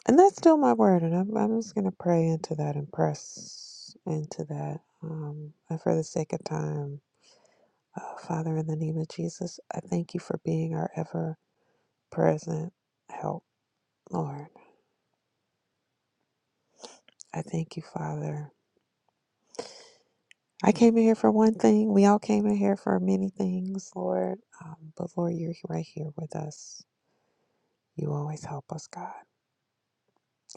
G: And that's still my word. And I'm, I'm just going to pray into that and press into that. Um, and for the sake of time, uh, Father, in the name of Jesus, I thank you for being our ever present help, Lord. I thank you, Father. I came in here for one thing. We all came in here for many things, Lord. Um, but Lord, you're right here with us. You always help us, God.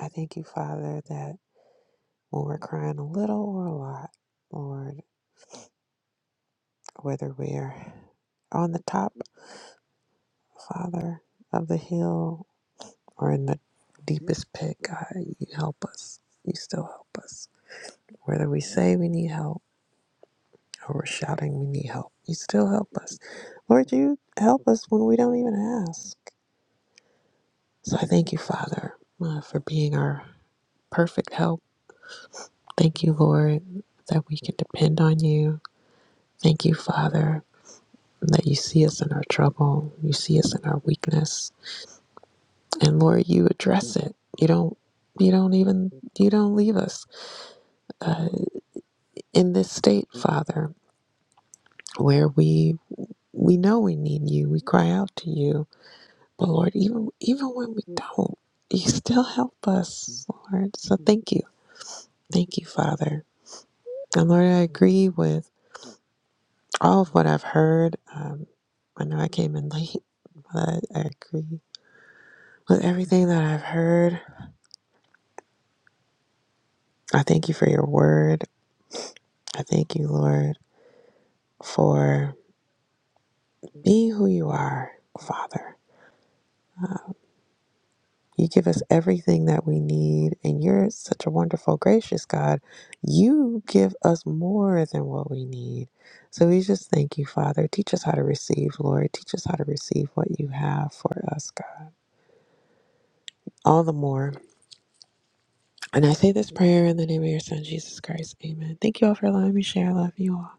G: I thank you, Father, that when we're crying a little or a lot, Lord, whether we're on the top Father of the hill or in the deepest pit, God, you help us. You still help us. Whether we say we need help or we're shouting we need help, you still help us. Lord, you help us when we don't even ask. So I thank you, Father, uh, for being our perfect help. Thank you, Lord, that we can depend on you. Thank you, Father, that you see us in our trouble. You see us in our weakness. And Lord, you address it. You don't you don't even you don't leave us uh, in this state, Father, where we we know we need you, we cry out to you, but Lord, even even when we don't, you still help us, Lord. So thank you, thank you, Father, and Lord, I agree with all of what I've heard. Um, I know I came in late, but I agree with everything that I've heard. I thank you for your word. I thank you, Lord, for being who you are, Father. You give us everything that we need, and you're such a wonderful, gracious God. You give us more than what we need. So we just thank you, Father. Teach us how to receive, Lord. Teach us how to receive what you have for us, God. All the more. And I say this prayer in the name of your Son, Jesus Christ. Amen. Thank you all for allowing me to share. I love you all.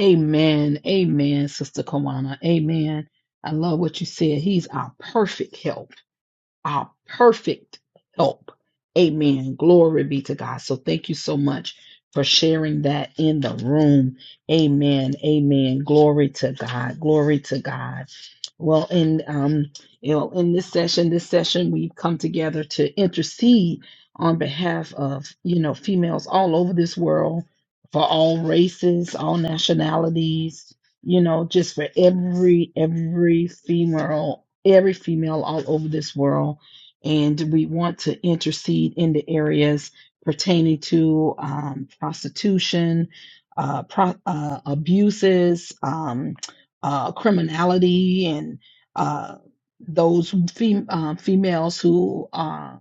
A: Amen. Amen, Sister Kawana. Amen. I love what you said. He's our perfect help our perfect help. Amen. Glory be to God. So thank you so much for sharing that in the room. Amen. Amen. Glory to God. Glory to God. Well, in um, you know, in this session, this session we've come together to intercede on behalf of, you know, females all over this world for all races, all nationalities, you know, just for every every female every female all over this world. And we want to intercede in the areas pertaining to um, prostitution, uh, pro- uh, abuses, um, uh, criminality, and uh, those fem- uh, females who are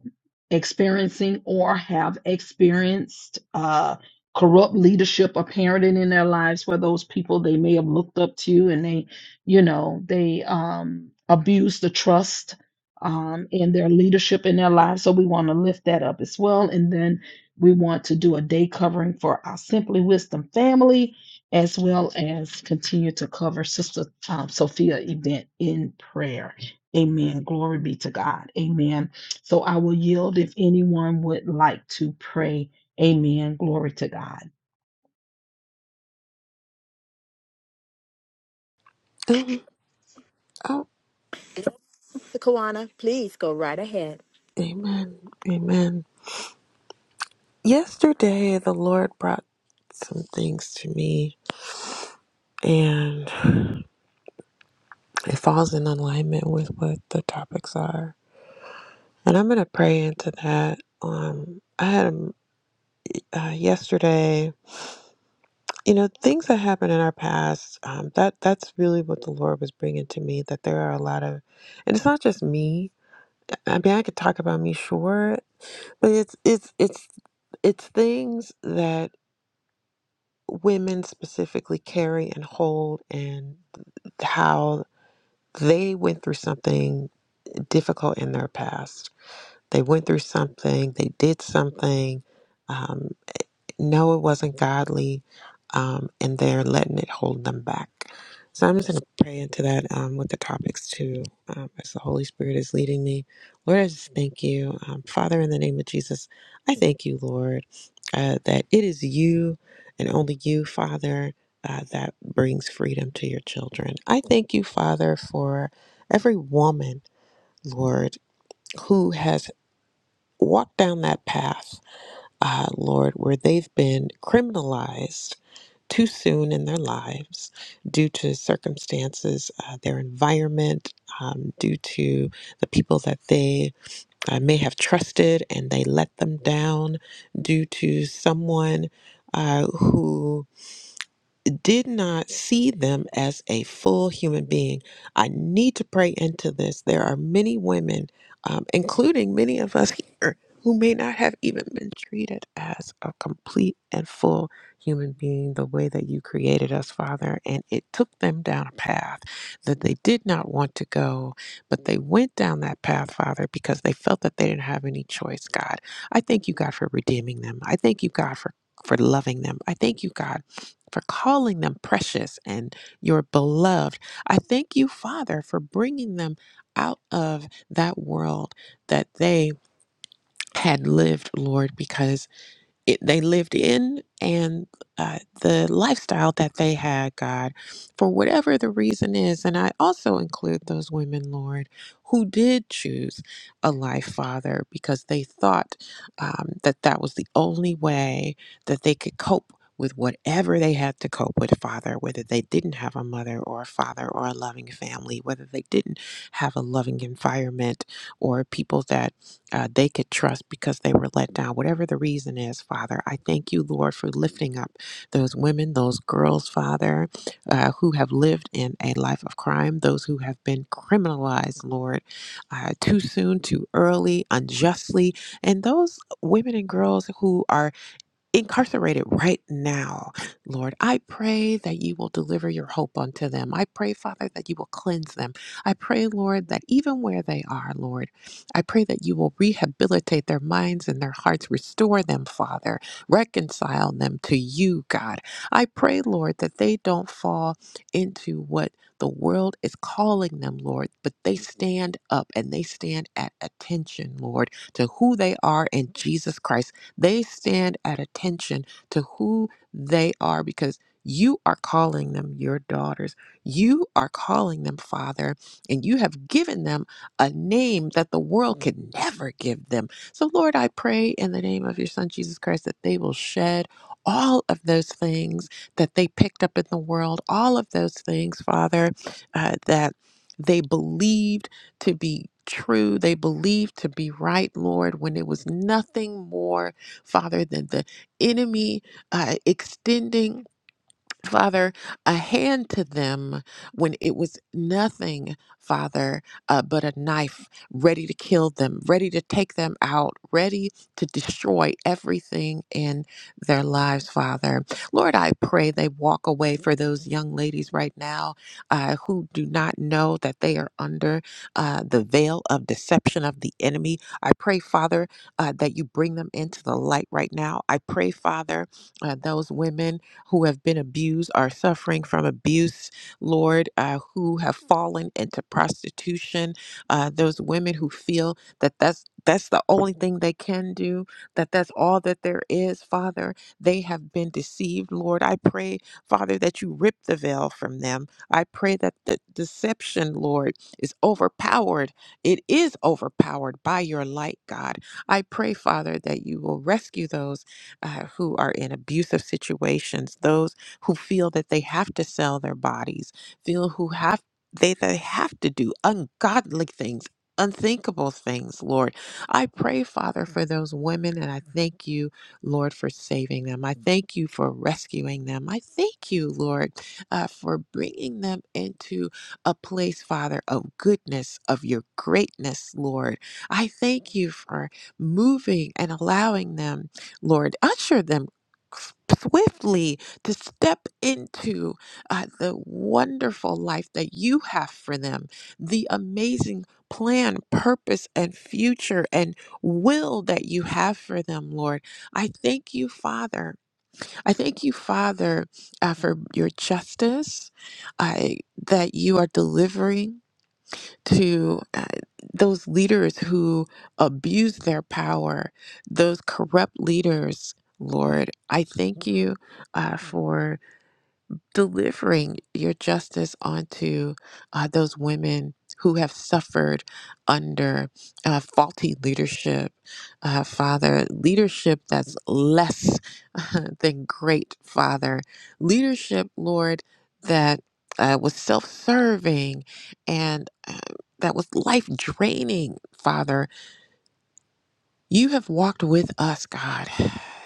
A: experiencing or have experienced uh, corrupt leadership or parenting in their lives for those people they may have looked up to and they you know they um, abuse the trust um, in their leadership in their lives so we want to lift that up as well and then we want to do a day covering for our simply wisdom family as well as continue to cover sister um, sophia event in prayer amen glory be to god amen so i will yield if anyone would like to pray amen glory to god
G: Oh,
C: Sister Kawana, please go right ahead.
G: amen. Amen. Yesterday, the Lord brought some things to me, and it falls in alignment with what the topics are. And I'm going to pray into that. Um, I had um, uh, yesterday, you know, things that happened in our past. Um, that that's really what the Lord was bringing to me. That there are a lot of, and it's not just me. I mean, I could talk about me, sure, but it's it's it's it's things that women specifically carry and hold, and how they went through something difficult in their past. They went through something. They did something Um, no, it wasn't godly, um, and they're letting it hold them back. So I'm just going to pray into that um, with the topics too, um, as the Holy Spirit is leading me. Lord, I just thank you. Um, Father, in the name of Jesus, I thank you, Lord, uh, that it is you and only you, Father, uh, that brings freedom to your children. I thank you, Father, for every woman, Lord, who has walked down that path uh, Lord, where they've been criminalized too soon in their lives due to circumstances, uh, their environment, um, due to the people that they uh, may have trusted and they let them down, due to someone uh, who did not see them as a full human being. I need to pray into this. There are many women, um, including many of us here, who may not have even been treated as a complete and full human being the way that you created us, Father. And it took them down a path that they did not want to go, but they went down that path, Father, because they felt that they didn't have any choice, God. I thank you, God, for redeeming them. I thank you, God, for for loving them. I thank you, God, for calling them precious and your beloved. I thank you, Father, for bringing them out of that world that they had lived, Lord, because it, they lived in and uh, the lifestyle that they had, God, for whatever the reason is. And I also include those women, Lord, who did choose a life, Father, because they thought um, that that was the only way that they could cope. With whatever they had to cope with, Father, whether they didn't have a mother or a father or a loving family, whether they didn't have a loving environment or people that uh, they could trust because they were let down. Whatever the reason is, Father, I thank you, Lord, for lifting up those women, those girls, Father, uh, who have lived in a life of crime, those who have been criminalized, Lord, uh, too soon, too early, unjustly, and those women and girls who are incarcerated right now. Lord, I pray that you will deliver your hope unto them. I pray, Father, that you will cleanse them. I pray, Lord, that even where they are, Lord, I pray that you will rehabilitate their minds and their hearts, restore them, Father, reconcile them to you, God. I pray, Lord, that they don't fall into what the world is calling them, Lord, but they stand up and they stand at attention, Lord, to who they are in Jesus Christ they stand at attention to who they are because you are calling them your daughters. You are calling them father, and you have given them a name that the world could never give them. So, Lord, I pray in the name of your son, Jesus Christ, that they will shed all of those things that they picked up in the world, all of those things, Father, uh, that they believed to be true, they believed to be right, Lord, when it was nothing more Father, than the enemy uh, extending Father, a hand to them when it was nothing, Father, uh, but a knife ready to kill them, ready to take them out, ready to destroy everything in their lives, Father. Lord, I pray they walk away for those young ladies right now uh, who do not know that they are under uh, the veil of deception of the enemy. I pray, Father, uh, that you bring them into the light right now. I pray, Father, uh, those women who have been abused, are suffering from abuse, Lord, uh, who have fallen into prostitution, uh, those women who feel that that's that's the only thing they can do, that that's all that there is, Father. They have been deceived, Lord. I pray, Father, that you rip the veil from them. I pray that the deception, Lord, is overpowered. It is overpowered by your light, God. I pray, Father, that you will rescue those uh, who are in abusive situations, those who feel that they have to sell their bodies, feel who have they they have to do ungodly things. Unthinkable things, Lord. I pray, Father, for those women, and I thank you, Lord, for saving them. I thank you for rescuing them. I thank you, Lord, uh, for bringing them into a place, Father, of goodness, of your greatness, Lord. I thank you for moving and allowing them Lord, usher them swiftly to step into uh, the wonderful life that you have for them, the amazing plan, purpose, and future and will that you have for them, Lord. I thank you, Father. I thank you, Father, uh, for your justice, I, that you are delivering to uh, those leaders who abuse their power, those corrupt leaders. Lord, I thank you uh, for delivering your justice onto uh, those women who have suffered under uh, faulty leadership, uh, Father, leadership that's less than great, Father, leadership, Lord, that uh, was self serving and uh, that was life draining, Father. You have walked with us, God.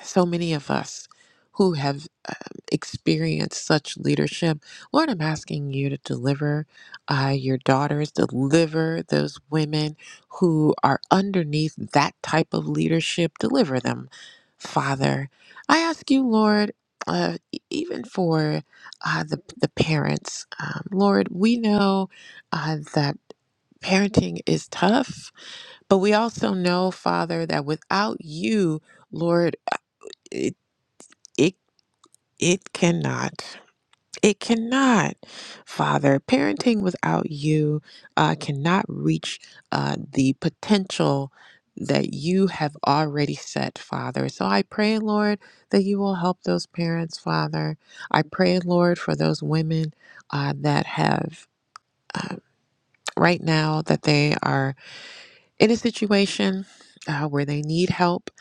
G: So many of us who have um, experienced such leadership. Lord, I'm asking you to deliver uh, your daughters, deliver those women who are underneath that type of leadership, deliver them, Father. I ask you, Lord. Uh, e- even for uh, the the parents, um, Lord, we know uh, that parenting is tough. But we also know, Father, that without you, Lord, it it it cannot. It cannot, Father. Parenting without you uh, cannot reach uh, the potential that you have already set, Father. So I pray, Lord, that you will help those parents, Father. I pray, Lord, for those women uh, that have uh, right now that they are in a situation uh, where they need help,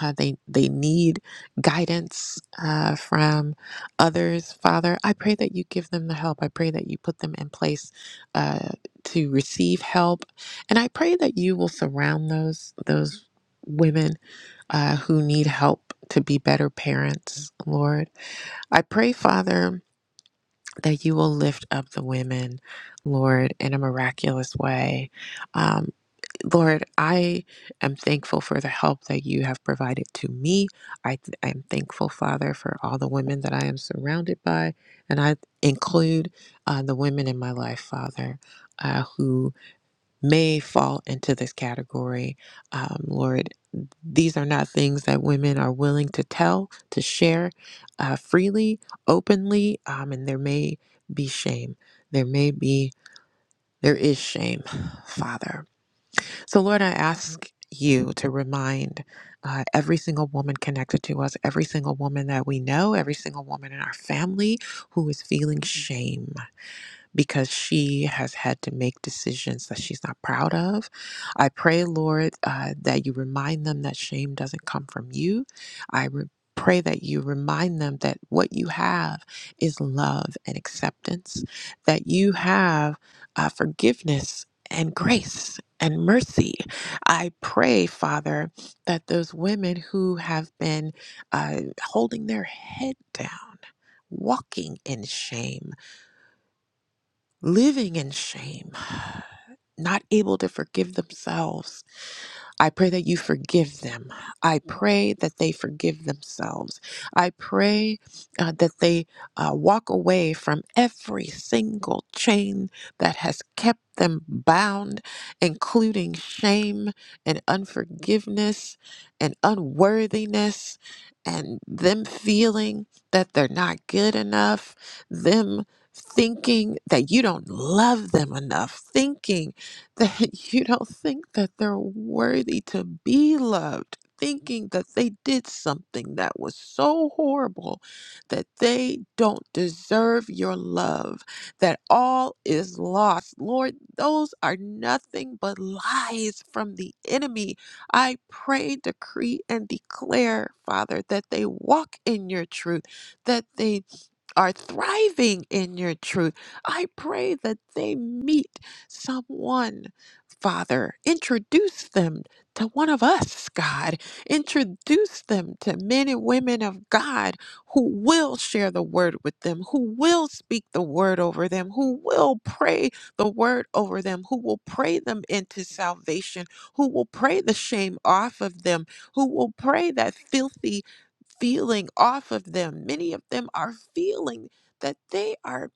G: uh, they they need guidance uh, from others. Father, I pray that you give them the help. I pray that you put them in place uh, to receive help, and I pray that you will surround those those women uh, who need help to be better parents. Lord, I pray, Father. That you will lift up the women, Lord, in a miraculous way. Um, Lord, I am thankful for the help that you have provided to me. I th- I am thankful, Father, for all the women that I am surrounded by, and I include uh, the women in my life, Father, uh, who may fall into this category. Um, Lord, these are not things that women are willing to tell, to share uh, freely, openly, um, and there may be shame. There may be, there is shame, Father. So, Lord, I ask you to remind uh, every single woman connected to us, every single woman that we know, every single woman in our family who is feeling shame because she has had to make decisions that she's not proud of. I pray, Lord, uh, that you remind them that shame doesn't come from you. I re- pray that you remind them that what you have is love and acceptance, that you have uh, forgiveness and grace and mercy. I pray, Father, that those women who have been uh, holding their head down, walking in shame, living in shame, not able to forgive themselves, I pray that you forgive them. I pray that they forgive themselves. I pray uh, that they uh, walk away from every single chain that has kept them bound, including shame and unforgiveness and unworthiness, and them feeling that they're not good enough, them thinking that you don't love them enough, thinking that you don't think that they're worthy to be loved, thinking that they did something that was so horrible that they don't deserve your love, that all is lost. Lord, those are nothing but lies from the enemy. I pray, decree, and declare, Father, that they walk in your truth, that they are thriving in your truth. I pray that they meet someone, Father. Introduce them to one of us, God. Introduce them to men and women of God who will share the word with them, who will speak the word over them, who will pray the word over them, who will pray them into salvation, who will pray the shame off of them, who will pray that filthy feeling off of them. Many of them are feeling that they are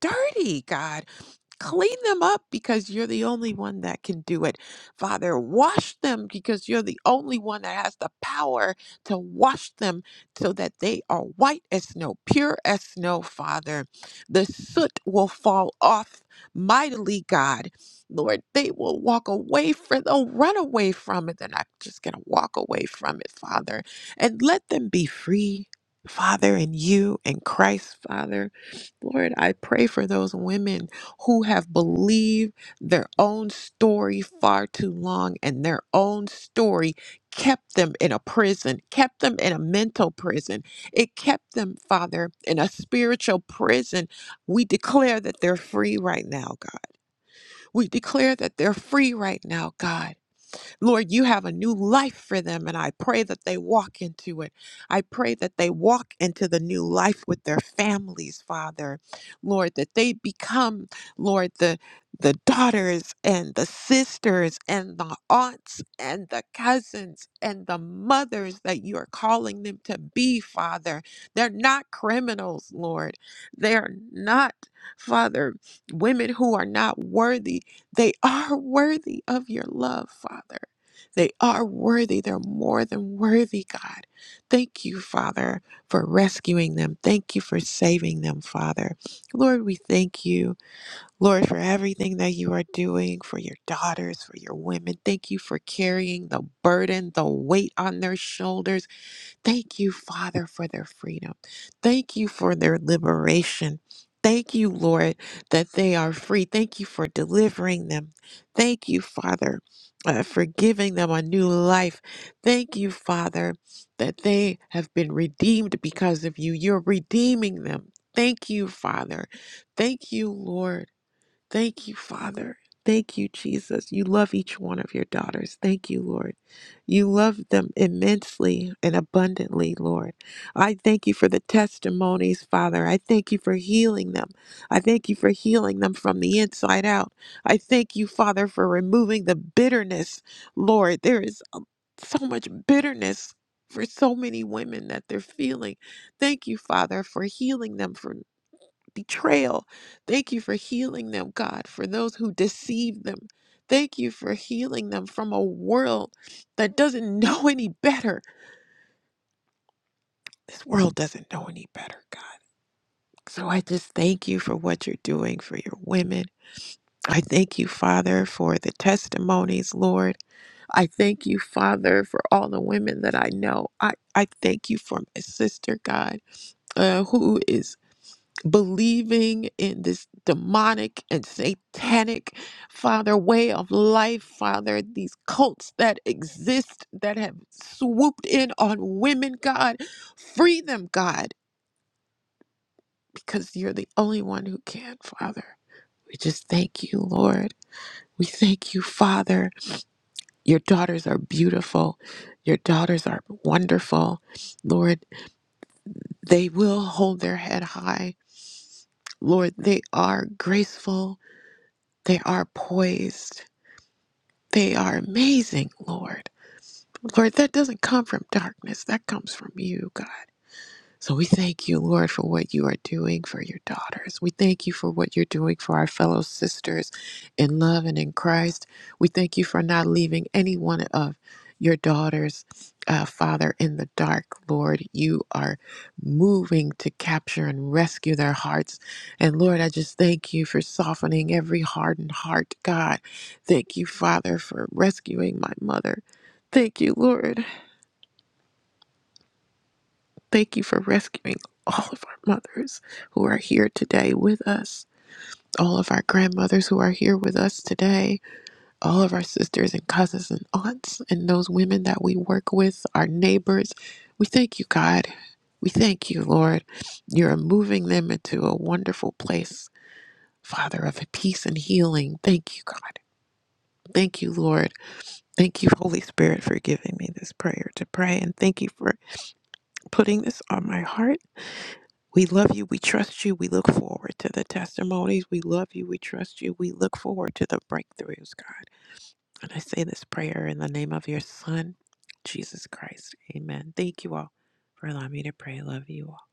G: dirty, God Clean them up because you're the only one that can do it. Father, wash them because you're the only one that has the power to wash them so that they are white as snow, pure as snow, Father. The soot will fall off mightily, God. Lord, they will walk away from they'll run away from it. They're not just gonna walk away from it, Father. And let them be free, Father, in you and Christ, Father. Lord, I pray for those women who have believed their own story far too long, and their own story kept them in a prison, kept them in a mental prison. It kept them, Father, in a spiritual prison. We declare that they're free right now, God. We declare that they're free right now, God. Lord, you have a new life for them, and I pray that they walk into it. I pray that they walk into the new life with their families, Father. Lord, that they become, Lord, the the daughters and the sisters and the aunts and the cousins and the mothers that you are calling them to be, Father. They're not criminals, Lord. They are not, Father, women who are not worthy. They are worthy of your love, Father. They are worthy. They're more than worthy, God. Thank you, Father, for rescuing them. Thank you for saving them, Father. Lord, we thank you, Lord, for everything that you are doing for your daughters, for your women. Thank you for carrying the burden, the weight on their shoulders. Thank you, Father, for their freedom. Thank you for their liberation. Thank you, Lord, that they are free. Thank you for delivering them. Thank you, Father, uh, for giving them a new life. Thank you, Father, that they have been redeemed because of you. You're redeeming them. Thank you, Father. Thank you, Lord. Thank you, Father. Thank you, Jesus. You love each one of your daughters. Thank you, Lord. You love them immensely and abundantly, Lord. I thank you for the testimonies, Father. I thank you for healing them. I thank you for healing them from the inside out. I thank you, Father, for removing the bitterness, Lord. There is uh, so much bitterness for so many women that they're feeling. Thank you, Father, for healing them from betrayal. Thank you for healing them, God, for those who deceive them. Thank you for healing them from a world that doesn't know any better. This world doesn't know any better, God. So I just thank you for what you're doing for your women. I thank you, Father, for the testimonies, Lord. I thank you, Father, for all the women that I know. I, I thank you for my sister, God, uh, who is believing in this demonic and satanic, Father, way of life, Father, these cults that exist that have swooped in on women, God. Free them, God, because you're the only one who can, Father. We just thank you, Lord. We thank you, Father. Your daughters are beautiful. Your daughters are wonderful. Lord, they will hold their head high. Lord, they are graceful. They are poised. They are amazing, Lord. Lord, that doesn't come from darkness. That comes from you, God. So we thank you, Lord, for what you are doing for your daughters. We thank you for what you're doing for our fellow sisters in love and in Christ. We thank you for not leaving any one of your daughters, uh, Father, in the dark, Lord. You are moving to capture and rescue their hearts. And Lord, I just thank you for softening every hardened heart, God. Thank you, Father, for rescuing my mother. Thank you, Lord. Thank you for rescuing all of our mothers who are here today with us, all of our grandmothers who are here with us today, all of our sisters and cousins and aunts, and those women that we work with, our neighbors. We thank you, God. We thank you, Lord. You're moving them into a wonderful place, Father, of peace and healing. Thank you, God. Thank you, Lord. Thank you, Holy Spirit, for giving me this prayer to pray. And thank you for putting this on my heart We love you. We trust you. We look forward to the testimonies. We love you. We trust you. We look forward to the breakthroughs, God. And I say this prayer in the name of your Son, Jesus Christ. Amen. Thank you all for allowing me to pray. Love you all.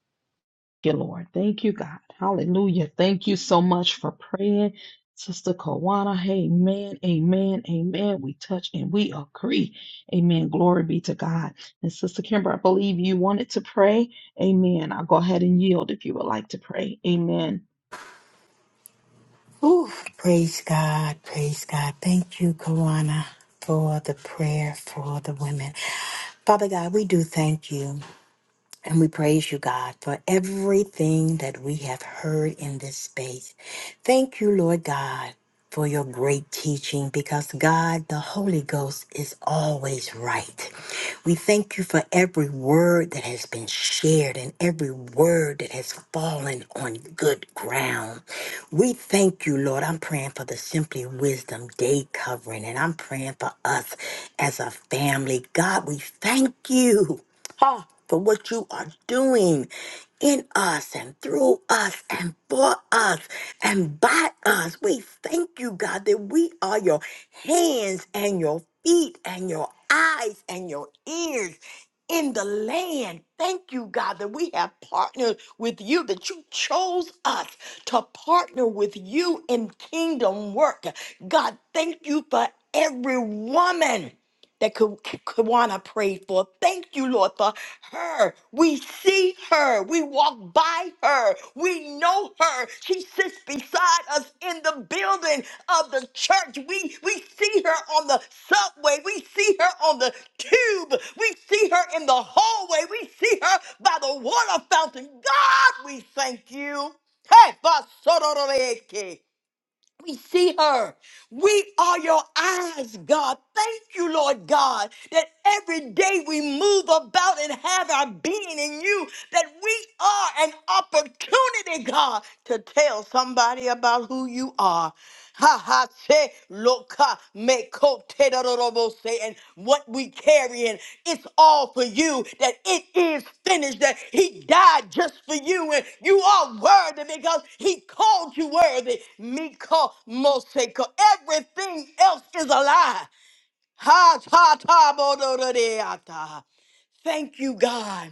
A: you, Lord. Thank you, God. Hallelujah. Thank you so much for praying. Sister Kawana, amen, amen, amen. We touch and we agree. Amen. Glory be to God. And Sister Kimber, I believe you wanted to pray. Amen. I'll go ahead and yield if you would like to pray. Amen.
C: Ooh, praise God, praise God. Thank you, Kawana, for the prayer for the women. Father God, we do thank you. And we praise you, God, for everything that we have heard in this space. Thank you, Lord God, for your great teaching because, God, the Holy Ghost is always right. We thank you for every word that has been shared and every word that has fallen on good ground. We thank you, Lord. I'm praying for the Simply Wisdom Day covering, and I'm praying for us as a family. God, we thank you for what you are doing in us and through us and for us and by us. We thank you, God, that we are your hands and your feet and your eyes and your ears in the land. Thank you, God, that we have partnered with you, that you chose us to partner with you in kingdom work. God, thank you for every woman that Ka- Ka- Kawana prayed for. Thank you, Lord, for her. We see her. We walk by her. We know her. She sits beside us in the building of the church. We, we see her on the subway. We see her on the tube. We see her in the hallway. We see her by the water fountain. God, we thank you. Hey, Basororeke. We see her. We are your eyes, God. Thank you, Lord God, that every day we move about and have our being in you, that we are an opportunity, God, to tell somebody about who you are. Ha ha se loka me ko te da da da bo se and what we carrying it's all for you that it is finished that he died just for you and you are worthy because he called you worthy me ko mo se ko everything else is a lie ha ta ta bo do do de ata. thank you God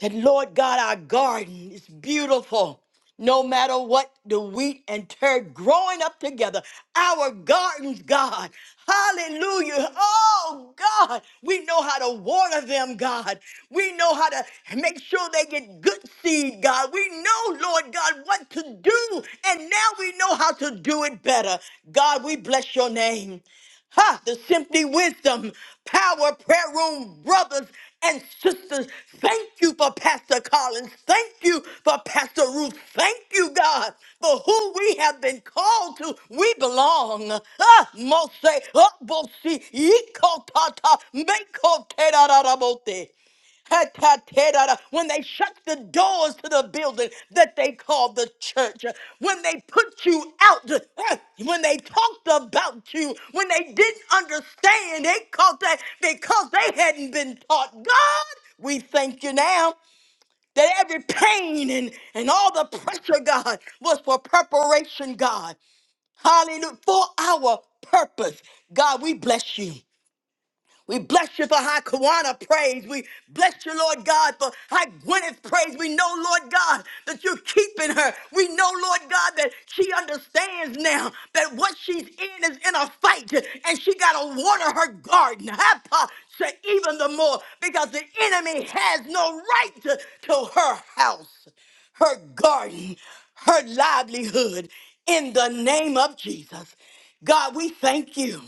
C: that Lord God, our garden is beautiful. No matter what the wheat and tear growing up together, our gardens, God, hallelujah. Oh, God, we know how to water them, God. We know how to make sure they get good seed, God. We know, Lord God, what to do, and now we know how to do it better. God, we bless your name. Ha! The Simply Wisdom Power Prayer Room brothers and sisters. Thank you for Pastor Collins. Thank you for Pastor Ruth. Thank you, God, for who we have been called to. We belong. Ah, Mose, ah, Bosi, Yiko Tata, Meko Te Ra Ra Ra Bote. When they shut the doors to the building that they call the church, when they put you out, eh, when they talked about you, when they didn't understand, they called that because they hadn't been taught. God, we thank you now that every pain and, and all the pressure, God, was for preparation, God. Hallelujah. For our purpose. God, we bless you. We bless you for high Kawana praise. We bless you, Lord God, for high Gwyneth praise. We know, Lord God, that you're keeping her. We know, Lord God, that she understands now that what she's in is in a fight and she got to water her garden. Hapa to even the more because the enemy has no right to, to her house, her garden, her livelihood in the name of Jesus. God, we thank you.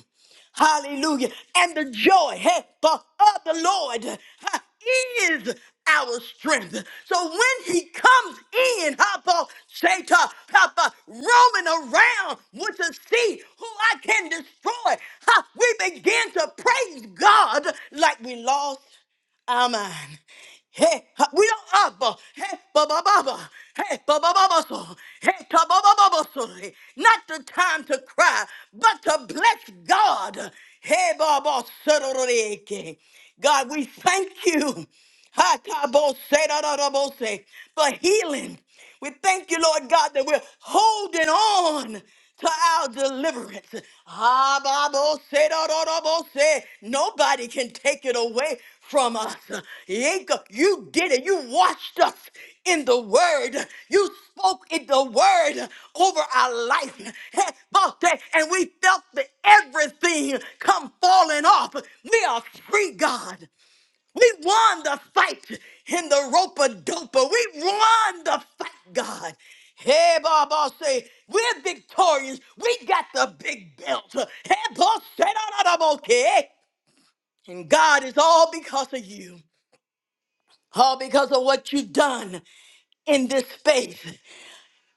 C: Hallelujah. And the joy hey, for- of the Lord huh, is our strength. So when he comes in, Papa, Satan, Papa, roaming around with a sea who I can destroy, huh, we begin to praise God like we lost our mind. Hey, ha- we don't abba. Hey, baba baba. Hey, baba baba so. Hey, ta baba baba so. Not the time to cry, but to bless God. Hey, baba sororeke. God, we thank you. Ha ta bo se da da da bo se for healing. We thank you, Lord God, that we're holding on to our deliverance. Ah, ba, bo, se, do, do, do, bo, se. Nobody can take it away from us. Yinka, You did it. You washed us in the word. You spoke in the word over our life. Hey, boss, hey, And we felt that everything come falling off. We are free, God. We won the fight in the ropa dopa. We won the fight, God. Hey, Baba, say, we're victorious. We got the big belt. Hey, boss, say, no, no, no, okay. And God, is all because of you, all because of what you've done in this space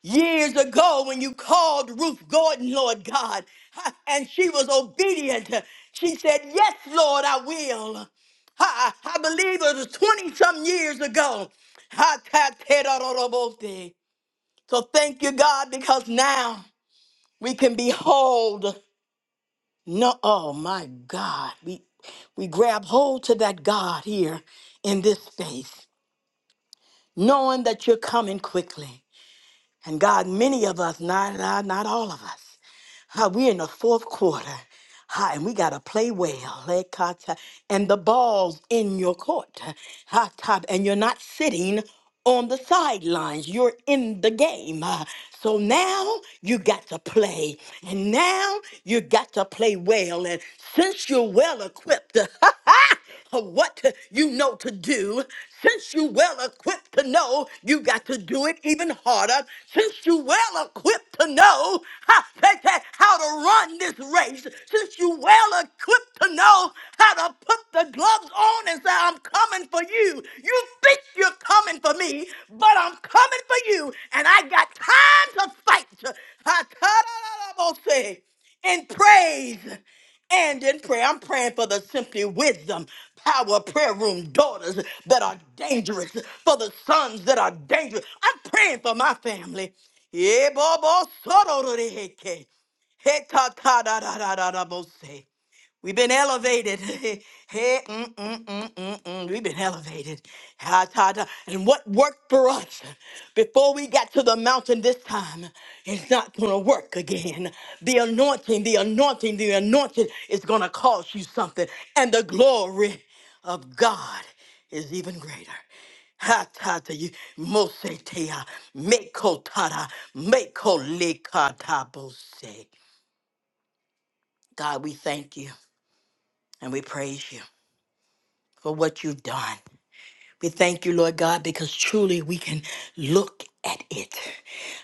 C: years ago when you called Ruth Gordon, Lord God, ha, and she was obedient. She said, Yes, Lord, I will. Ha, I believe it was 20 some years ago. Ha, ta, te, da, da, da, bo, te. So thank you, God, because now we can behold. No, oh my God. We we grab hold to that God here in this space, knowing that you're coming quickly. And God, many of us, not, not not all of us, Uh, we're in the fourth quarter. Ha, and we got to play well. Hey, Kata. And the ball's in your court. Ha, ta, And you're not sitting on the sidelines. You're in the game. Uh, So now you got to play. And now you got to play well. And since you're well equipped, of what you know to do. Since you well equipped to know, you got to do it even harder. Since you well equipped to know how, that- that- how to run this race, since you well equipped to know how to put the gloves on and say, I'm coming for you. You think you're coming for me, but I'm coming for you. And I got time to fight. I- in praise and in prayer. I'm praying for the Simply Wisdom Power Prayer Room daughters that are dangerous, for the sons that are dangerous. I'm praying for my family. Yeah, bo- bo- so- do- do- de- he- ke. He- ta- ta- da- da- da- da- da- bo- se. We've been elevated. Hey, mm, mm, mm, mm, mm. We've been elevated. Ah, ta, ta. And what worked for us before we got to the mountain this time is not going to work again. The anointing, the anointing, the anointing is going to cost you something. And the glory of God is even greater. Ha tata you mose tea, meko tata, meko lekata bose. God, we thank you and we praise you. for what you've done. We thank you, Lord God, because truly we can look at it.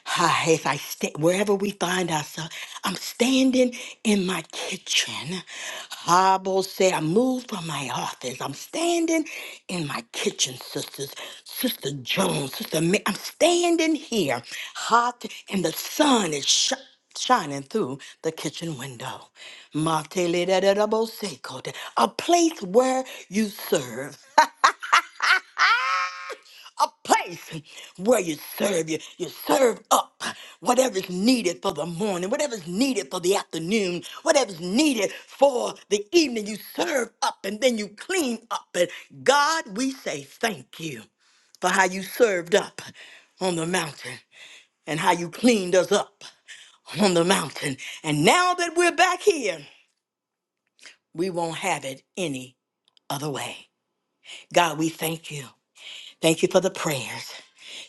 C: Ah, If I stay wherever we find ourselves, I'm standing in my kitchen. Hobble say I moved from my office. I'm standing in my kitchen, sisters. Sister Jones, Sister Ma- I'm standing here, hot, and the sun is shining shining through the kitchen window. Matelelelelebose kote, A place where you serve a place where you serve you you serve up whatever's needed for the morning whatever's needed for the afternoon whatever's needed for the evening you serve up and then you clean up and god we say thank you for how you served up on the mountain and how you cleaned us up on the mountain and now that we're back here we won't have it any other way god we thank you thank you for the prayers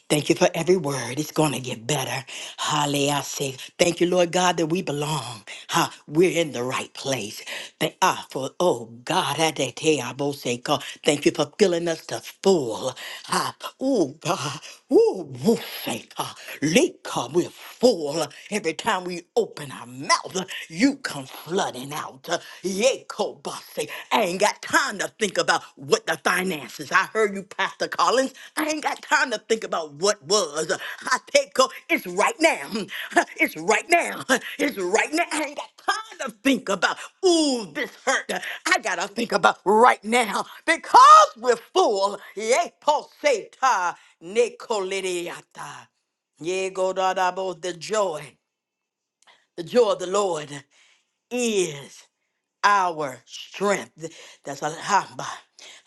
C: Thank you for every word. It's going to get better. Hallelujah. I say, Thank you, Lord God, that we belong. Ha, we're in the right place. Thank ah, for oh God, I dare tell you, I both say, God, thank you for filling us to full. Ah, oh God, oh, woo, say, God, leak, God, we're full. Every time we open our mouth, you come flooding out. Yeah, Cold boss say, I ain't got time to think about what the finances. I heard you, Pastor Collins. I ain't got time to think about what was. I take co- it's right now. It's right now. It's right now. I ain't got time to think about, ooh, this hurt. I gotta think about right now because we're full. Yea, poseta, Nicolitiata. Yea, go da da bo- the joy. The joy of the Lord is our strength. That's a lot.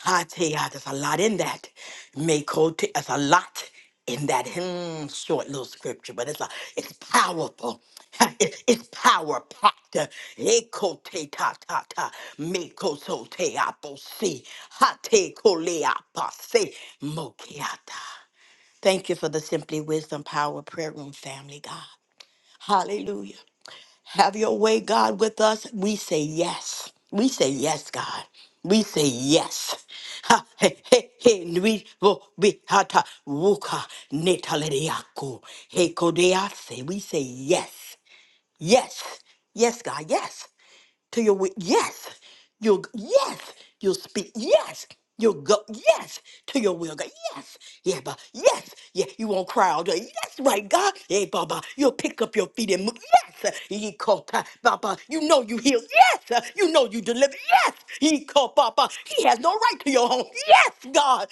C: I tell ya, there's a lot in that. Mako, te- there's a lot in that hmm, short little scripture, but it's a, it's powerful. It- it's power packed. Eko te ta ta ta. Mako so te apo si. Ha te kole apa se. Mokiata. Thank you for the Simply Wisdom Power Prayer Room family, God. Hallelujah. Have your way, God, with us. We say yes. We say yes, God. We say yes. Ha, he, he, he, nui, wo, bi, hata, wuka, netaleriaku, hekodease. We say yes. Yes. Yes, God. Yes to your wi- yes you'll yes you'll speak yes you'll go yes to your will god yes yeah but yes yeah you won't cry all day yes right god yeah baba you'll pick up your feet and move yes he called baba you know you heal yes you know you deliver yes he called baba he has no right to your home yes god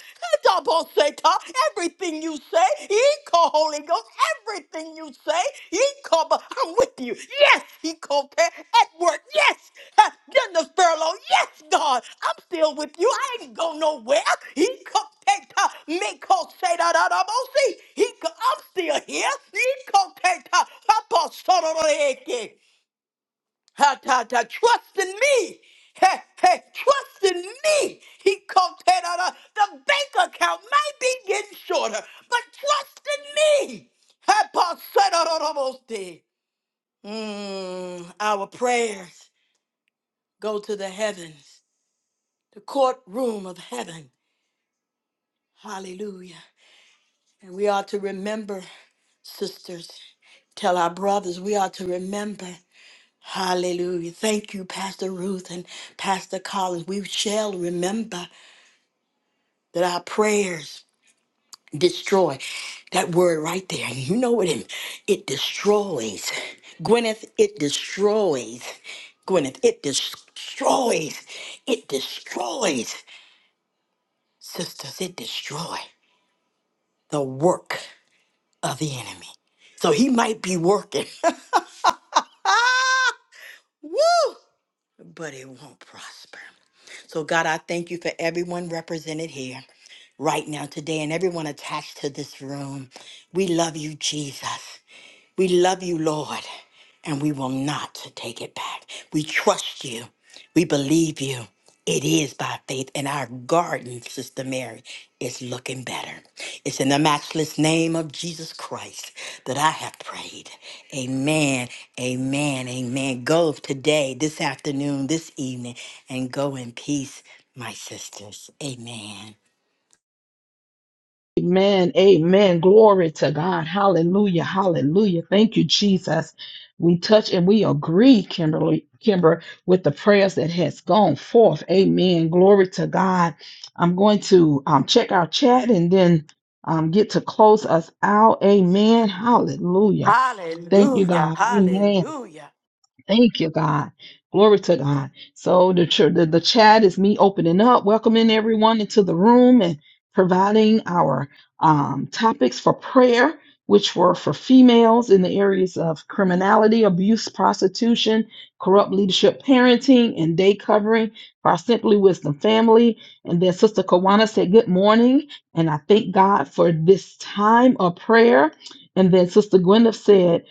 C: talk, everything you say, he call Holy Ghost, everything you say, he call, but I'm with you. Yes, he called at work. Yes, uh, in the furlough. Yes, God, I'm still with you. I ain't go nowhere. He called take time. me call say that out of see. He co- I'm still here. He called take time. Papa, son of a hickey. Ha ta ta. Trust in me. Hey, hey, trust in me. He called that out. of- The bank account might be getting shorter, but trust in me. Ha pa said out of almost there. Mm, Our prayers go to the heavens, the courtroom of heaven. Hallelujah. And we are to remember, sisters, tell our brothers, we are to remember. Hallelujah. Thank you, Pastor Ruth and Pastor Collins. We shall remember that our prayers destroy. That word right there. You know what it, it destroys. Gwyneth, it destroys. Gwyneth, it destroys. It destroys. Sisters, it destroy the work of the enemy. So he might be working. Woo! but it won't prosper. So, God, I thank you for everyone represented here right now today and everyone attached to this room. We love you, Jesus. We love you, Lord, and we will not take it back. We trust you. We believe you. It is by faith, and our garden, Sister Mary, is looking better. It's in the matchless name of Jesus Christ that I have prayed. Amen, amen, amen. Go today, this afternoon, this evening, and go in peace, my sisters. Amen.
A: Amen. Amen. Glory to God. Hallelujah. Hallelujah. Thank you, Jesus. We touch and we agree, Kimberly, Kimber, with the prayers that has gone forth. Amen. Glory to God. I'm going to um, check our chat and then um, get to close us out. Amen. Hallelujah. Thank you,
C: Hallelujah,
A: God. Amen.
C: hallelujah.
A: Thank you, God. Glory to God. So the, ch- the the chat is me opening up, welcoming everyone into the room, and providing our um, topics for prayer, which were for females in the areas of criminality, abuse, prostitution, corrupt leadership, parenting, and day covering for our Simply Wisdom family. And then Sister Kawana said, "Good morning," and I thank God for this time of prayer. And then Sister Gwyneth said.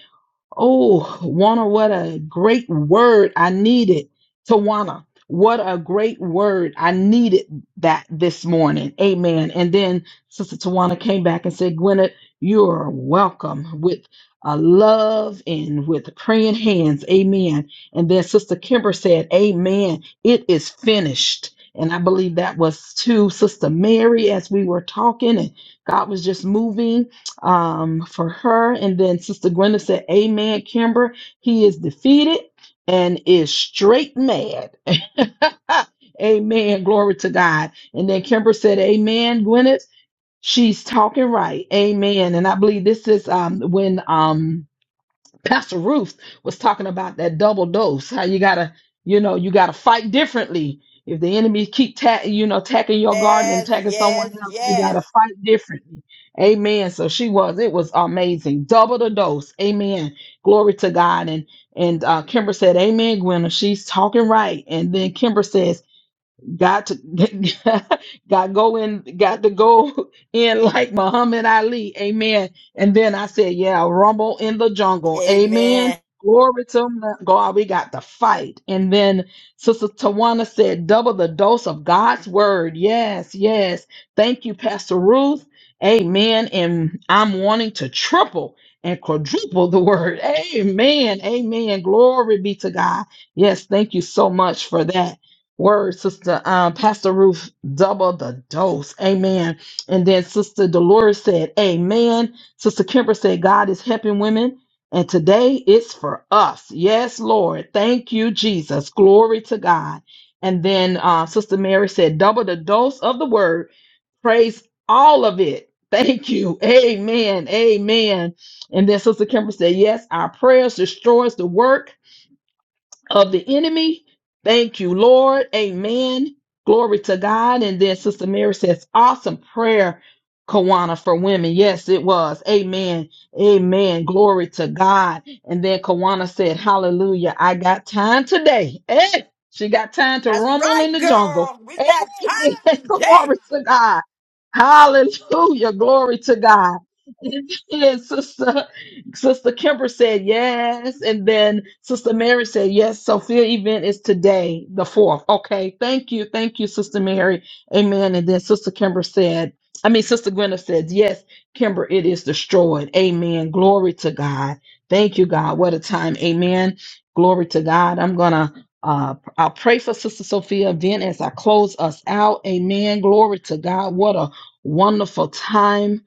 A: Oh, Wana, what a great word. I needed Tawana, what a great word. I needed that this morning. Amen. And then Sister Tawana came back and said, Gwyneth, you're welcome with a love and with praying hands. Amen. And then Sister Kimber said, Amen. It is finished. And I believe that was to Sister Mary as we were talking and God was just moving um, for her. And then Sister Gwenda said, Amen, Kimber. He is defeated and is straight mad. Amen. Glory to God. And then Kimber said, Amen, Gwyneth. She's talking right. Amen. And I believe this is um when um Pastor Ruth was talking about that double dose. How you gotta, you know, you gotta fight differently. If the enemy keep ta- you know, attacking your garden and
C: Yes,
A: attacking someone
C: yes,
A: else, we
C: yes.
A: gotta fight differently. Amen. So she was. It was amazing. Double the dose. Amen. Glory to God. And and uh, Kimber said, Amen, Gwen. She's talking right. And then Kimber says. Got to got go in, got to go in like Muhammad Ali. Amen. And then I said, yeah, rumble in the jungle. Amen.
C: Amen.
A: Glory to God. We got to fight. And then Sister Tawana said, double the dose of God's word. Yes, yes. Thank you, Pastor Ruth. Amen. And I'm wanting to triple and quadruple the word. Amen. Amen. Glory be to God. Yes, thank you so much for that. Word, Sister um, Pastor Ruth, double the dose. Amen. And then Sister Dolores said, Amen. Sister Kimber said, God is helping women. And today it's for us. Yes, Lord. Thank you, Jesus. Glory to God. And then uh, Sister Mary said, double the dose of the word. Praise all of it. Thank you. Amen. Amen. And then Sister Kimber said, Yes, our prayers destroys the work of the enemy. Thank you, Lord. Amen. Glory to God. And then Sister Mary says, awesome prayer, Kawana, for women. Yes, it was. Amen. Amen. Glory to God. And then Kawana said, Hallelujah. I got time today. Hey, she got time to
C: That's
A: rumble
C: right,
A: in the jungle.
C: girl. We got
A: Amen.
C: time today.
A: Glory to God. Hallelujah. Glory to God. And then Sister, Sister Kimber said yes. And then Sister Mary said yes. Sophia event is today, the 4th. Okay. Thank you. Thank you, Sister Mary. Amen. And then Sister Kimber said, I mean, Sister Gwyneth said, yes, Kimber, it is destroyed. Amen. Glory to God. Thank you, God. What a time. Amen. Glory to God. I'm going to. Uh, I'll pray for Sister Sophia event as I close us out. Amen. Glory to God. What a wonderful time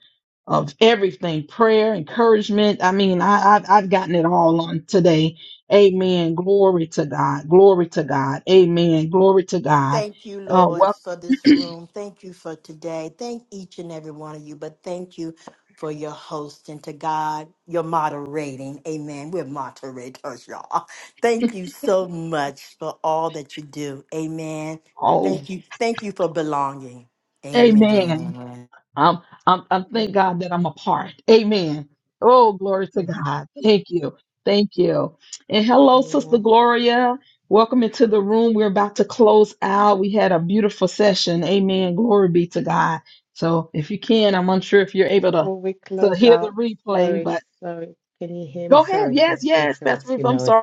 A: of everything prayer, encouragement. I mean, I, I've, I've gotten it all on today. Amen. Glory to God. Glory to God. Amen. Glory to God.
C: Thank you,
A: Uh,
C: Lord,
A: well,
C: for this room. Thank you for today. Thank each and every one of you, but thank you for your host and to God, your moderating. Amen. We're moderators, y'all. Thank you so much for all that you do. Amen.
A: oh,
C: Thank you. Thank you for belonging.
A: amen.
C: Amen.
A: I'm, I'm, I'm thank
D: Um,
A: God that I'm a part. Amen. Oh, glory to
D: mm,
A: God. Thank you. Thank you. And hello, Sister
D: Amen.
A: Gloria. Welcome into the room. We're about to close out. We had a beautiful session. Amen. Glory be to God. So if you can, I'm unsure if you're able to,
D: Before we
A: to
D: close
A: hear the
D: out,
A: replay,
D: sorry,
A: but
D: sorry, can you hear me?
A: go ahead.
D: Sorry
A: Yes,
D: to
A: yes, Pastor
D: interrupt you,
A: Ruth. I'm
D: Lois.
A: sorry.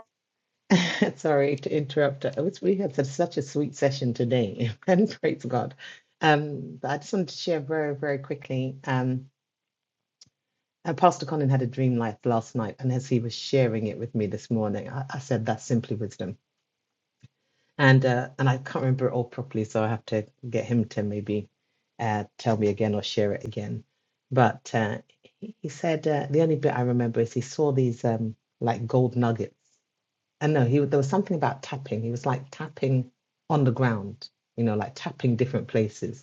D: sorry to interrupt. I was, we had such such a sweet session today, and praise God. Um, but I just wanted to share very, very quickly. Um, And Pastor Colin had a dream life last night, and as he was sharing it with me this morning, I, I said that's simply wisdom. And uh, and I can't remember it all properly, so I have to get him to maybe uh, tell me again or share it again. But uh, he he said uh, the only bit I remember is he saw these um, like gold nuggets. And no, he there was something about tapping. He was like tapping on the ground, you know, like tapping different places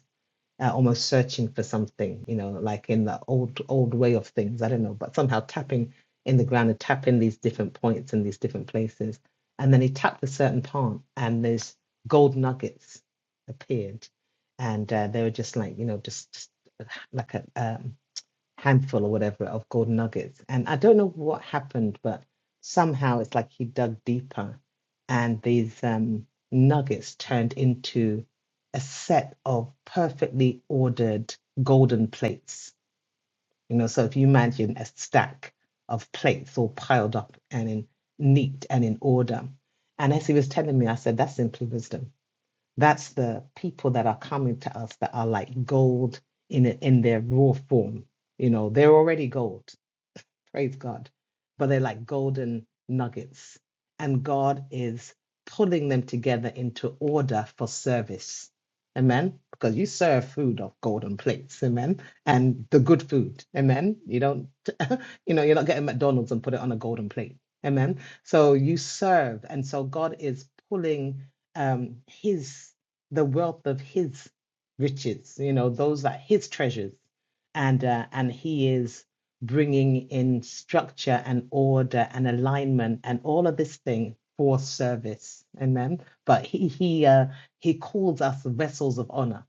D: uh, almost searching for something, you know, like in the old old way of things. I don't know, but somehow tapping in the ground and tapping these different points and these different places. And then he tapped a certain part, and these gold nuggets appeared, and uh, they were just like you know, just, just uh, like a um, handful or whatever of golden nuggets. And I don't know what happened, but somehow it's like he dug deeper and these um, nuggets turned into a set of perfectly ordered golden plates. You know, so if you imagine a stack of plates all piled up and in neat and in order. And as he was telling me, I said, that's simply wisdom that's the people that are coming to us that are like gold in in their raw form. You know, they're already gold praise God. But they're like golden nuggets. And God is pulling them together into order for service. Amen. Because you serve food off golden plates. Amen. And the good food. Amen. You don't, you know, you're not getting McDonald's and put it on a golden plate. Amen. So you serve. And so God is pulling um, his, the wealth of his riches, you know, those are his treasures. And, uh, and he is bringing in structure and order and alignment and all of this thing for service amen but he he uh, he calls us vessels of honor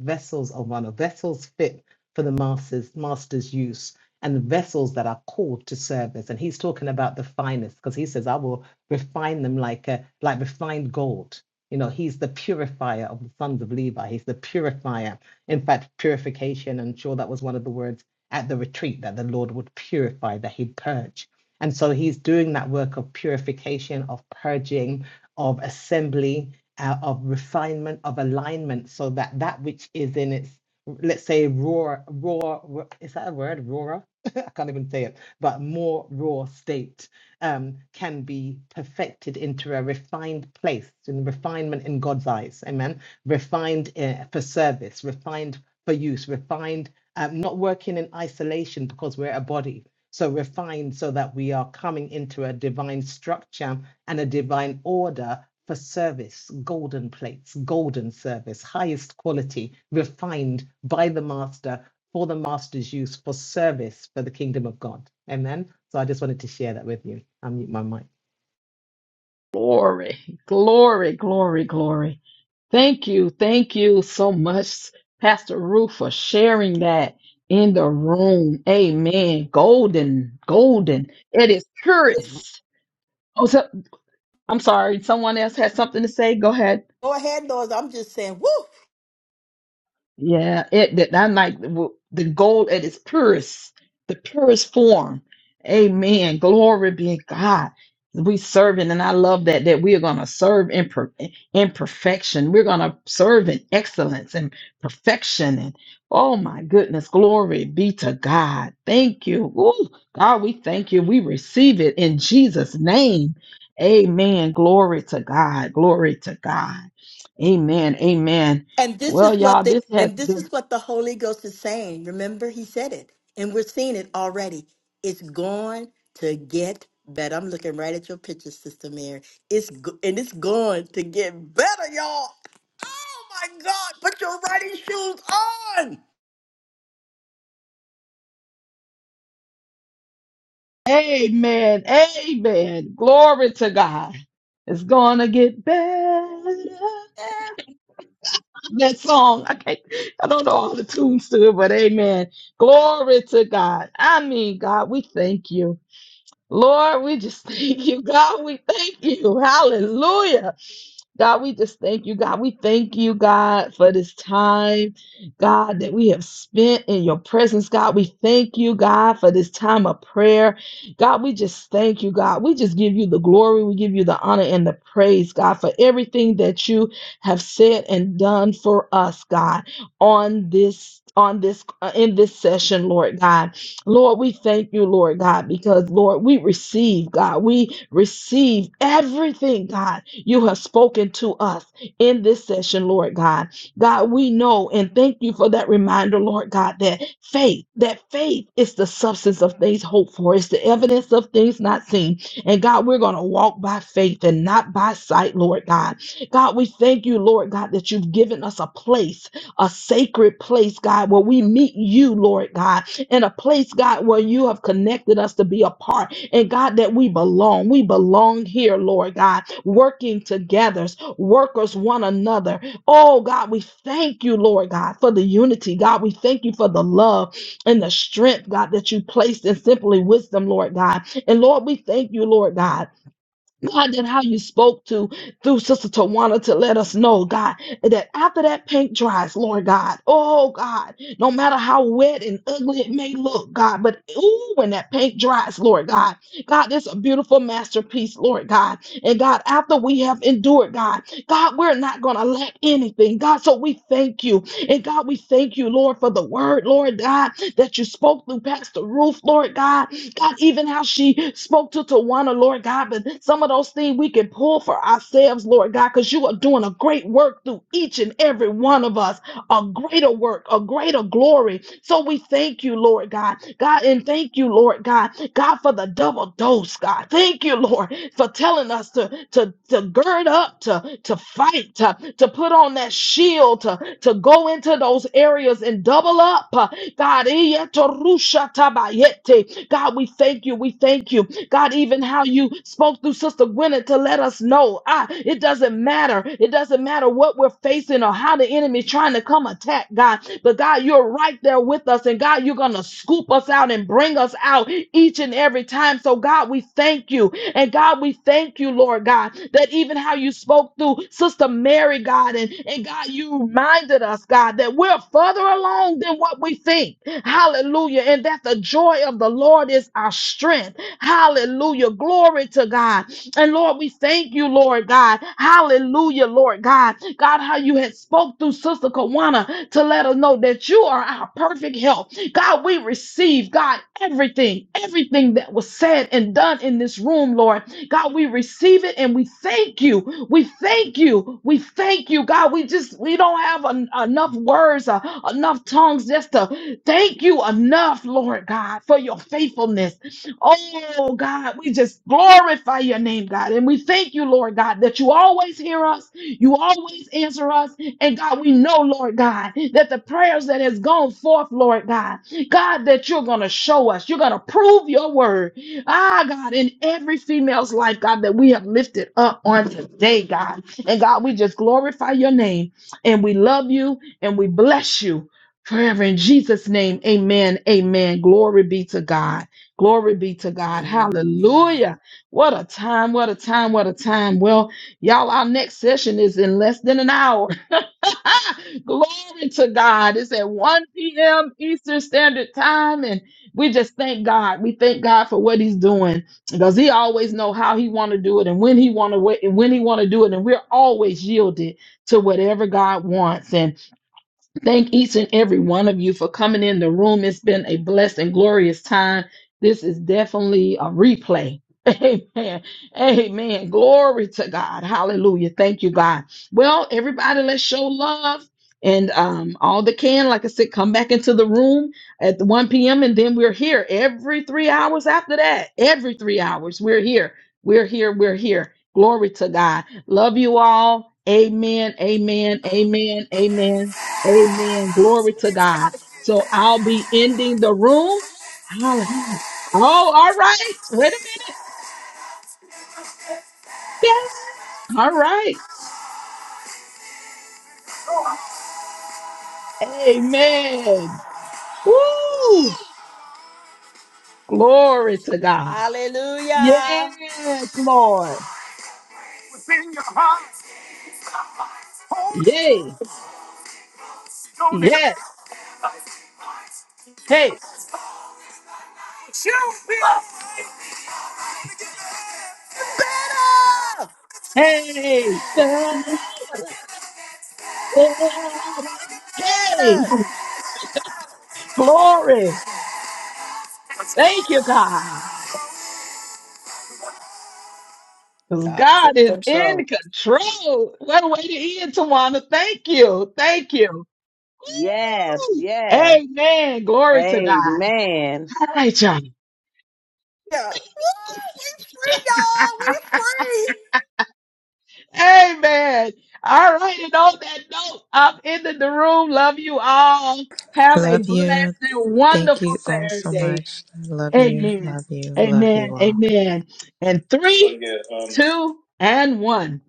D: vessels of honor vessels fit for the master's master's use and vessels that are called to service and he's talking about the finest because he says i will refine them like a like refined gold you know he's the purifier of the sons of levi he's the purifier in fact purification i'm sure that was one of the words at the retreat that the Lord would purify, that He'd purge. And so He's doing that work of purification, of purging, of assembly, uh, of refinement, of alignment, so that that which is in its, let's say, raw, raw, ra- is that a word? Raw? I can't even say it, but more raw state um, can be perfected into a refined place, in refinement in God's eyes. Amen. Refined uh, for service, refined for use, refined um, not working in isolation because we're a body. So refined so that we are coming into a divine structure and a divine order for service, golden plates, golden service, highest quality, refined by the master for the master's use for service for the kingdom of God. Amen. So I just wanted to share that with you. I mute my mic.
A: Glory, glory, glory, glory. Thank you, thank you so much, Pastor Ruth, for sharing that in the room. Amen. Golden, golden. It is purest. Oh, so, I'm sorry. Someone else had something to say. Go ahead.
C: Go ahead, Lord. I'm just saying, woo!
A: Yeah, it that I'm like w- the gold at its purest, the purest form. Amen. Glory be to God. We serving, and I love that that we are gonna serve in per, in perfection. We're gonna serve in excellence and perfection. And oh my goodness, glory be to God. Thank you, Ooh, God. We thank you. We receive it in Jesus' name. Amen. Glory to God. Glory to God. Amen. Amen.
C: And this
A: Well,
C: is what
A: y'all,
C: the
A: this has
C: and this
A: been
C: is what the Holy Ghost is saying. Remember, he said it, and we're seeing it already. It's going to get better. I'm looking right at your picture, Sister Mary. It's go- and it's going to get better, y'all. Oh my God! Put your riding shoes on.
A: amen, amen. Glory to God. It's gonna get better.
C: Yeah.
A: That song, I can't, I don't know all the tunes to it, but amen. Glory to God. I mean, God, we thank you. Lord, we just thank you. God, we thank you. Hallelujah. God, we just thank you, God. We thank you, God, for this time, God, that we have spent in your presence, God. We thank you, God, for this time of prayer. God, we just thank you, God. We just give you the glory. We give you the honor and the praise, God, for everything that you have said and done for us, God, on this on this uh, in this session lord god lord we thank you lord god because lord we receive god we receive everything god you have spoken to us in this session, Lord God. God, we know and thank you for that reminder, Lord God, that faith, that faith is the substance of things hoped for, it's the evidence of things not seen. And God, we're going to walk by faith and not by sight, Lord God. God, we thank you, Lord God, that you've given us a place, a sacred place, God, where we meet you, Lord God, in a place, God, where you have connected us to be a part and God, that we belong. We belong here, Lord God, working together, workers one another. Oh, God, we thank you, Lord God, for the unity. God, we thank you for the love and the strength, God, that you placed in simply wisdom, Lord God. And Lord, we thank you, Lord God God, that how you spoke to through Sister Tawana to let us know, God, that after that paint dries, Lord God, oh God, no matter how wet and ugly it may look, God, but ooh, when that paint dries, Lord God, God, it's a beautiful masterpiece, Lord God. And God, after we have endured, God, God, we're not going to lack anything, God. So we thank you. And God, we thank you, Lord, for the word, Lord God, that you spoke through Pastor Ruth, Lord God. God, even how she spoke to Tawana, Lord God, but some of those things we can pull for ourselves, Lord God, because you are doing a great work through each and every one of us a greater work, a greater glory. So we thank you, Lord God. God, and thank you, Lord God. God, for the double dose, God. Thank you, Lord, for telling us to, to, to gird up, to, to fight, to, to put on that shield, to, to go into those areas and double up. uh, God, eh, to rusha tabayete. God, we thank you. We thank you. God, even how you spoke through Sister Gwyneth to let us know. God. It doesn't matter. It doesn't matter what we're facing or how the enemy is trying to come attack, God. But God, you're right there with us. And God, you're going to scoop us out and bring us out each and every time. So, God, we thank you. And God, we thank you, Lord God, that even how you spoke through Sister Mary, God, and, and God, you reminded us, God, that we're further along than what we think. Hallelujah. And that the joy of the Lord is our strength. Hallelujah. Glory to God. And Lord, we thank you, Lord God. Hallelujah, Lord God. God, how you had spoke through Sister Kawana to let us know that you are our perfect help. God, we receive, God, everything, everything that was said and done in this room, Lord. God, we receive it and we thank you. We thank you. We thank you, God. We just, we don't have en- enough words, uh, enough tongues just to thank you enough, Lord God, for your faithfulness. Oh God, we just glorify your name, God. And we thank you, Lord God, that you always hear us, you always answer us. And God, we know, Lord God, that the prayers that has gone forth, Lord God, God, that you're gonna show us, you're gonna prove your word. Ah, God, in every female's life, God, that we have lifted up on today, God. And God, we just glorify your name and we love you and we bless you forever in Jesus' name. Amen. Amen. Glory be to God. Glory be to God. Hallelujah.
C: Amen.
A: What a time. What a time. What a time. Well, y'all, our next session is in less than an hour. Glory to God. It's at 1 p.m. Eastern Standard Time. And we just thank God. We thank God for what he's doing because he always know how he want to do it and when he want to wait and when he want to do it. And we're always yielded to whatever God wants. and. Thank each and every one of you for coming in the room. It's been a blessed and glorious time. This is definitely a replay. Amen. Amen. Glory to God. Hallelujah. Thank you, God. Well, everybody, let's show love. And um, all that can, like I said, come back into the room at the 1 p.m. And then we're here every three hours after that. Every three hours, we're here. We're here. We're here. Glory to God. Love you all. Amen. Amen. Amen. Amen. Amen. Glory to
B: It's got
A: God.
B: to get
A: So
B: back
A: I'll be ending the room. Holla- Oh, all right. Wait a minute. Yeah. All right. Amen. Woo. Glory to God.
C: Hallelujah.
A: Yes, Lord.
B: within your heart. Hold it,
A: Yay.
B: don't ever
A: Yes. Hey.
B: let you be. Got it go. Shoot me.
C: Better.
A: Hey. Da, da, da, da. Hey.
C: Better.
A: Glory. Thank you, God. Because God is
B: control.
A: in control. What a way to end, Tawana. Thank you. Thank you.
F: Yes,
A: Woo!
F: yes.
A: Amen. Glory to God.
F: Amen.
A: All right, y'all.
C: Yeah. Woo! We free, y'all. We free.
A: Amen. All right. And on that note, I'm ending the room. Love you all. Have a
G: Love you.
A: blessed and
G: Thank
A: wonderful
G: you all so
A: Saturday.
G: much. Love you.
A: Amen.
G: Love you. Love
A: Amen.
G: you all.
A: Amen. And
G: So
A: three,
G: yeah. um,
A: two, and one.